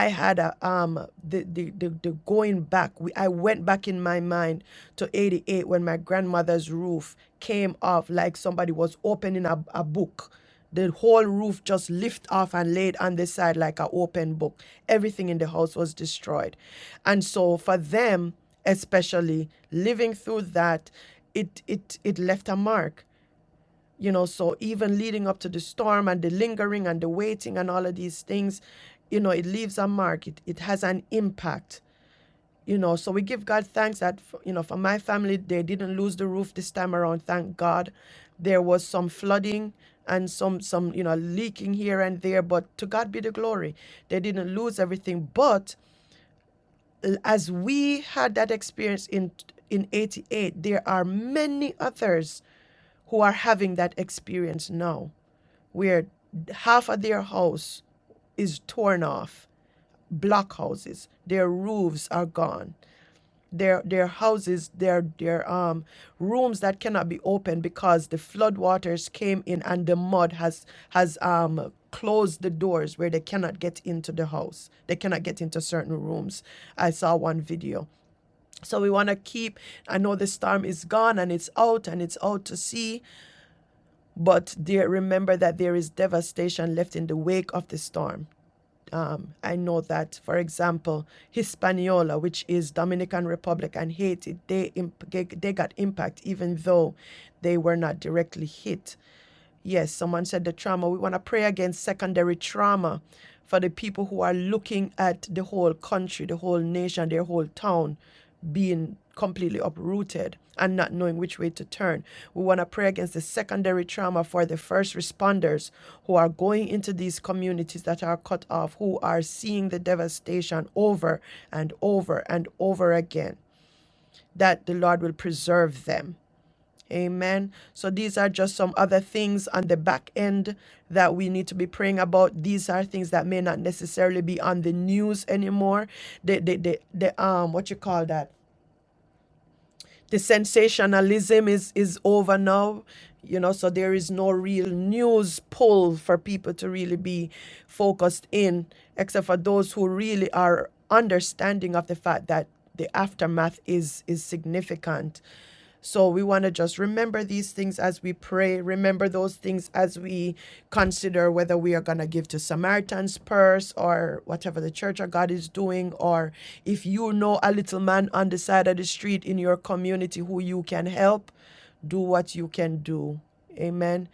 S2: had a um the the the, the going back. We, I went back in my mind to 88 when my grandmother's roof came off like somebody was opening a, a book. The whole roof just lift off and laid on the side like an open book. Everything in the house was destroyed. And so for them, especially living through that, it it it left a mark you know so even leading up to the storm and the lingering and the waiting and all of these things you know it leaves a mark it, it has an impact you know so we give god thanks that you know for my family they didn't lose the roof this time around thank god there was some flooding and some some you know leaking here and there but to god be the glory they didn't lose everything but as we had that experience in in 88 there are many others who are having that experience now where half of their house is torn off blockhouses their roofs are gone their their houses their their um rooms that cannot be opened because the flood waters came in and the mud has has um closed the doors where they cannot get into the house they cannot get into certain rooms i saw one video so we want to keep i know the storm is gone and it's out and it's out to sea but there, remember that there is devastation left in the wake of the storm. Um, I know that, for example, Hispaniola, which is Dominican Republic and Haiti, they imp- they they got impact even though they were not directly hit. Yes, someone said the trauma. We want to pray against secondary trauma for the people who are looking at the whole country, the whole nation, their whole town being completely uprooted and not knowing which way to turn. We want to pray against the secondary trauma for the first responders who are going into these communities that are cut off, who are seeing the devastation over and over and over again, that the Lord will preserve them Amen. So these are just some other things on the back end that we need to be praying about. These are things that may not necessarily be on the news anymore. The the the, the um what you call that? The sensationalism is is over now. You know, so there is no real news pull for people to really be focused in, except for those who really are understanding of the fact that the aftermath is is significant so we want to just remember these things as we pray. Remember those things as we consider whether we are going to give to Samaritan's purse or whatever the church of God is doing, or if you know a little man on the side of the street in your community who you can help, do what you can do. Amen.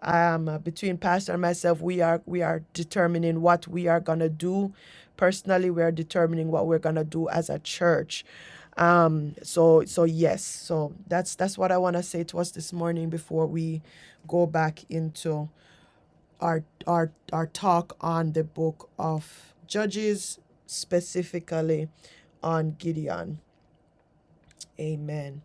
S2: Um, uh, between pastor and myself, we are we are determining what we are gonna do. Personally, we are determining what we're gonna do as a church um so so yes so that's that's what i want to say to us this morning before we go back into our our our talk on the book of judges specifically on gideon amen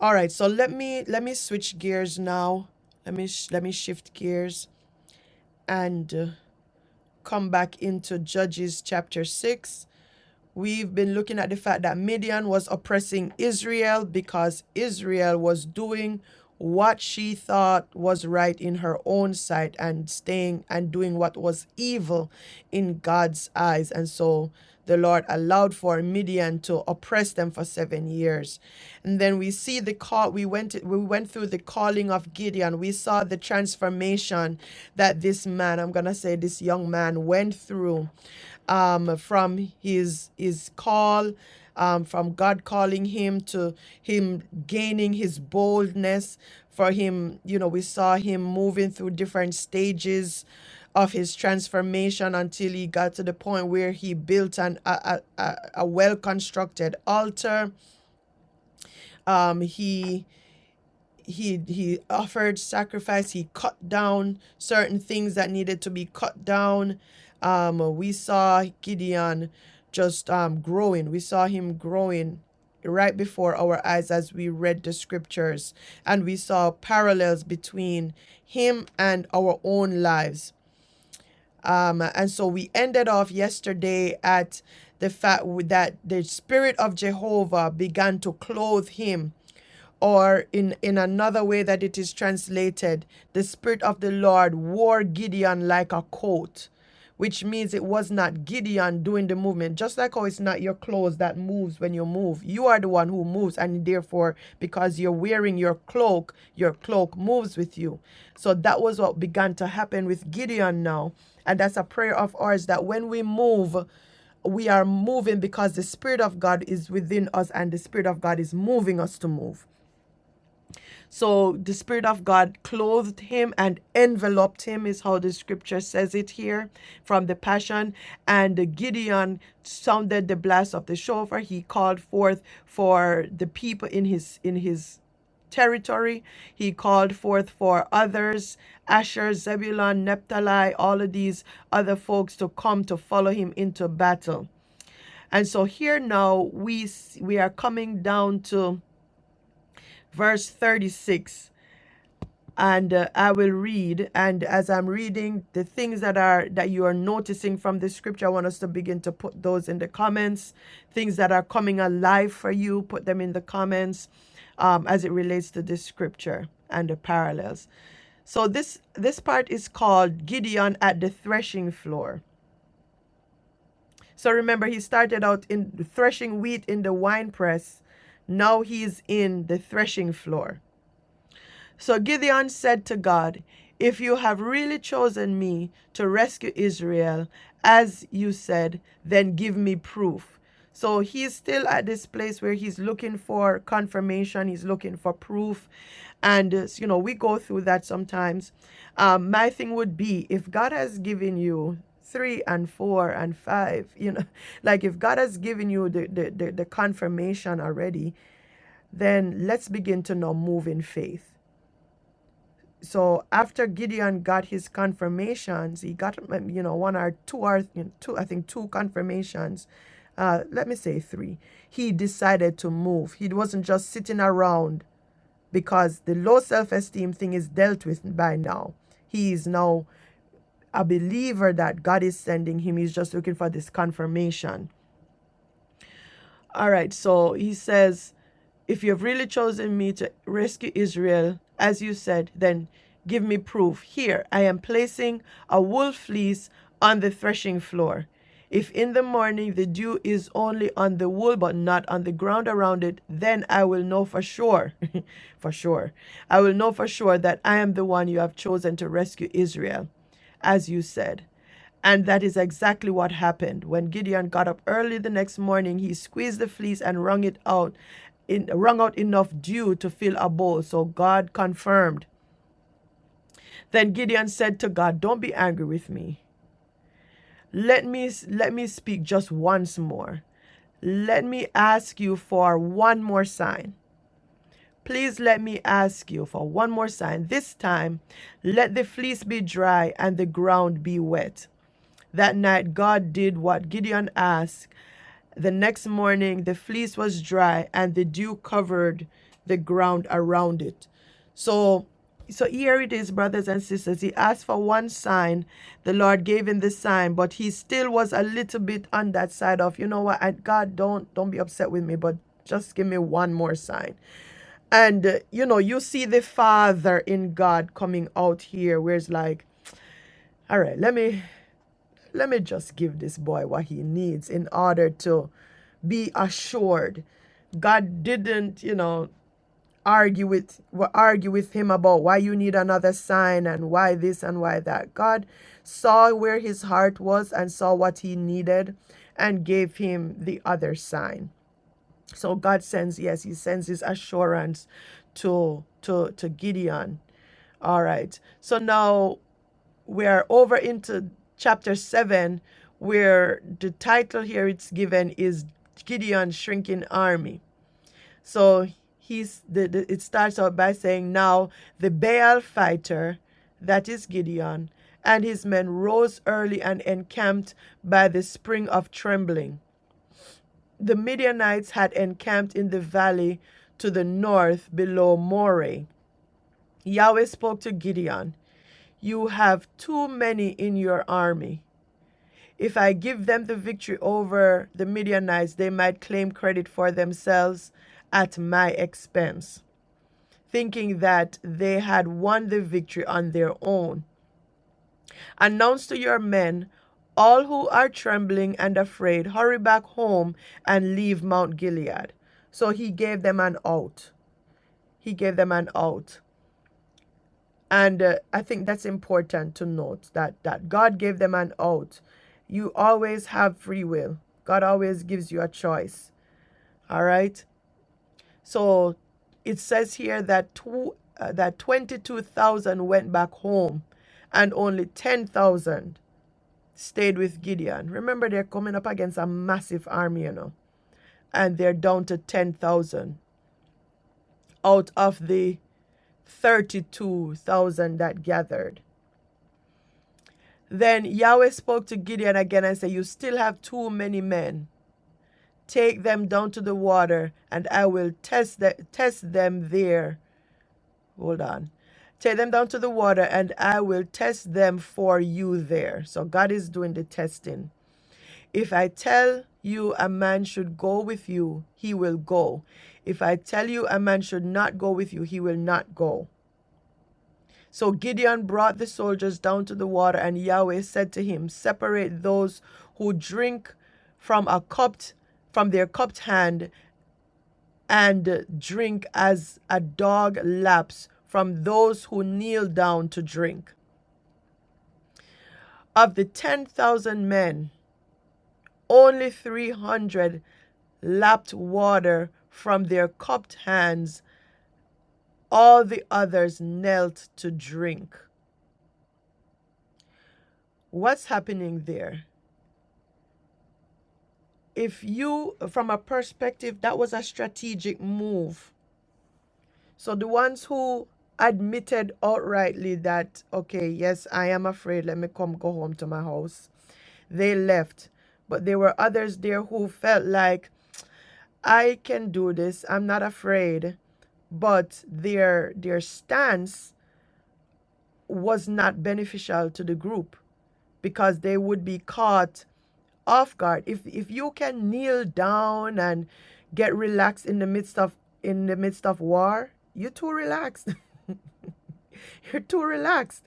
S2: all right so let me let me switch gears now let me sh- let me shift gears and uh, come back into judges chapter 6 We've been looking at the fact that Midian was oppressing Israel because Israel was doing what she thought was right in her own sight and staying and doing what was evil in God's eyes. And so the Lord allowed for Midian to oppress them for seven years. And then we see the call we went we went through the calling of Gideon. We saw the transformation that this man, I'm gonna say this young man went through um, from his his call, um, from God calling him to him gaining his boldness. For him, you know, we saw him moving through different stages of his transformation until he got to the point where he built an a, a, a well constructed altar. Um, he he he offered sacrifice he cut down certain things that needed to be cut down um we saw gideon just um growing we saw him growing right before our eyes as we read the scriptures and we saw parallels between him and our own lives um and so we ended off yesterday at the fact that the spirit of jehovah began to clothe him or in, in another way that it is translated, the Spirit of the Lord wore Gideon like a coat, which means it was not Gideon doing the movement. Just like how it's not your clothes that moves when you move, you are the one who moves, and therefore, because you're wearing your cloak, your cloak moves with you. So that was what began to happen with Gideon now. And that's a prayer of ours that when we move, we are moving because the Spirit of God is within us and the Spirit of God is moving us to move. So the Spirit of God clothed him and enveloped him, is how the scripture says it here from the Passion. And Gideon sounded the blast of the shofar. He called forth for the people in his in his territory. He called forth for others, Asher, Zebulun, Naphtali, all of these other folks to come to follow him into battle. And so here now we we are coming down to verse 36 and uh, I will read and as I'm reading the things that are that you are noticing from the scripture I want us to begin to put those in the comments things that are coming alive for you put them in the comments um, as it relates to this scripture and the parallels so this this part is called Gideon at the threshing floor so remember he started out in threshing wheat in the winepress now he's in the threshing floor So Gideon said to God, If you have really chosen me to rescue Israel, as you said, then give me proof. So he's still at this place where he's looking for confirmation, he's looking for proof. And, uh, you know, we go through that sometimes. Um, my thing would be if God has given you three and four and five, you know, like if God has given you the, the, the, the confirmation already, then let's begin to now move in faith so after Gideon got his confirmations, he got um, you know one or two or you know, two I think two confirmations. Uh, let me say three. He decided to move. He wasn't just sitting around because the low self-esteem thing is dealt with by now. He is now a believer that God is sending him. He's just looking for this confirmation. All right, so he says, if you've really chosen me to rescue Israel, as you said, then give me proof. Here, I am placing a wool fleece on the threshing floor. If in the morning the dew is only on the wool but not on the ground around it, then I will know for sure, for sure, I will know for sure that I am the one you have chosen to rescue Israel, as you said. And that is exactly what happened. When Gideon got up early the next morning, he squeezed the fleece and wrung it out, in, wrung out enough dew to fill a bowl. So God confirmed. Then Gideon said to God, "Don't be angry with me. Let me let me speak just once more. Let me ask you for one more sign. Please let me ask you for one more sign. This time, let the fleece be dry and the ground be wet." That night, God did what Gideon asked The next morning, the fleece was dry and the dew covered the ground around it. So, so here it is, brothers and sisters. He asked for one sign. The Lord gave him the sign, but he still was a little bit on that side of, you know what? I, God, don't don't be upset with me, but just give me one more sign. And uh, you know, you see the Father in God coming out here, where it's like, all right, let me let me just give this boy what he needs in order to be assured god didn't you know argue with argue with him about why you need another sign and why this and why that god saw where his heart was and saw what he needed and gave him the other sign so god sends yes he sends his assurance to to to gideon all right so now we're over into chapter 7 where the title here it's given is gideon's shrinking army so he's the, the, it starts out by saying, Now the Baal fighter, that is Gideon, and his men rose early and encamped by the spring of trembling. The Midianites had encamped in the valley to the north below Moreh. Yahweh spoke to Gideon, You have too many in your army. If I give them the victory over the Midianites, they might claim credit for themselves at my expense. thinking that they had won the victory on their own. Announce to your men, all who are trembling and afraid, hurry back home and leave Mount Gilead. So he gave them an out. He gave them an out. And uh, I think that's important to note that, that God gave them an out. You always have free will, God always gives you a choice. All right? So it says here that two, uh, that 22,000 went back home and only 10,000 stayed with Gideon. Remember, they're coming up against a massive army, you know, and they're down to 10,000 out of the 32,000 that gathered. Then Yahweh spoke to Gideon again and said, You still have too many men. Take them down to the water, and I will test, the, test them there Hold on. Take them down to the water, and I will test them for you there. So God is doing the testing. If I tell you a man should go with you, he will go. If I tell you a man should not go with you, he will not go. So Gideon brought the soldiers down to the water, and Yahweh said to him, Separate those who drink from a cupped from their cupped hand and drink as a dog laps from those who kneel down to drink. Of the 10,000 men, only 300 lapped water from their cupped hands. All the others knelt to drink. What's happening there? If you, from a perspective, that was a strategic move. So the ones who admitted outrightly that, okay, yes, I am afraid, let me come go home to my house they left. But there were others there who felt like I can do this. I'm not afraid. But their their stance was not beneficial to the group because they would be caught off guard. If if you can kneel down and get relaxed in the midst of in the midst of war, you're too relaxed. you're too relaxed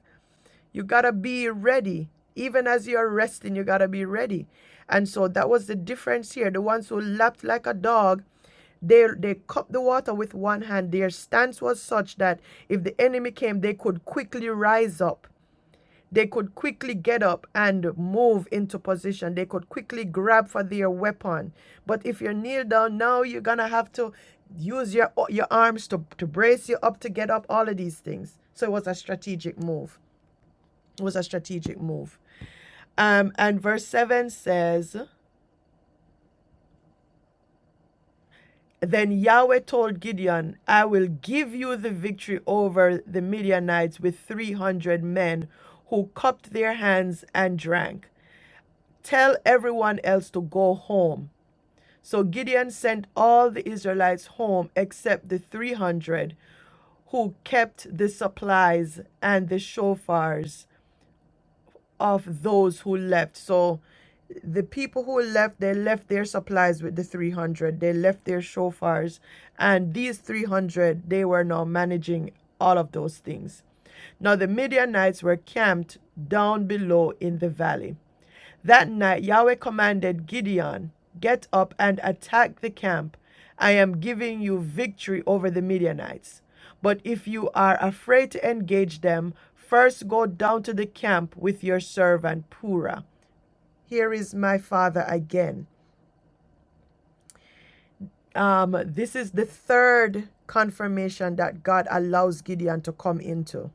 S2: You gotta be ready. Even as you're resting, you gotta be ready. And so that was the difference here. The ones who lapped like a dog, they they cupped the water with one hand. Their stance was such that if the enemy came, they could quickly rise up. They could quickly get up and move into position. They could quickly grab for their weapon. But if you are kneel down now, you're gonna have to use your your arms to, to brace you up to get up, all of these things. So it was a strategic move was a strategic move. Um, and verse 7 says, Then Yahweh told Gideon, I will give you the victory over the Midianites with 300 men who cupped their hands and drank. Tell everyone else to go home. So Gideon sent all the Israelites home except the 300 who kept the supplies and the shofars of those who left. So the people who left, they left their supplies with the 300. They left their shofars. And these 300, they were now managing all of those things. Now the Midianites were camped down below in the valley. That night, Yahweh commanded Gideon, Get up and attack the camp. I am giving you victory over the Midianites. But if you are afraid to engage them, first go down to the camp with your servant Purah. Here is my father again. Um, this is the third confirmation that God allows Gideon to come into.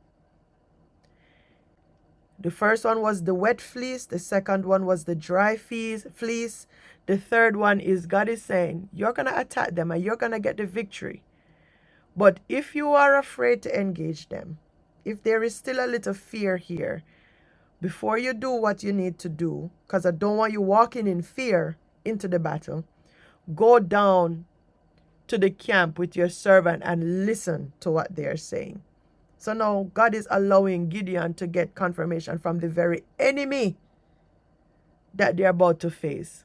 S2: The first one was the wet fleece, the second one was the dry fleece, fleece. The third one is God is saying, you're going to attack them and you're going to get the victory. But if you are afraid to engage them, if there is still a little fear here, before you do what you need to do, because I don't want you walking in fear into the battle, go down to the camp with your servant and listen to what they are saying. So now God is allowing Gideon to get confirmation from the very enemy that they're about to face.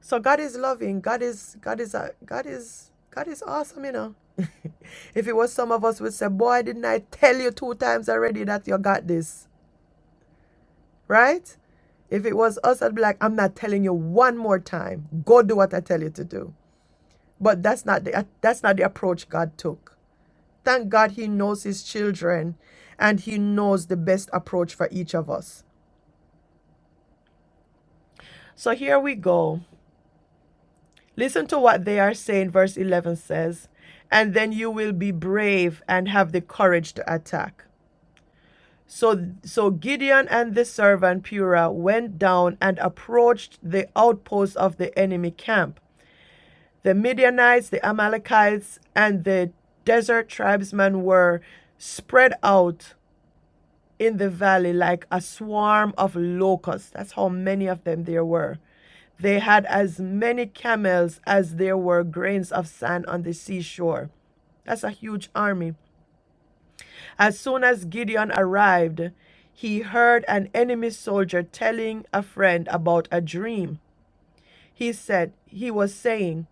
S2: So God is loving. God is God is a God is God is awesome, you know. if it was some of us would say, Boy, didn't I tell you two times already that you got this? Right? If it was us, I'd be like, I'm not telling you one more time. Go do what I tell you to do. But that's not the that's not the approach God took. Thank God He knows His children and He knows the best approach for each of us. So here we go. Listen to what they are saying. Verse 11 says, And then you will be brave and have the courage to attack. So, so Gideon and the servant Purah went down and approached the outposts of the enemy camp. The Midianites, the Amalekites, and the desert tribesmen were spread out in the valley like a swarm of locusts. That's how many of them there were. They had as many camels as there were grains of sand on the seashore. That's a huge army. As soon as Gideon arrived, he heard an enemy soldier telling a friend about a dream. He said, he was saying,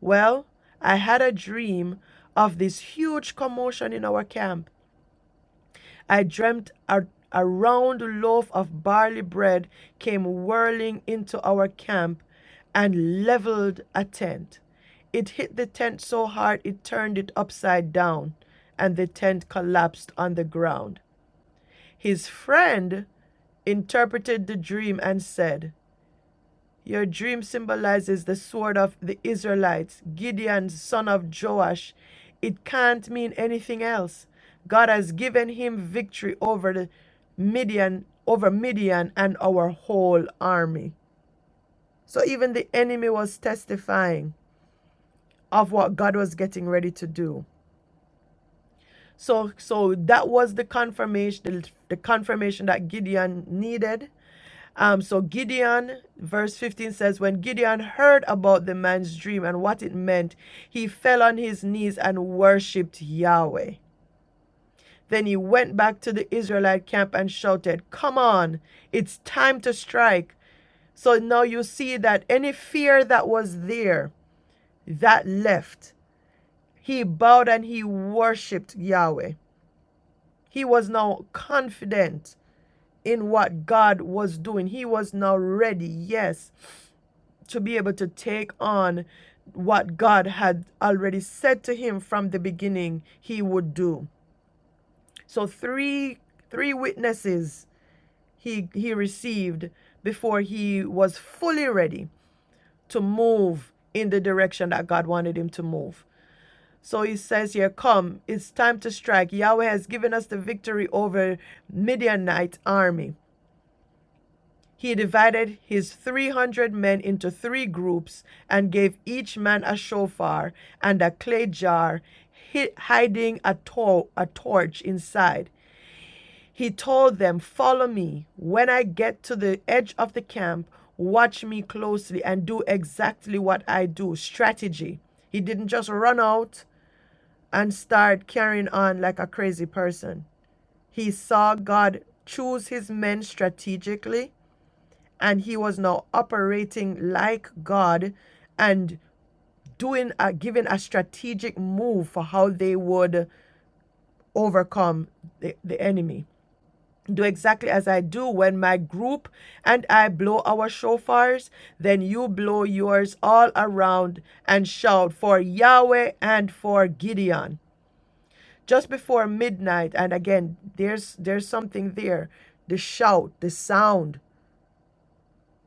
S2: Well, I had a dream of this huge commotion in our camp. I dreamt a, a round loaf of barley bread came whirling into our camp and leveled a tent. It hit the tent so hard it turned it upside down, and the tent collapsed on the ground. His friend interpreted the dream and said, your dream symbolizes the sword of the Israelites, Gideon, son of Joash. It can't mean anything else. God has given him victory over the Midian, over Midian and our whole army. So even the enemy was testifying of what God was getting ready to do. So so that was the confirmation the, the confirmation that Gideon needed Um, so Gideon, verse 15 says, When Gideon heard about the man's dream and what it meant, he fell on his knees and worshipped Yahweh. Then he went back to the Israelite camp and shouted, Come on, it's time to strike. So now you see that any fear that was there, that left. He bowed and he worshipped Yahweh. He was now confident in what God was doing. He was now ready. Yes, to be able to take on what God had already said to him from the beginning he would do. So three three witnesses he he received before he was fully ready to move in the direction that God wanted him to move. So he says here, come, it's time to strike. Yahweh has given us the victory over Midianite army. He divided his 300 men into three groups and gave each man a shofar and a clay jar, hiding a, to- a torch inside. He told them, Follow me. When I get to the edge of the camp, watch me closely and do exactly what I do strategy. He didn't just run out and start carrying on like a crazy person. He saw God choose his men strategically and he was now operating like God and doing a giving a strategic move for how they would overcome the, the enemy. Do exactly as I do when my group and I blow our shofars, then you blow yours all around and shout for Yahweh and for Gideon. Just before midnight, and again, there's there's something there. The shout, the sound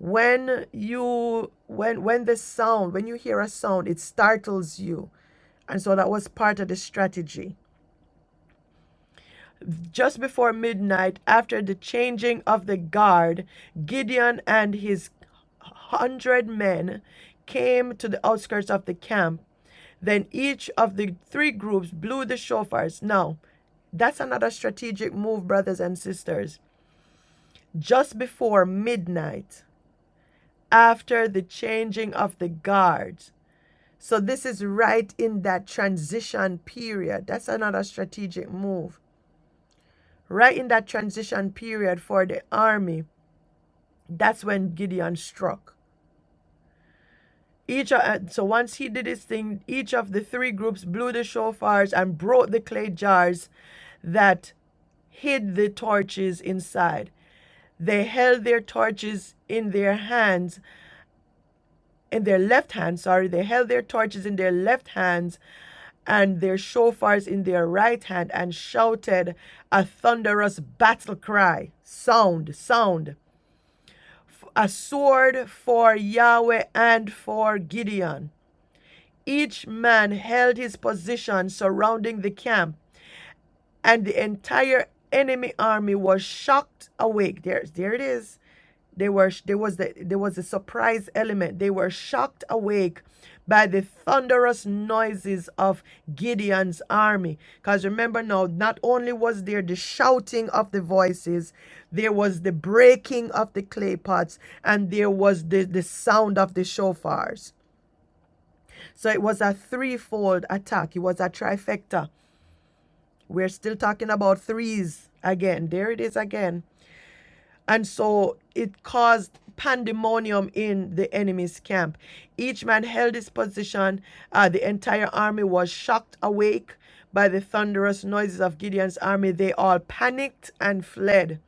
S2: when you when when the sound when you hear a sound it startles you and so that was part of the strategy just before midnight after the changing of the guard gideon and his hundred men came to the outskirts of the camp then each of the three groups blew the shofars now that's another strategic move brothers and sisters just before midnight after the changing of the guard So this is right in that transition period. That's another strategic move. Right in that transition period for the army, that's when Gideon struck. Each of, uh, so once he did his thing, each of the three groups blew the shofars and brought the clay jars that hid the torches inside. They held their torches in their hands, in their left hand, sorry, they held their torches in their left hands and their shofars in their right hand and shouted a thunderous battle cry sound sound a sword for Yahweh and for Gideon each man held his position surrounding the camp and the entire enemy army was shocked awake. There, there it is. They were there was the there was a surprise element. They were shocked awake by the thunderous noises of Gideon's army. Because remember now, not only was there the shouting of the voices, there was the breaking of the clay pots, and there was the, the sound of the shofars. So it was a threefold attack. It was a trifecta we're still talking about threes again. There it is again. And so it caused pandemonium in the enemy's camp. Each man held his position. Uh, the entire army was shocked awake by the thunderous noises of Gideon's army. They all panicked and fled,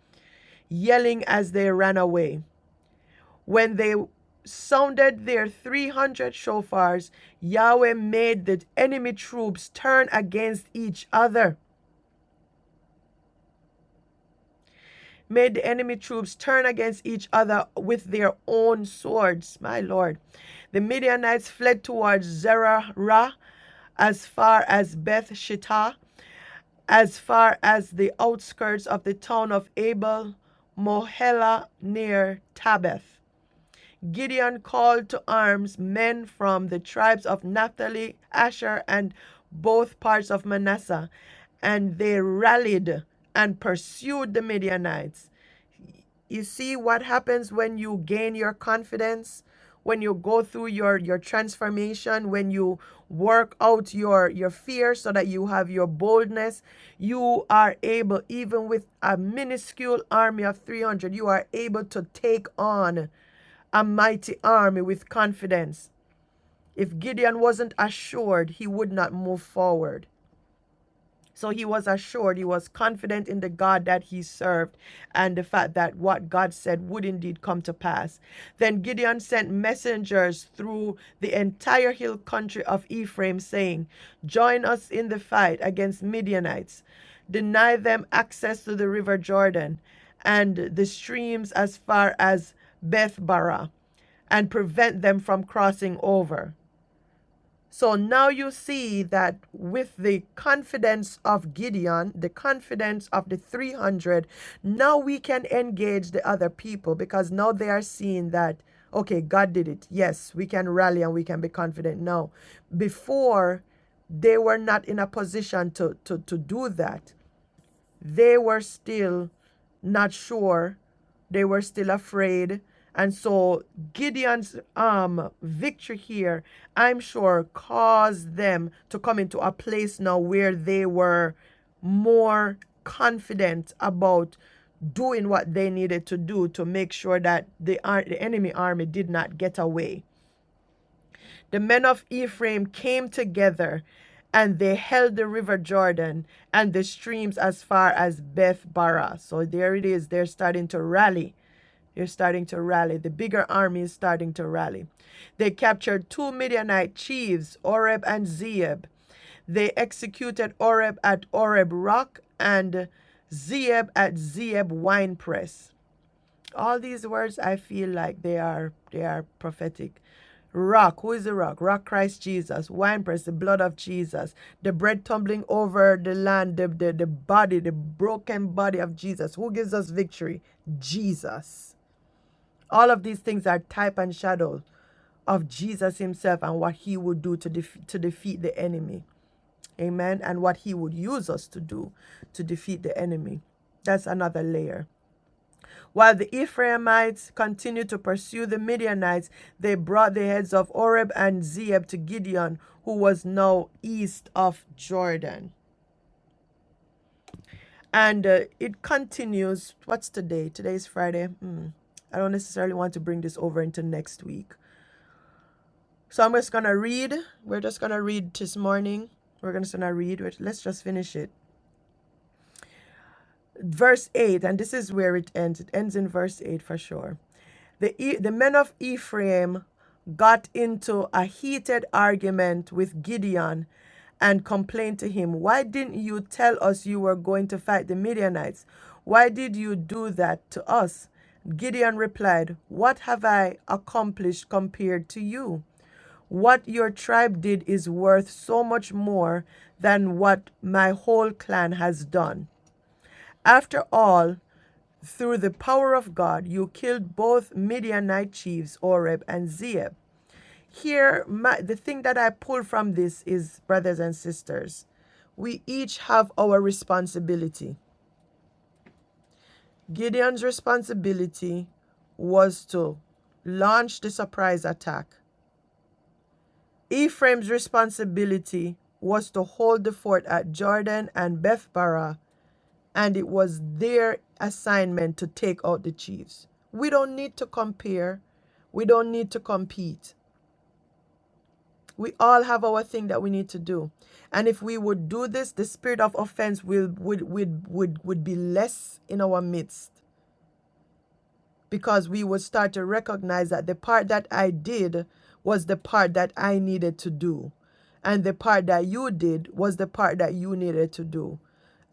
S2: yelling as they ran away. When they sounded their 300 shofars, Yahweh made the enemy troops turn against each other made the enemy troops turn against each other with their own swords. My Lord. The Midianites fled towards Zerah as far as Beth Shittah, as far as the outskirts of the town of Abel Mohela near Tabith. Gideon called to arms men from the tribes of Naphtali, Asher, and both parts of Manasseh, and they rallied and pursued the Midianites. You see what happens when you gain your confidence, when you go through your your transformation, when you work out your your fear so that you have your boldness, you are able even with a minuscule army of 300, you are able to take on a mighty army with confidence. If Gideon wasn't assured, he would not move forward. So he was assured, he was confident in the God that he served and the fact that what God said would indeed come to pass. Then Gideon sent messengers through the entire hill country of Ephraim, saying, Join us in the fight against Midianites, deny them access to the river Jordan and the streams as far as Beth Barah, and prevent them from crossing over. So now you see that with the confidence of Gideon, the confidence of the 300, now we can engage the other people because now they are seeing that, okay, God did it. Yes, we can rally and we can be confident now. Before, they were not in a position to, to, to do that they were still not sure. They were still afraid. And so Gideon's um, victory here, I'm sure, caused them to come into a place now where they were more confident about doing what they needed to do to make sure that the, ar- the enemy army did not get away. The men of Ephraim came together, and they held the river Jordan and the streams as far as Beth Barah. So there it is. They're starting to rally. They're starting to rally. The bigger army is starting to rally. They captured two Midianite chiefs, Oreb and Zeeb. They executed Oreb at Oreb Rock and Zeeb at Zeeb Winepress all these words i feel like they are they are prophetic rock who is the rock rock christ jesus wine press the blood of jesus the bread tumbling over the land the, the, the body the broken body of jesus who gives us victory jesus all of these things are type and shadow of jesus himself and what he would do to, def- to defeat the enemy amen and what he would use us to do to defeat the enemy that's another layer while the Ephraimites continued to pursue the Midianites, they brought the heads of Oreb and Zeeb to Gideon, who was now east of Jordan. And uh, it continues. What's today? Today is Friday. Hmm. I don't necessarily want to bring this over into next week. So I'm just gonna read. We're just gonna read this morning. We're just gonna read. Let's just finish it. Verse 8, and this is where it ends. It ends in verse 8 for sure. The, E- the men of Ephraim got into a heated argument with Gideon and complained to him, Why didn't you tell us you were going to fight the Midianites? Why did you do that to us? Gideon replied, What have I accomplished compared to you? What your tribe did is worth so much more than what my whole clan has done. After all, through the power of God, you killed both Midianite chiefs, Oreb and Zeeb. Here, my, the thing that I pull from this is, brothers and sisters, we each have our responsibility. Gideon's responsibility was to launch the surprise attack. Ephraim's responsibility was to hold the fort at Jordan and Bethbara and it was their assignment to take out the Chiefs. We don't need to compare. We don't need to compete. We all have our thing that we need to do. And if we would do this, the spirit of offense will would would would, would be less in our midst. because we would start to recognize that the part that I did was the part that I needed to do. And the part that you did was the part that you needed to do.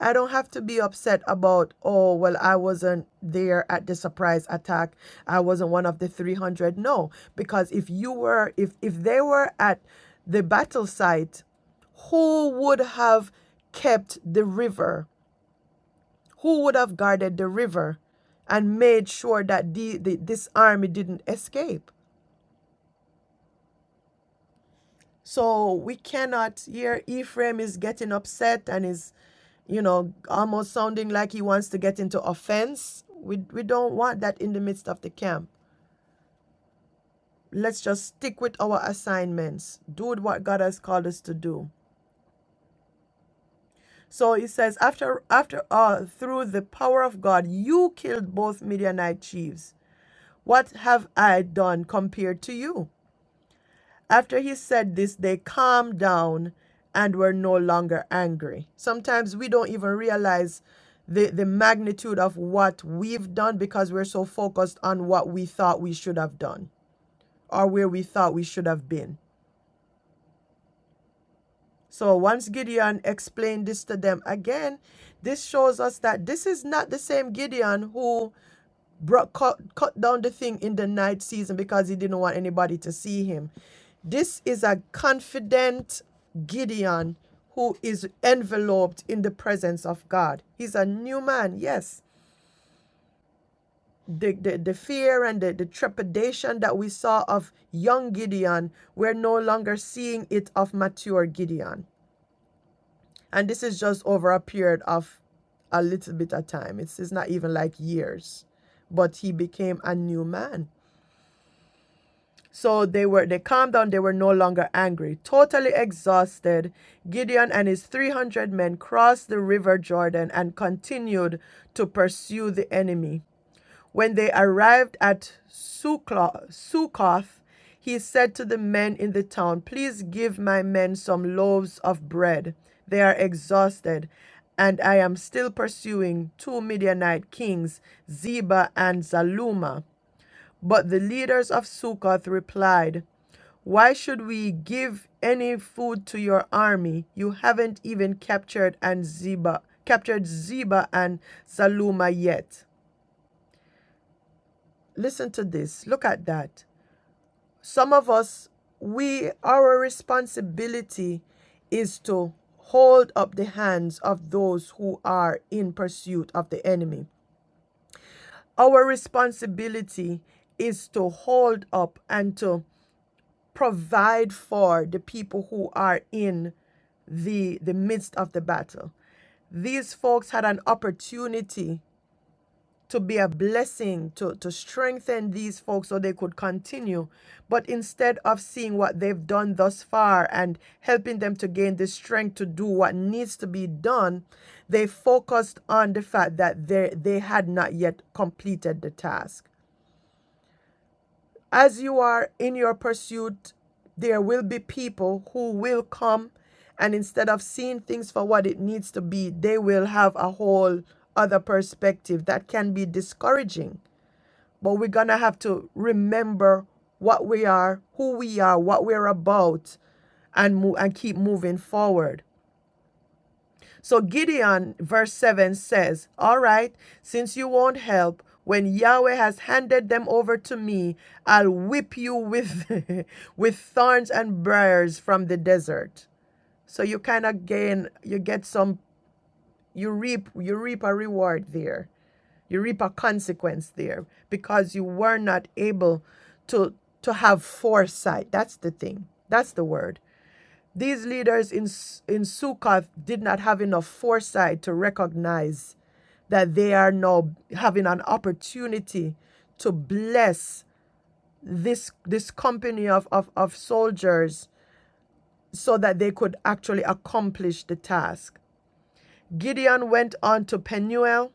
S2: I don't have to be upset about, oh, well, I wasn't there at the surprise attack. I wasn't one of the 300. No, because if you were, if, if they were at the battle site, who would have kept the river? who would have guarded the river and made sure that the, the, this army didn't escape. So we cannot here Ephraim is getting upset and is you know almost sounding like he wants to get into offense. We we don't want that in the midst of the camp. Let's just stick with our assignments. Do what God has called us to do. So he says after after all through the power of God you killed both Midianite chiefs. What have I done compared to you? After he said this, they calmed down and were no longer angry. Sometimes we don't even realize the, the magnitude of what we've done because we're so focused on what we thought we should have done or where we thought we should have been. So once Gideon explained this to them again, this shows us that this is not the same Gideon who brought, cut, cut down the thing in the night season because he didn't want anybody to see him. This is a confident Gideon who is enveloped in the presence of God. He's a new man, yes. The, the, the fear and the, the trepidation that we saw of young Gideon, we're no longer seeing it of mature Gideon. And this is just over a period of a little bit of time. It's, it's not even like years. But he became a new man. So they were they calmed down, they were no longer angry. Totally exhausted, Gideon and his 300 men crossed the river Jordan and continued to pursue the enemy. When they arrived at Succoth, he said to the men in the town, Please give my men some loaves of bread. They are exhausted, and I am still pursuing two Midianite kings, Zeba and Zaluma. But the leaders of Succoth replied, why should we give any food to your army? You haven't even captured and Zeba, captured Zeba and Saluma yet. Listen to this. Look at that. Some of us, we our responsibility is to hold up the hands of those who are in pursuit of the enemy. Our responsibility is to hold up and to provide for the people who are in the the midst of the battle. These folks had an opportunity to be a blessing to to strengthen these folks so they could continue but instead of seeing what they've done thus far and helping them to gain the strength to do what needs to be done they focused on the fact that they they had not yet completed the task As you are in your pursuit, there will be people who will come and instead of seeing things for what it needs to be, they will have a whole other perspective that can be discouraging. But we're going to have to remember what we are, who we are, what we're about and mo- and keep moving forward. So Gideon, verse 7 says, All right, since you won't help, when Yahweh has handed them over to me, I'll whip you with, with thorns and briars from the desert. So you kind of gain, you get some, you reap, you reap a reward there. You reap a consequence there because you were not able to to have foresight. That's the thing. That's the word. These leaders in, in Sukkoth did not have enough foresight to recognize that they are now having an opportunity to bless this, this company of, of, of soldiers so that they could actually accomplish the task. Gideon went on to Peniel.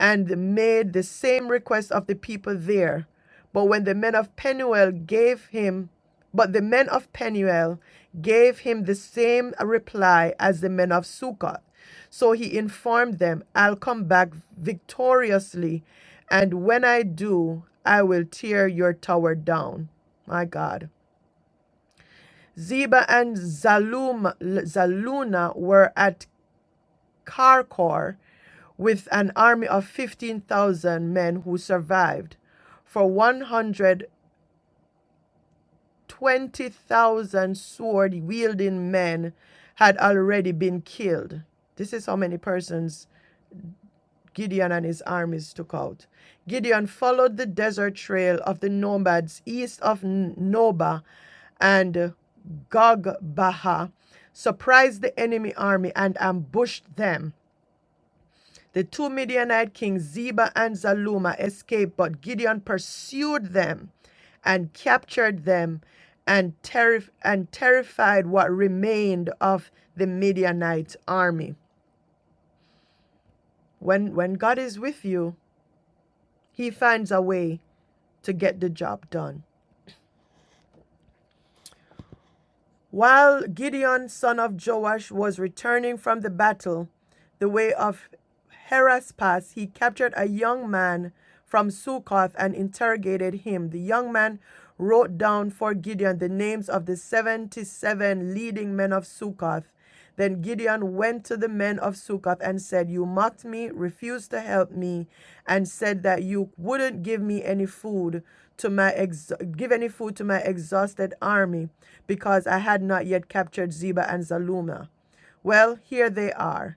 S2: and made the same request of the people there. But when the men of Penuel gave him, but the men of Penuel gave him the same reply as the men of Succoth. So he informed them, I'll come back victoriously, and when I do, I will tear your tower down. My God. Zeba and Zalum, Zaluna were at Karkor with an army of 15,000 men who survived, for 120,000 sword wielding men had already been killed. This is how many persons Gideon and his armies took out. Gideon followed the desert trail of the nomads east of N- Noba and Gogbaha, surprised the enemy army, and ambushed them. The two Midianite kings, Zeba and Zaluma, escaped, but Gideon pursued them and captured them and, terri- and terrified what remained of the Midianite army. When, when God is with you, he finds a way to get the job done. While Gideon, son of Joash, was returning from the battle, the way of Hera's pass, he captured a young man from Succoth and interrogated him. The young man wrote down for Gideon the names of the 77 leading men of Succoth. Then Gideon went to the men of Succoth and said, You mocked me, refused to help me, and said that you wouldn't give me any food to my ex- give any food to my exhausted army because I had not yet captured Zeba and Zaluma. Well, here they are.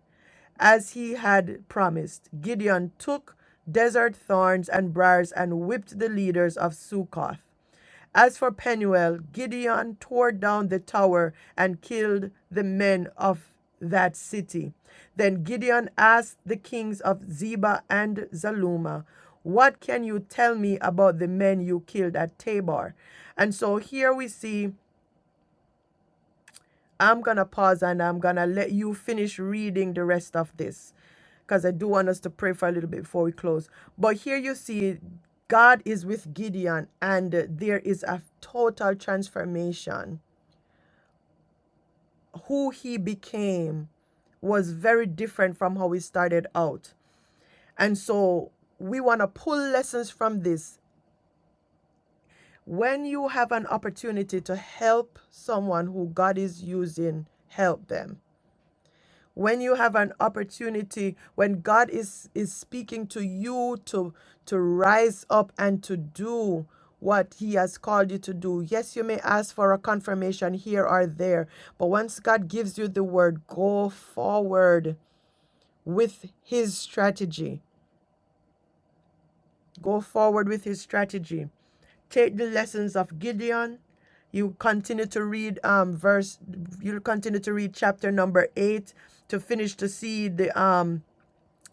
S2: As he had promised, Gideon took desert thorns and briars and whipped the leaders of Succoth. As for Penuel, Gideon tore down the tower and killed the men of that city. Then Gideon asked the kings of Zebah and Zalmunna, What can you tell me about the men you killed at Tabor? And so here we see I'm going to pause and I'm going to let you finish reading the rest of this because I do want us to pray for a little bit before we close. But here you see, God is with Gideon, and there is a total transformation. Who he became was very different from how he started out. And so we want to pull lessons from this. When you have an opportunity to help someone who God is using, help them when you have an opportunity when god is is speaking to you to to rise up and to do what he has called you to do yes you may ask for a confirmation here or there but once god gives you the word go forward with his strategy go forward with his strategy take the lessons of gideon you continue to read um verse you continue to read chapter number 8 to finish to see the um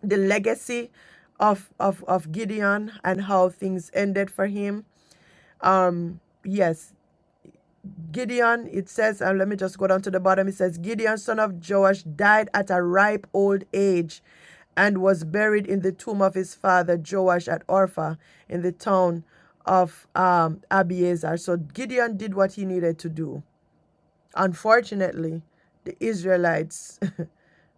S2: the legacy of of of Gideon and how things ended for him. Um yes, Gideon it says and let me just go down to the bottom it says Gideon son of Joash died at a ripe old age and was buried in the tomb of his father Joash at Orpha in the town of um Abiezer. So Gideon did what he needed to do. Unfortunately, the Israelites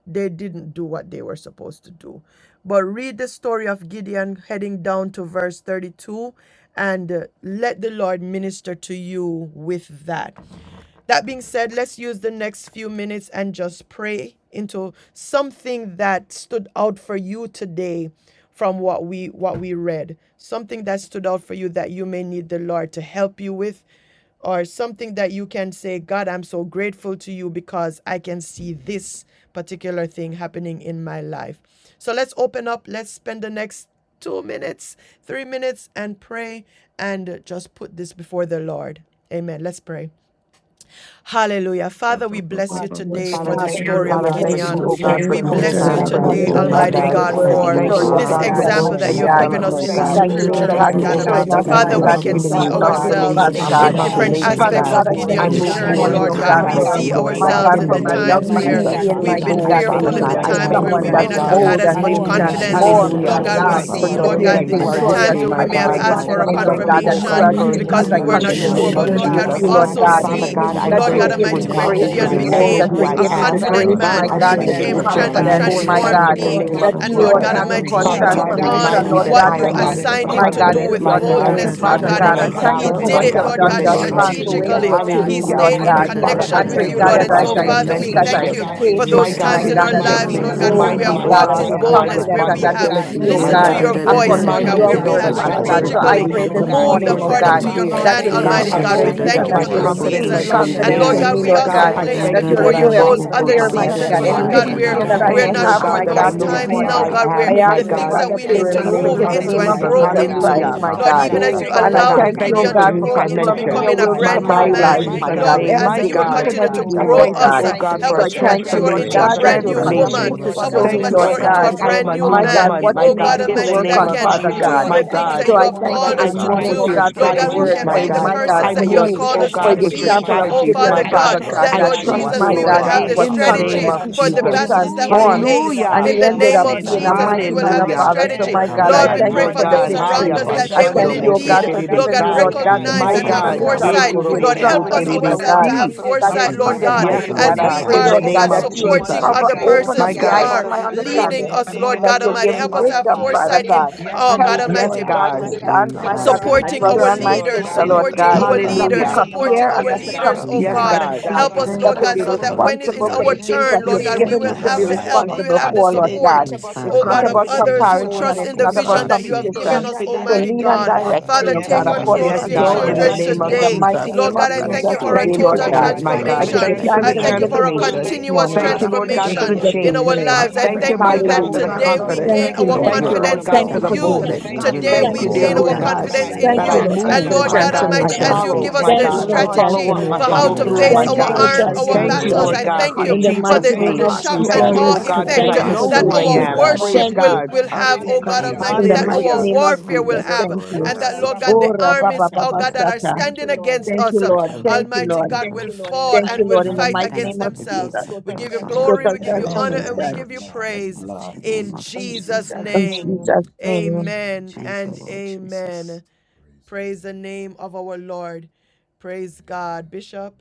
S2: they didn't do what they were supposed to do. But read the story of Gideon heading down to verse 32 and uh, let the Lord minister to you with that. That being said, let's use the next few minutes and just pray into something that stood out for you today from what we what we read. Something that stood out for you that you may need the Lord to help you with or something that you can say, God, I'm so grateful to you because I can see this particular thing happening in my life. So let's open up. Let's spend the next two minutes, three minutes, and pray and just put this before the Lord. Amen. Let's pray. Hallelujah. Father, we bless you today for the story
S3: Hallelujah.
S1: Father,
S3: Thank
S1: thank
S3: you,
S1: you, oh God,
S3: Jesus.
S1: for
S3: We
S14: Heavenly
S3: thank
S1: total
S3: you this
S14: Father, we
S3: morning, oh
S1: transformation,
S14: thank
S1: my
S3: God,
S14: you
S3: for
S1: God.
S3: your word,
S14: that
S3: the
S14: you
S1: Thank you,
S3: story of
S1: oh
S14: are
S1: God, for
S14: our
S3: Gideon,
S1: growth
S3: mighty
S1: and
S14: strength
S3: God.
S14: and our
S1: development,
S3: We
S1: God.
S14: song.
S3: thank you, oh God,
S1: Thank you,
S3: for
S1: oh
S3: showing
S1: God,
S3: us,
S1: that
S14: We
S1: as
S3: my
S1: you have
S3: God,
S14: thank
S3: the
S14: you
S1: given me
S3: example of him,
S1: confirmation
S3: Father
S14: for
S1: after
S14: your
S3: God.
S13: Yeah,
S3: And
S1: confirmation,
S14: patience. Your
S3: Father
S1: God,
S3: God,
S14: love
S3: I
S14: is
S3: thank
S1: I
S3: you
S1: move
S3: this
S14: patient
S1: forward
S13: Yeshinda
S3: morning,
S14: and
S1: with
S3: oh
S13: po po
S3: God,
S13: po
S14: kind.
S13: po
S3: for
S1: strategy,
S13: po
S1: Lord
S13: po
S3: my
S13: po
S1: God,
S3: God,
S13: po
S1: in the
S13: po
S3: from a
S13: po
S1: name of
S3: young
S14: We
S3: man
S14: thank
S1: Jesus.
S13: shinda
S14: you,
S13: da
S3: being,
S13: da
S14: Lord
S13: da
S3: mighty
S13: da
S1: Oh,
S14: Jesus,
S3: God, the
S14: for
S13: da
S1: Father
S14: your
S13: da
S3: least
S15: Thank
S1: God,
S14: love
S13: po
S1: I
S3: to
S13: po po
S14: never
S1: thank you,
S3: someone
S13: po
S1: my
S14: fails.
S3: that's
S17: Father, we
S1: God.
S3: bold
S17: praise
S3: and
S17: you
S3: being
S14: And
S17: today
S14: I
S13: yenda
S17: in the
S14: thank
S17: name
S14: you,
S17: of
S13: shinda
S3: transformed,
S14: Lord
S13: da da
S3: my
S1: Hallelujah
S17: Jesus.
S13: da
S17: Oh,
S3: God,
S13: po
S14: Jesus,
S13: po
S14: that
S17: Father
S1: for
S13: po
S17: God
S3: to
S14: when
S13: po
S14: the
S1: knowing
S13: po
S17: Almighty,
S3: being
S1: that you
S17: we
S1: are
S14: enemy
S1: with
S17: thank
S3: victorious.
S1: me,
S17: you.
S1: my
S3: I pray
S14: comes
S1: God.
S14: in
S3: this
S17: Father,
S14: like a
S17: for
S1: I
S17: the
S3: morning, oh
S14: flood,
S1: thank you,
S3: God, that
S1: oh
S17: confidence that
S3: you,
S1: God,
S17: you're
S3: as
S1: for
S3: you,
S14: the
S17: building
S3: as
S17: us
S13: yenda
S3: I
S1: using
S17: in
S14: Spirit
S1: me
S17: the
S13: po
S14: of
S1: in
S17: name
S1: the
S3: continue
S14: God
S17: of
S3: this
S1: name
S14: will
S13: shinda
S1: of
S13: da
S3: journey
S14: raise
S13: da
S14: up
S3: with
S14: a
S13: da
S17: Jesus.
S1: Jesus.
S3: you,
S13: po
S3: Lord
S13: po
S14: standard
S13: po
S3: God,
S13: po
S17: We
S14: against
S1: Father
S14: the
S13: to
S1: God,
S17: thank
S1: I
S17: you, O
S3: that
S14: enemy.
S3: you
S1: pray
S17: God,
S13: shinda
S3: will
S17: that
S1: that
S13: da
S1: you
S3: give me
S1: would
S13: da
S17: even
S3: the
S1: cause
S17: now,
S3: grace
S1: me
S17: O
S3: to
S1: to
S13: shinda
S17: God
S3: be
S14: Thank you,
S13: da da
S14: Lord
S3: bold,
S13: po
S1: remember
S3: that
S13: po
S1: who
S3: you'll
S13: po
S17: Almighty,
S1: I
S3: give
S13: po
S3: me
S14: Jesus,
S13: po
S3: the
S1: am.
S13: po
S17: that
S13: po
S17: Lord,
S3: grace,
S13: po
S1: God,
S3: my
S1: I
S13: to
S17: just
S3: God,
S1: pray
S14: for
S3: to
S17: like
S1: that
S14: you
S13: shinda
S3: be
S14: are
S1: you
S17: you
S14: the
S1: would
S17: have done
S1: grant
S14: all
S17: to
S1: me
S3: confident,
S14: wise
S17: Gideon, you're
S3: my
S1: foresight
S17: doing
S14: God.
S13: yeshinda
S17: to
S3: God,
S1: in the
S13: to
S1: name
S17: us.
S13: po
S14: You
S3: that
S1: of
S13: po
S14: are
S3: you,
S13: po
S15: you, Lord.
S14: the
S17: You're
S15: Thank
S13: po
S3: Lord
S1: Jesus.
S13: po
S3: God,
S17: making
S3: will
S13: po
S17: us,
S13: po
S3: cause
S17: O
S13: po
S1: Father
S15: you, Lord. Thank you, Lord. Thank
S13: po
S14: omnipotent,
S17: God, we
S1: God,
S13: po to
S17: thank you, O
S3: transformation,
S1: remind me
S3: Lord
S17: God,
S13: shinda
S1: that
S17: in
S2: What
S13: da
S17: the
S3: God,
S14: the
S1: I
S13: da
S3: to
S15: you,
S17: name
S1: am
S13: da
S17: of
S3: be,
S1: a
S13: da
S17: Jesus,
S13: da
S14: powerful
S17: for the
S3: my
S14: God.
S3: God,
S17: grace
S3: to
S1: confident,
S17: uh,
S2: have done.
S3: be
S2: Father,
S1: my
S15: Lord. Thank you, Lord. Thank you, Lord.
S17: to
S13: yenda
S15: Thank
S1: God,
S14: You are
S3: ongoing,
S17: step
S13: da
S14: the
S13: da
S17: out
S13: da
S3: Father
S17: and to
S13: da
S17: be
S3: God.
S1: woman
S15: you, Lord. Thank you, Lord. Thank you, Lord. Thank you, Lord. Thank you, Lord. Thank
S13: da
S3: I
S1: of
S13: po
S3: thank
S14: omnipresent
S13: po
S3: you
S1: valor,
S17: confident
S3: for
S13: po
S14: God.
S17: in
S3: what
S15: you, Lord.
S1: my
S13: po
S14: We
S3: you
S17: doing
S13: po
S3: have
S1: God,
S17: what you
S13: po
S15: Thank
S1: in
S3: done
S17: have
S14: thank
S1: the
S15: you,
S13: to
S14: you.
S3: thus
S17: called
S15: Lord.
S1: name
S17: us
S3: far
S1: of
S3: and
S17: to
S13: shinda
S3: for
S13: da
S3: where
S1: Jesus.
S17: do.
S3: you will take
S17: We
S3: me,
S1: Hallelujah.
S17: thank
S3: Lord
S17: you for the
S15: Thank
S13: yenda
S3: God.
S13: da da
S1: Father,
S13: da
S14: that
S17: boldness,
S3: I
S1: I
S13: da
S17: O
S14: There's
S3: pray,
S13: da
S1: thank
S15: you.
S13: po
S1: you,
S3: God,
S17: God.
S1: oh
S3: that
S14: nothing
S13: po
S14: too
S1: God,
S13: po
S17: Father,
S3: as
S1: for
S13: to
S3: I
S17: we
S1: the
S14: hard for
S13: yes
S2: we
S3: speak,
S17: thank
S14: you,
S1: mental
S17: you
S3: as
S13: Lord
S2: thank
S17: this
S3: I
S14: Lord
S1: shift
S2: you
S3: say
S2: for
S17: morning.
S2: those
S14: Jesus.
S1: my
S13: Yes,
S3: things,
S1: God,
S3: my
S13: Lord.
S17: We
S13: La
S1: in
S3: God,
S13: la
S3: that
S14: And
S17: give
S13: la
S3: it
S14: I
S17: you
S1: Jesus'
S3: will be
S13: la
S1: name.
S14: thank
S12: that
S13: la
S17: praise
S14: you,
S13: la
S17: this
S13: la
S3: bold,
S14: Lord
S1: Remind
S13: la
S3: my
S1: me,
S13: la.
S1: oh
S17: morning,
S13: Ba
S3: God,
S13: ba
S3: and
S1: God,
S14: Jesus.
S17: O
S3: be
S1: of
S13: ba
S17: God
S13: ba
S1: my
S12: I
S13: ba ba
S3: confident,
S13: ba.
S3: and
S17: Almighty.
S3: that it will be,
S14: you
S1: responsibilities,
S2: listening
S3: oh
S17: Thank
S13: Yeah,
S1: my
S17: you, O
S13: da
S3: God,
S1: God.
S17: God,
S13: da
S17: for
S13: da da
S17: doing
S13: da
S3: according
S13: da
S3: to
S17: mighty
S1: Remind
S13: da
S1: me
S13: da
S17: things
S3: your
S1: to
S13: da
S14: are
S13: da
S1: know
S3: word,
S13: da.
S1: that,
S14: all
S17: in
S13: Ba
S3: Father
S1: God,
S13: ba
S17: our
S3: God.
S1: there
S13: ba
S1: is
S14: present
S3: So
S13: ba
S17: life
S1: no
S3: I
S14: help
S13: ba
S1: need
S13: ba
S17: this
S3: pray
S1: to
S13: ba
S3: this
S13: ba ba
S1: compete
S17: morning.
S13: ba
S3: morning,
S1: or
S14: in
S3: oh
S1: to
S13: ba ba
S3: God
S14: time
S13: ba.
S14: of
S17: Even now
S1: compare.
S17: on
S3: that
S17: this
S3: you'll
S14: trouble.
S1: God,
S17: platform,
S13: Yes,
S3: increase
S17: as
S1: I
S13: and
S17: we
S13: da
S1: thank
S13: da
S3: boldness
S1: you
S17: receive
S13: da.
S1: that
S3: and
S17: your
S3: that
S1: my
S13: Bo
S3: you'll
S13: bo
S14: Thank
S17: word,
S14: you,
S13: bo
S1: confidence
S13: to
S3: increase
S14: Lord
S1: has
S17: Lord,
S1: been
S13: shinda.
S17: we
S14: Jesus. I will
S3: confidence
S13: Yes,
S12: praise,
S3: in
S1: gained.
S17: thank you,
S3: me,
S14: shall
S13: Lord.
S3: Lord
S17: oh God
S1: God,
S14: believe
S3: God.
S1: I
S14: in you.
S13: And
S3: That
S1: thank
S17: Almighty,
S13: da
S14: not
S1: you
S3: you'll
S17: for
S13: da
S2: for
S17: the
S1: that
S14: be
S2: your
S1: I
S13: da.
S3: remove
S13: Bo
S17: nuggets.
S1: walk
S3: every
S13: bo
S14: ashamed.
S1: with
S13: bo
S3: fear,
S1: my
S17: We
S13: to
S1: head
S3: mighty
S17: thank you
S3: God,
S17: for
S1: held
S14: And
S17: the
S3: any
S13: shunda.
S14: we
S1: high.
S13: Da
S3: hidden
S13: da da
S14: thank you,
S3: fear
S13: da
S17: wisdom
S1: I
S3: that
S13: da
S3: I
S17: now,
S14: Lord
S13: da
S17: and
S1: thank
S3: may
S17: we
S13: da
S1: you, oh
S13: da
S3: have,
S17: ask
S14: Jesus,
S13: da.
S1: God,
S3: my
S17: for
S14: that
S1: that
S13: Bo
S17: the
S1: I
S13: bo.
S3: God, this
S1: know
S17: wisdom,
S2: time
S13: Yes.
S14: you,
S13: Lord.
S1: who
S3: morning.
S1: I
S17: Lord,
S14: Father
S1: am,
S3: I
S14: God,
S17: in the
S1: my
S3: ask, oh
S17: name
S1: God,
S17: of
S3: God, that you
S1: in
S17: Jesus,
S1: the
S12: that
S17: and
S14: will
S3: remove
S17: the
S3: it
S1: name
S13: La
S3: in
S13: la
S17: grace
S3: the
S1: of
S14: cause
S13: la
S17: to
S13: la
S3: name of
S17: live
S14: us
S13: la
S17: it
S1: Jesus.
S13: la la.
S17: out
S3: Jesus
S17: in
S13: Bo
S14: to
S17: the
S13: bo
S3: Christ,
S1: Hallelujah.
S13: bo
S17: name
S2: Oh,
S3: my
S17: of
S13: to
S3: God.
S14: overcome
S17: Jesus,
S1: Oh,
S3: And
S1: Father
S3: I
S13: shunda.
S1: God,
S17: the
S3: thank
S14: every
S3: you,
S1: thank
S3: oh
S1: you
S17: grace
S1: for
S3: God,
S17: to
S14: enemy,
S1: new
S3: for
S14: Father
S17: speak,
S14: God.
S17: to
S3: confirming
S1: dimension.
S3: your will
S17: do,
S1: My
S3: to
S17: and to
S12: name
S3: my
S1: God,
S14: We
S1: in
S3: life,
S17: operate
S14: thank
S3: my
S14: you,
S1: Jesus'
S3: God,
S14: Lord
S1: name,
S17: in
S3: every
S1: my
S17: the
S3: day,
S14: Jesus,
S12: that I
S3: each
S1: God.
S17: same
S3: and every
S17: mighty
S3: day,
S1: I
S17: God, in
S3: Lord
S17: the
S1: thank you,
S17: name
S3: God.
S1: oh
S17: of
S1: God,
S17: Jesus,
S1: for
S3: So
S1: a
S3: I thank
S17: anointing
S3: you,
S17: and
S3: Lord
S17: grace
S1: transformation,
S3: God, that
S14: that you
S3: you'll
S17: that
S2: your
S17: you
S2: work,
S14: never
S17: have
S3: continue
S1: transformation.
S14: leave
S17: put
S3: to
S14: us and
S17: upon
S3: show
S14: never
S3: me,
S1: Thank
S17: Gideon,
S1: you,
S3: Lord
S1: oh
S17: Lord, you
S14: forsake
S17: have
S1: God,
S14: us,
S17: put
S3: God,
S1: that
S17: it
S1: I
S17: up
S1: am
S14: Father
S1: a new
S3: my
S14: God.
S17: all of
S3: God,
S17: us
S1: woman,
S3: what
S17: this
S1: my
S3: you need
S1: God,
S3: me
S17: morning.
S3: to
S1: in
S14: There's
S1: the
S3: work
S1: name
S14: nothing
S17: But
S3: on,
S1: of
S14: too
S17: Father,
S3: Father
S14: hard
S12: praise, that I praise,
S1: Jesus,
S17: even
S3: God.
S14: for
S17: now
S1: my
S14: you.
S17: as we
S1: God.
S3: So I
S17: go forth,
S3: thank
S1: Father,
S3: you
S17: oh
S1: I
S3: this
S17: God,
S14: So
S1: move
S3: morning,
S14: we
S1: with
S3: oh
S1: your
S3: God,
S14: thank
S3: for
S14: you,
S3: your
S14: Lord
S1: strategies,
S17: we
S3: word, for
S1: my
S3: your-
S17: thank you,
S1: God.
S14: Jesus,
S3: my God,
S1: I
S17: Lord.
S3: for your
S1: move,
S17: We
S1: oh
S17: thank you
S14: for
S3: for
S17: for
S14: the
S1: God,
S17: the
S3: the
S1: with your
S17: grace
S14: scripture,
S3: example
S17: and
S3: of
S17: the
S14: Father
S1: strategies,
S2: Father,
S1: my
S3: Gideon,
S14: God,
S17: boldness,
S1: God.
S3: Father
S17: Lord,
S3: God,
S17: to
S1: I
S3: that
S17: do
S3: he,
S1: trust
S14: which
S17: and
S1: you,
S17: to
S3: my
S14: is
S1: Lord
S3: God,
S14: about
S17: walk
S3: be
S1: God,
S17: and
S14: you,
S17: to
S3: was
S1: in the
S14: Father.
S2: strategy
S1: name
S3: confident.
S17: operate.
S1: of
S3: He
S14: We
S2: God, for
S14: search
S1: Jesus.
S3: became
S14: the
S17: In the
S14: scripture,
S17: name
S14: Lord.
S17: of
S3: transformed
S17: Jesus, Father,
S3: and
S17: we
S1: Hallelujah.
S3: he
S14: We
S17: thank
S3: ended
S17: you,
S3: up
S14: see,
S17: Lord, that
S3: being a
S17: your
S14: Father
S17: word
S14: God,
S17: said
S3: mighty
S17: we
S3: man
S17: don't
S3: of
S17: have
S1: Hallelujah.
S17: to
S3: valor. So my
S17: fear.
S14: how
S3: God, I
S14: in
S1: Yes,
S17: And
S3: thank
S14: you
S3: you
S1: Lord
S17: Lord,
S3: for
S17: in
S3: the
S17: the
S1: God.
S17: name
S14: we
S17: of
S3: victory.
S1: Haya
S14: are
S3: I
S17: Jesus,
S12: that I
S17: we
S1: bashando
S3: thank you,
S1: mose
S17: thank
S3: oh
S17: you, oh
S3: God,
S14: victorious.
S3: for
S17: God, for
S2: Lord
S17: your
S3: giving
S2: God,
S3: me,
S17: mercy
S1: terebesai.
S3: Lord God, the
S14: In you,
S1: My
S17: even
S3: boldness
S17: in
S14: Father
S17: the
S3: and
S12: praise,
S1: God.
S3: the
S17: time we
S14: God,
S1: Ye
S3: strategy, the
S1: korobo
S17: requested and
S1: so
S3: instructions,
S17: without
S3: my
S17: a one
S3: God,
S1: terebesi.
S17: confirmation
S3: that is
S17: after
S14: we
S3: needed,
S14: defeat the
S1: Yes,
S3: mighty
S17: confirmation.
S1: Lord
S3: God. I
S14: enemy,
S1: God,
S17: But
S3: pray,
S1: in
S14: Father
S1: the
S3: Lord
S17: it is
S14: God.
S3: God,
S1: name
S3: that
S17: here
S1: of
S14: So
S17: this
S3: you
S14: we
S3: will
S17: morning
S14: just
S2: supporting
S1: Jesus.
S17: to
S14: thank
S3: cover,
S14: you, Lord
S17: go.
S3: open up
S1: My
S3: the
S12: that
S17: So,
S12: I
S1: God.
S3: eyes
S14: Jesus,
S3: of
S17: Father,
S3: my
S17: we
S12: honor your name,
S17: go
S2: Jesus.
S17: this
S3: understanding,
S12: that
S3: and that
S17: morning in
S3: you'll
S17: the
S3: give me
S17: name of
S3: wisdom,
S17: Jesus.
S3: Father
S2: foresight in
S3: God
S17: And
S3: Help
S17: we
S3: me,
S12: I
S1: Yes,
S3: Lord
S17: thank you,
S3: God, to
S14: that
S1: God.
S12: give
S17: Jehovah
S3: stand,
S14: when,
S12: that
S3: my
S17: God,
S12: is
S14: Father
S3: God, with
S14: God,
S3: my
S2: supporting
S17: for
S14: things
S3: brother
S17: your
S2: our,
S3: and my
S12: so
S14: seem
S17: for your
S3: sister,
S12: my
S3: Lord
S17: wisdom
S12: name,
S3: God,
S2: our
S17: in the
S3: not to
S2: leaders,
S1: Hallelujah.
S14: overwhelming,
S17: name of
S2: supporting
S3: compare
S2: our,
S12: God,
S3: and
S12: that
S3: not to
S12: I'm
S14: things
S2: oh
S17: Jesus.
S3: compete,
S1: Yes,
S12: praise,
S14: that,
S2: God.
S3: mighty
S1: God.
S17: We
S3: God,
S2: Help
S14: Father
S2: us,
S17: thank
S2: Lord
S3: but
S12: that
S14: God,
S3: to
S17: you,
S2: God,
S14: we
S3: be
S12: I
S2: so
S17: God, for
S2: that
S14: cannot
S2: when it is
S3: responsible for the
S17: restoring.
S3: things
S2: earned,
S3: that
S2: Lord,
S17: We
S3: you
S14: come
S3: have
S12: praise,
S14: up
S2: we
S3: given
S17: thank
S2: will
S3: me
S17: you,
S3: to
S17: God
S2: have
S3: be
S14: against,
S17: Almighty, for
S2: we
S3: responsible
S12: that
S2: have the
S3: for, Lord
S17: confidence,
S2: support,
S3: God.
S14: things, Father
S3: It's not
S14: God, that
S3: about
S17: confidence and
S14: seems
S3: comparison and
S17: boldness,
S3: it's not
S17: oh
S3: about
S14: so
S17: God.
S3: competition.
S14: huge
S3: So
S17: Confidence
S12: be
S17: in
S3: lead
S17: the
S3: and
S17: name
S2: God,
S17: of
S3: direct
S12: your
S3: me, O
S14: and
S3: God,
S17: Jesus.
S14: even
S3: according
S1: Yes,
S17: And
S3: to
S17: so,
S14: may
S1: God,
S3: your
S17: Father
S1: in
S14: cause
S3: will.
S1: the
S17: God,
S14: us
S17: this
S1: name of
S3: In
S14: to
S3: the
S17: morning
S2: today.
S17: we
S1: Jesus.
S3: mighty
S17: thank
S12: God,
S17: you,
S3: name
S2: Lord
S3: of
S17: oh God, to
S14: experience
S3: Jesus
S14: fear.
S17: submit
S3: today,
S1: Thank you for
S3: Lord
S17: our
S1: doing
S17: will
S1: it,
S3: God.
S14: We
S17: to
S1: my
S14: thank
S17: your
S14: you,
S3: I
S1: God.
S3: give
S17: will.
S14: Lord,
S3: you
S1: Thank you
S14: that
S1: for
S3: thanks
S1: the
S14: you
S3: and I
S17: And
S14: can
S3: give you
S17: we say
S3: praise this
S1: transformation.
S17: yes,
S3: morning.
S1: Thank
S17: God,
S1: you,
S17: a
S1: Lord
S17: fresh
S1: God,
S3: In
S12: hallelujah,
S1: for the
S17: yes,
S3: Jesus'
S2: in our
S1: change.
S12: Lord
S2: life,
S17: a
S3: name.
S12: God,
S1: Thank
S17: fresh
S1: you, my
S17: yes,
S12: for
S1: God,
S2: that
S17: oh
S1: for the
S3: Hallelujah.
S17: God. And Lord, we
S1: confidence.
S3: Thank
S17: thank
S3: you,
S17: you
S14: that
S17: that
S14: You
S17: even
S3: Lord.
S1: Thank you,
S14: will.
S1: Lord
S17: right
S12: the
S14: We
S1: God,
S3: Thank
S1: for
S3: you
S17: now,
S1: the
S14: thank
S3: for
S14: you,
S3: doing
S14: Lord,
S17: that
S3: it.
S14: that
S1: boldness.
S17: it
S14: you
S17: starts
S14: will
S17: with
S12: God,
S17: us,
S1: Thank
S14: lead
S3: Thank
S1: you,
S14: and
S3: you
S17: oh
S14: you
S3: for
S1: dear
S14: will
S17: God, to
S1: Lord
S3: doing it.
S14: guide
S1: God,
S17: begin to
S14: us.
S3: Thank
S1: that
S3: you,
S1: I
S12: that
S17: walk
S3: Lord
S14: We
S3: God,
S17: and to
S3: for
S1: move,
S3: the
S14: thank
S1: my
S14: you
S1: God. I
S12: I
S14: that you're
S3: transformation.
S17: understand.
S1: follow, my
S14: faithful.
S3: Thank
S12: give
S3: you
S1: God.
S3: for
S1: I
S3: the
S17: Lord, put
S1: follow up.
S17: the
S1: I
S14: We can
S3: transformation.
S1: follow
S17: zeal
S14: rely
S1: through,
S17: like
S1: my
S17: you
S3: Thank
S14: and
S3: you
S14: we
S3: for
S17: put
S1: God.
S14: can
S3: the
S17: on
S14: trust in you,
S1: Thank
S17: Gideon,
S1: you,
S12: first
S3: transformation.
S1: Lord
S14: Lord.
S17: the
S1: God, in
S3: In the
S17: confidence
S1: Jesus'
S17: in
S3: mighty
S17: our
S3: name
S1: name.
S3: of
S17: hearts
S14: You
S17: and in
S1: Thank
S17: our
S3: Jesus.
S1: you,
S14: always
S1: oh
S17: spirit,
S1: God,
S17: oh
S1: because
S3: Thank
S1: I
S14: protect
S3: you
S17: God,
S14: us
S3: for
S1: know who
S14: from
S3: doing it,
S17: this
S3: oh
S1: I
S14: evil.
S1: am.
S3: God.
S2: worship
S1: Praise
S3: Thank
S17: morning
S2: will
S3: you.
S1: God.
S17: as we continue
S14: Thank you,
S17: to
S3: In the
S14: Lord
S17: pray
S3: mighty
S2: our
S1: Hallelujah.
S3: name of
S14: Jesus.
S2: warfare
S17: and
S2: will
S17: give
S3: Jesus.
S17: the
S2: have,
S3: Thank
S17: glory,
S3: you.
S17: Lord,
S2: and
S14: Yours
S17: have
S14: is
S2: that
S14: the
S17: your
S2: Lord God,
S17: way.
S2: the
S3: Oh,
S14: kingdom,
S3: Rabba
S14: Lord,
S2: armies,
S14: the
S2: oh
S3: Baba
S14: power
S2: God,
S14: and
S2: that
S14: the
S2: are
S3: Sata.
S14: glory
S2: standing
S17: Pray.
S2: against
S3: Thank you,
S2: us. uh,
S3: Lord. Thank
S14: forever
S3: you,
S14: and
S2: Almighty
S3: Lord.
S2: God, Thank will you,
S14: ever.
S2: Lord, fall
S3: Thank
S2: and
S3: you,
S2: will
S3: Lord. In the
S2: fight
S14: Amen.
S3: mighty
S14: Thank you.
S2: against
S3: name of
S14: the
S2: themselves.
S14: gates
S3: Jesus.
S14: of
S2: We
S14: hell
S2: give you
S14: shall not
S2: glory,
S3: Total
S2: we give you
S14: prevail over
S2: honor,
S14: your
S2: and we
S17: Amen.
S3: transformation.
S2: give you
S14: church.
S17: Yes,
S2: praise
S17: Lord.
S14: In the
S2: in
S14: name of
S2: Jesus'
S14: Jesus
S3: In
S14: Christ.
S2: name.
S3: Jesus'
S14: Amen.
S3: name.
S2: Amen
S14: Thank you,
S2: and
S14: Lord Jesus.
S2: amen. Praise the name of our Lord. Praise God. Bishop.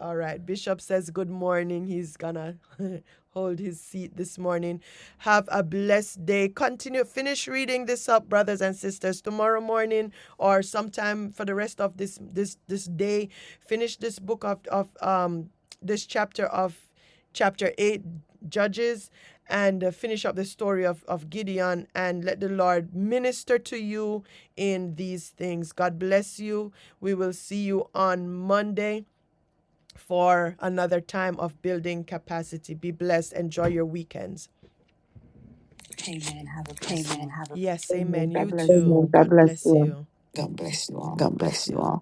S2: All right. Bishop says good morning. He's gonna hold his seat this morning. Have a blessed day. Continue, finish reading this up, brothers and sisters. Tomorrow morning or sometime for the rest of this this this day, finish this book of of um this chapter of chapter eight Judges and uh, finish up the story of of Gideon and let the Lord minister to you in these things. God bless you. We will see you on Monday for another time of building capacity. Be blessed. Enjoy your weekends. Yes, amen.
S3: Amen. God
S2: God
S3: bless
S2: bless
S3: you.
S2: you.
S14: God
S2: Bless
S14: bless you
S2: you.
S14: all.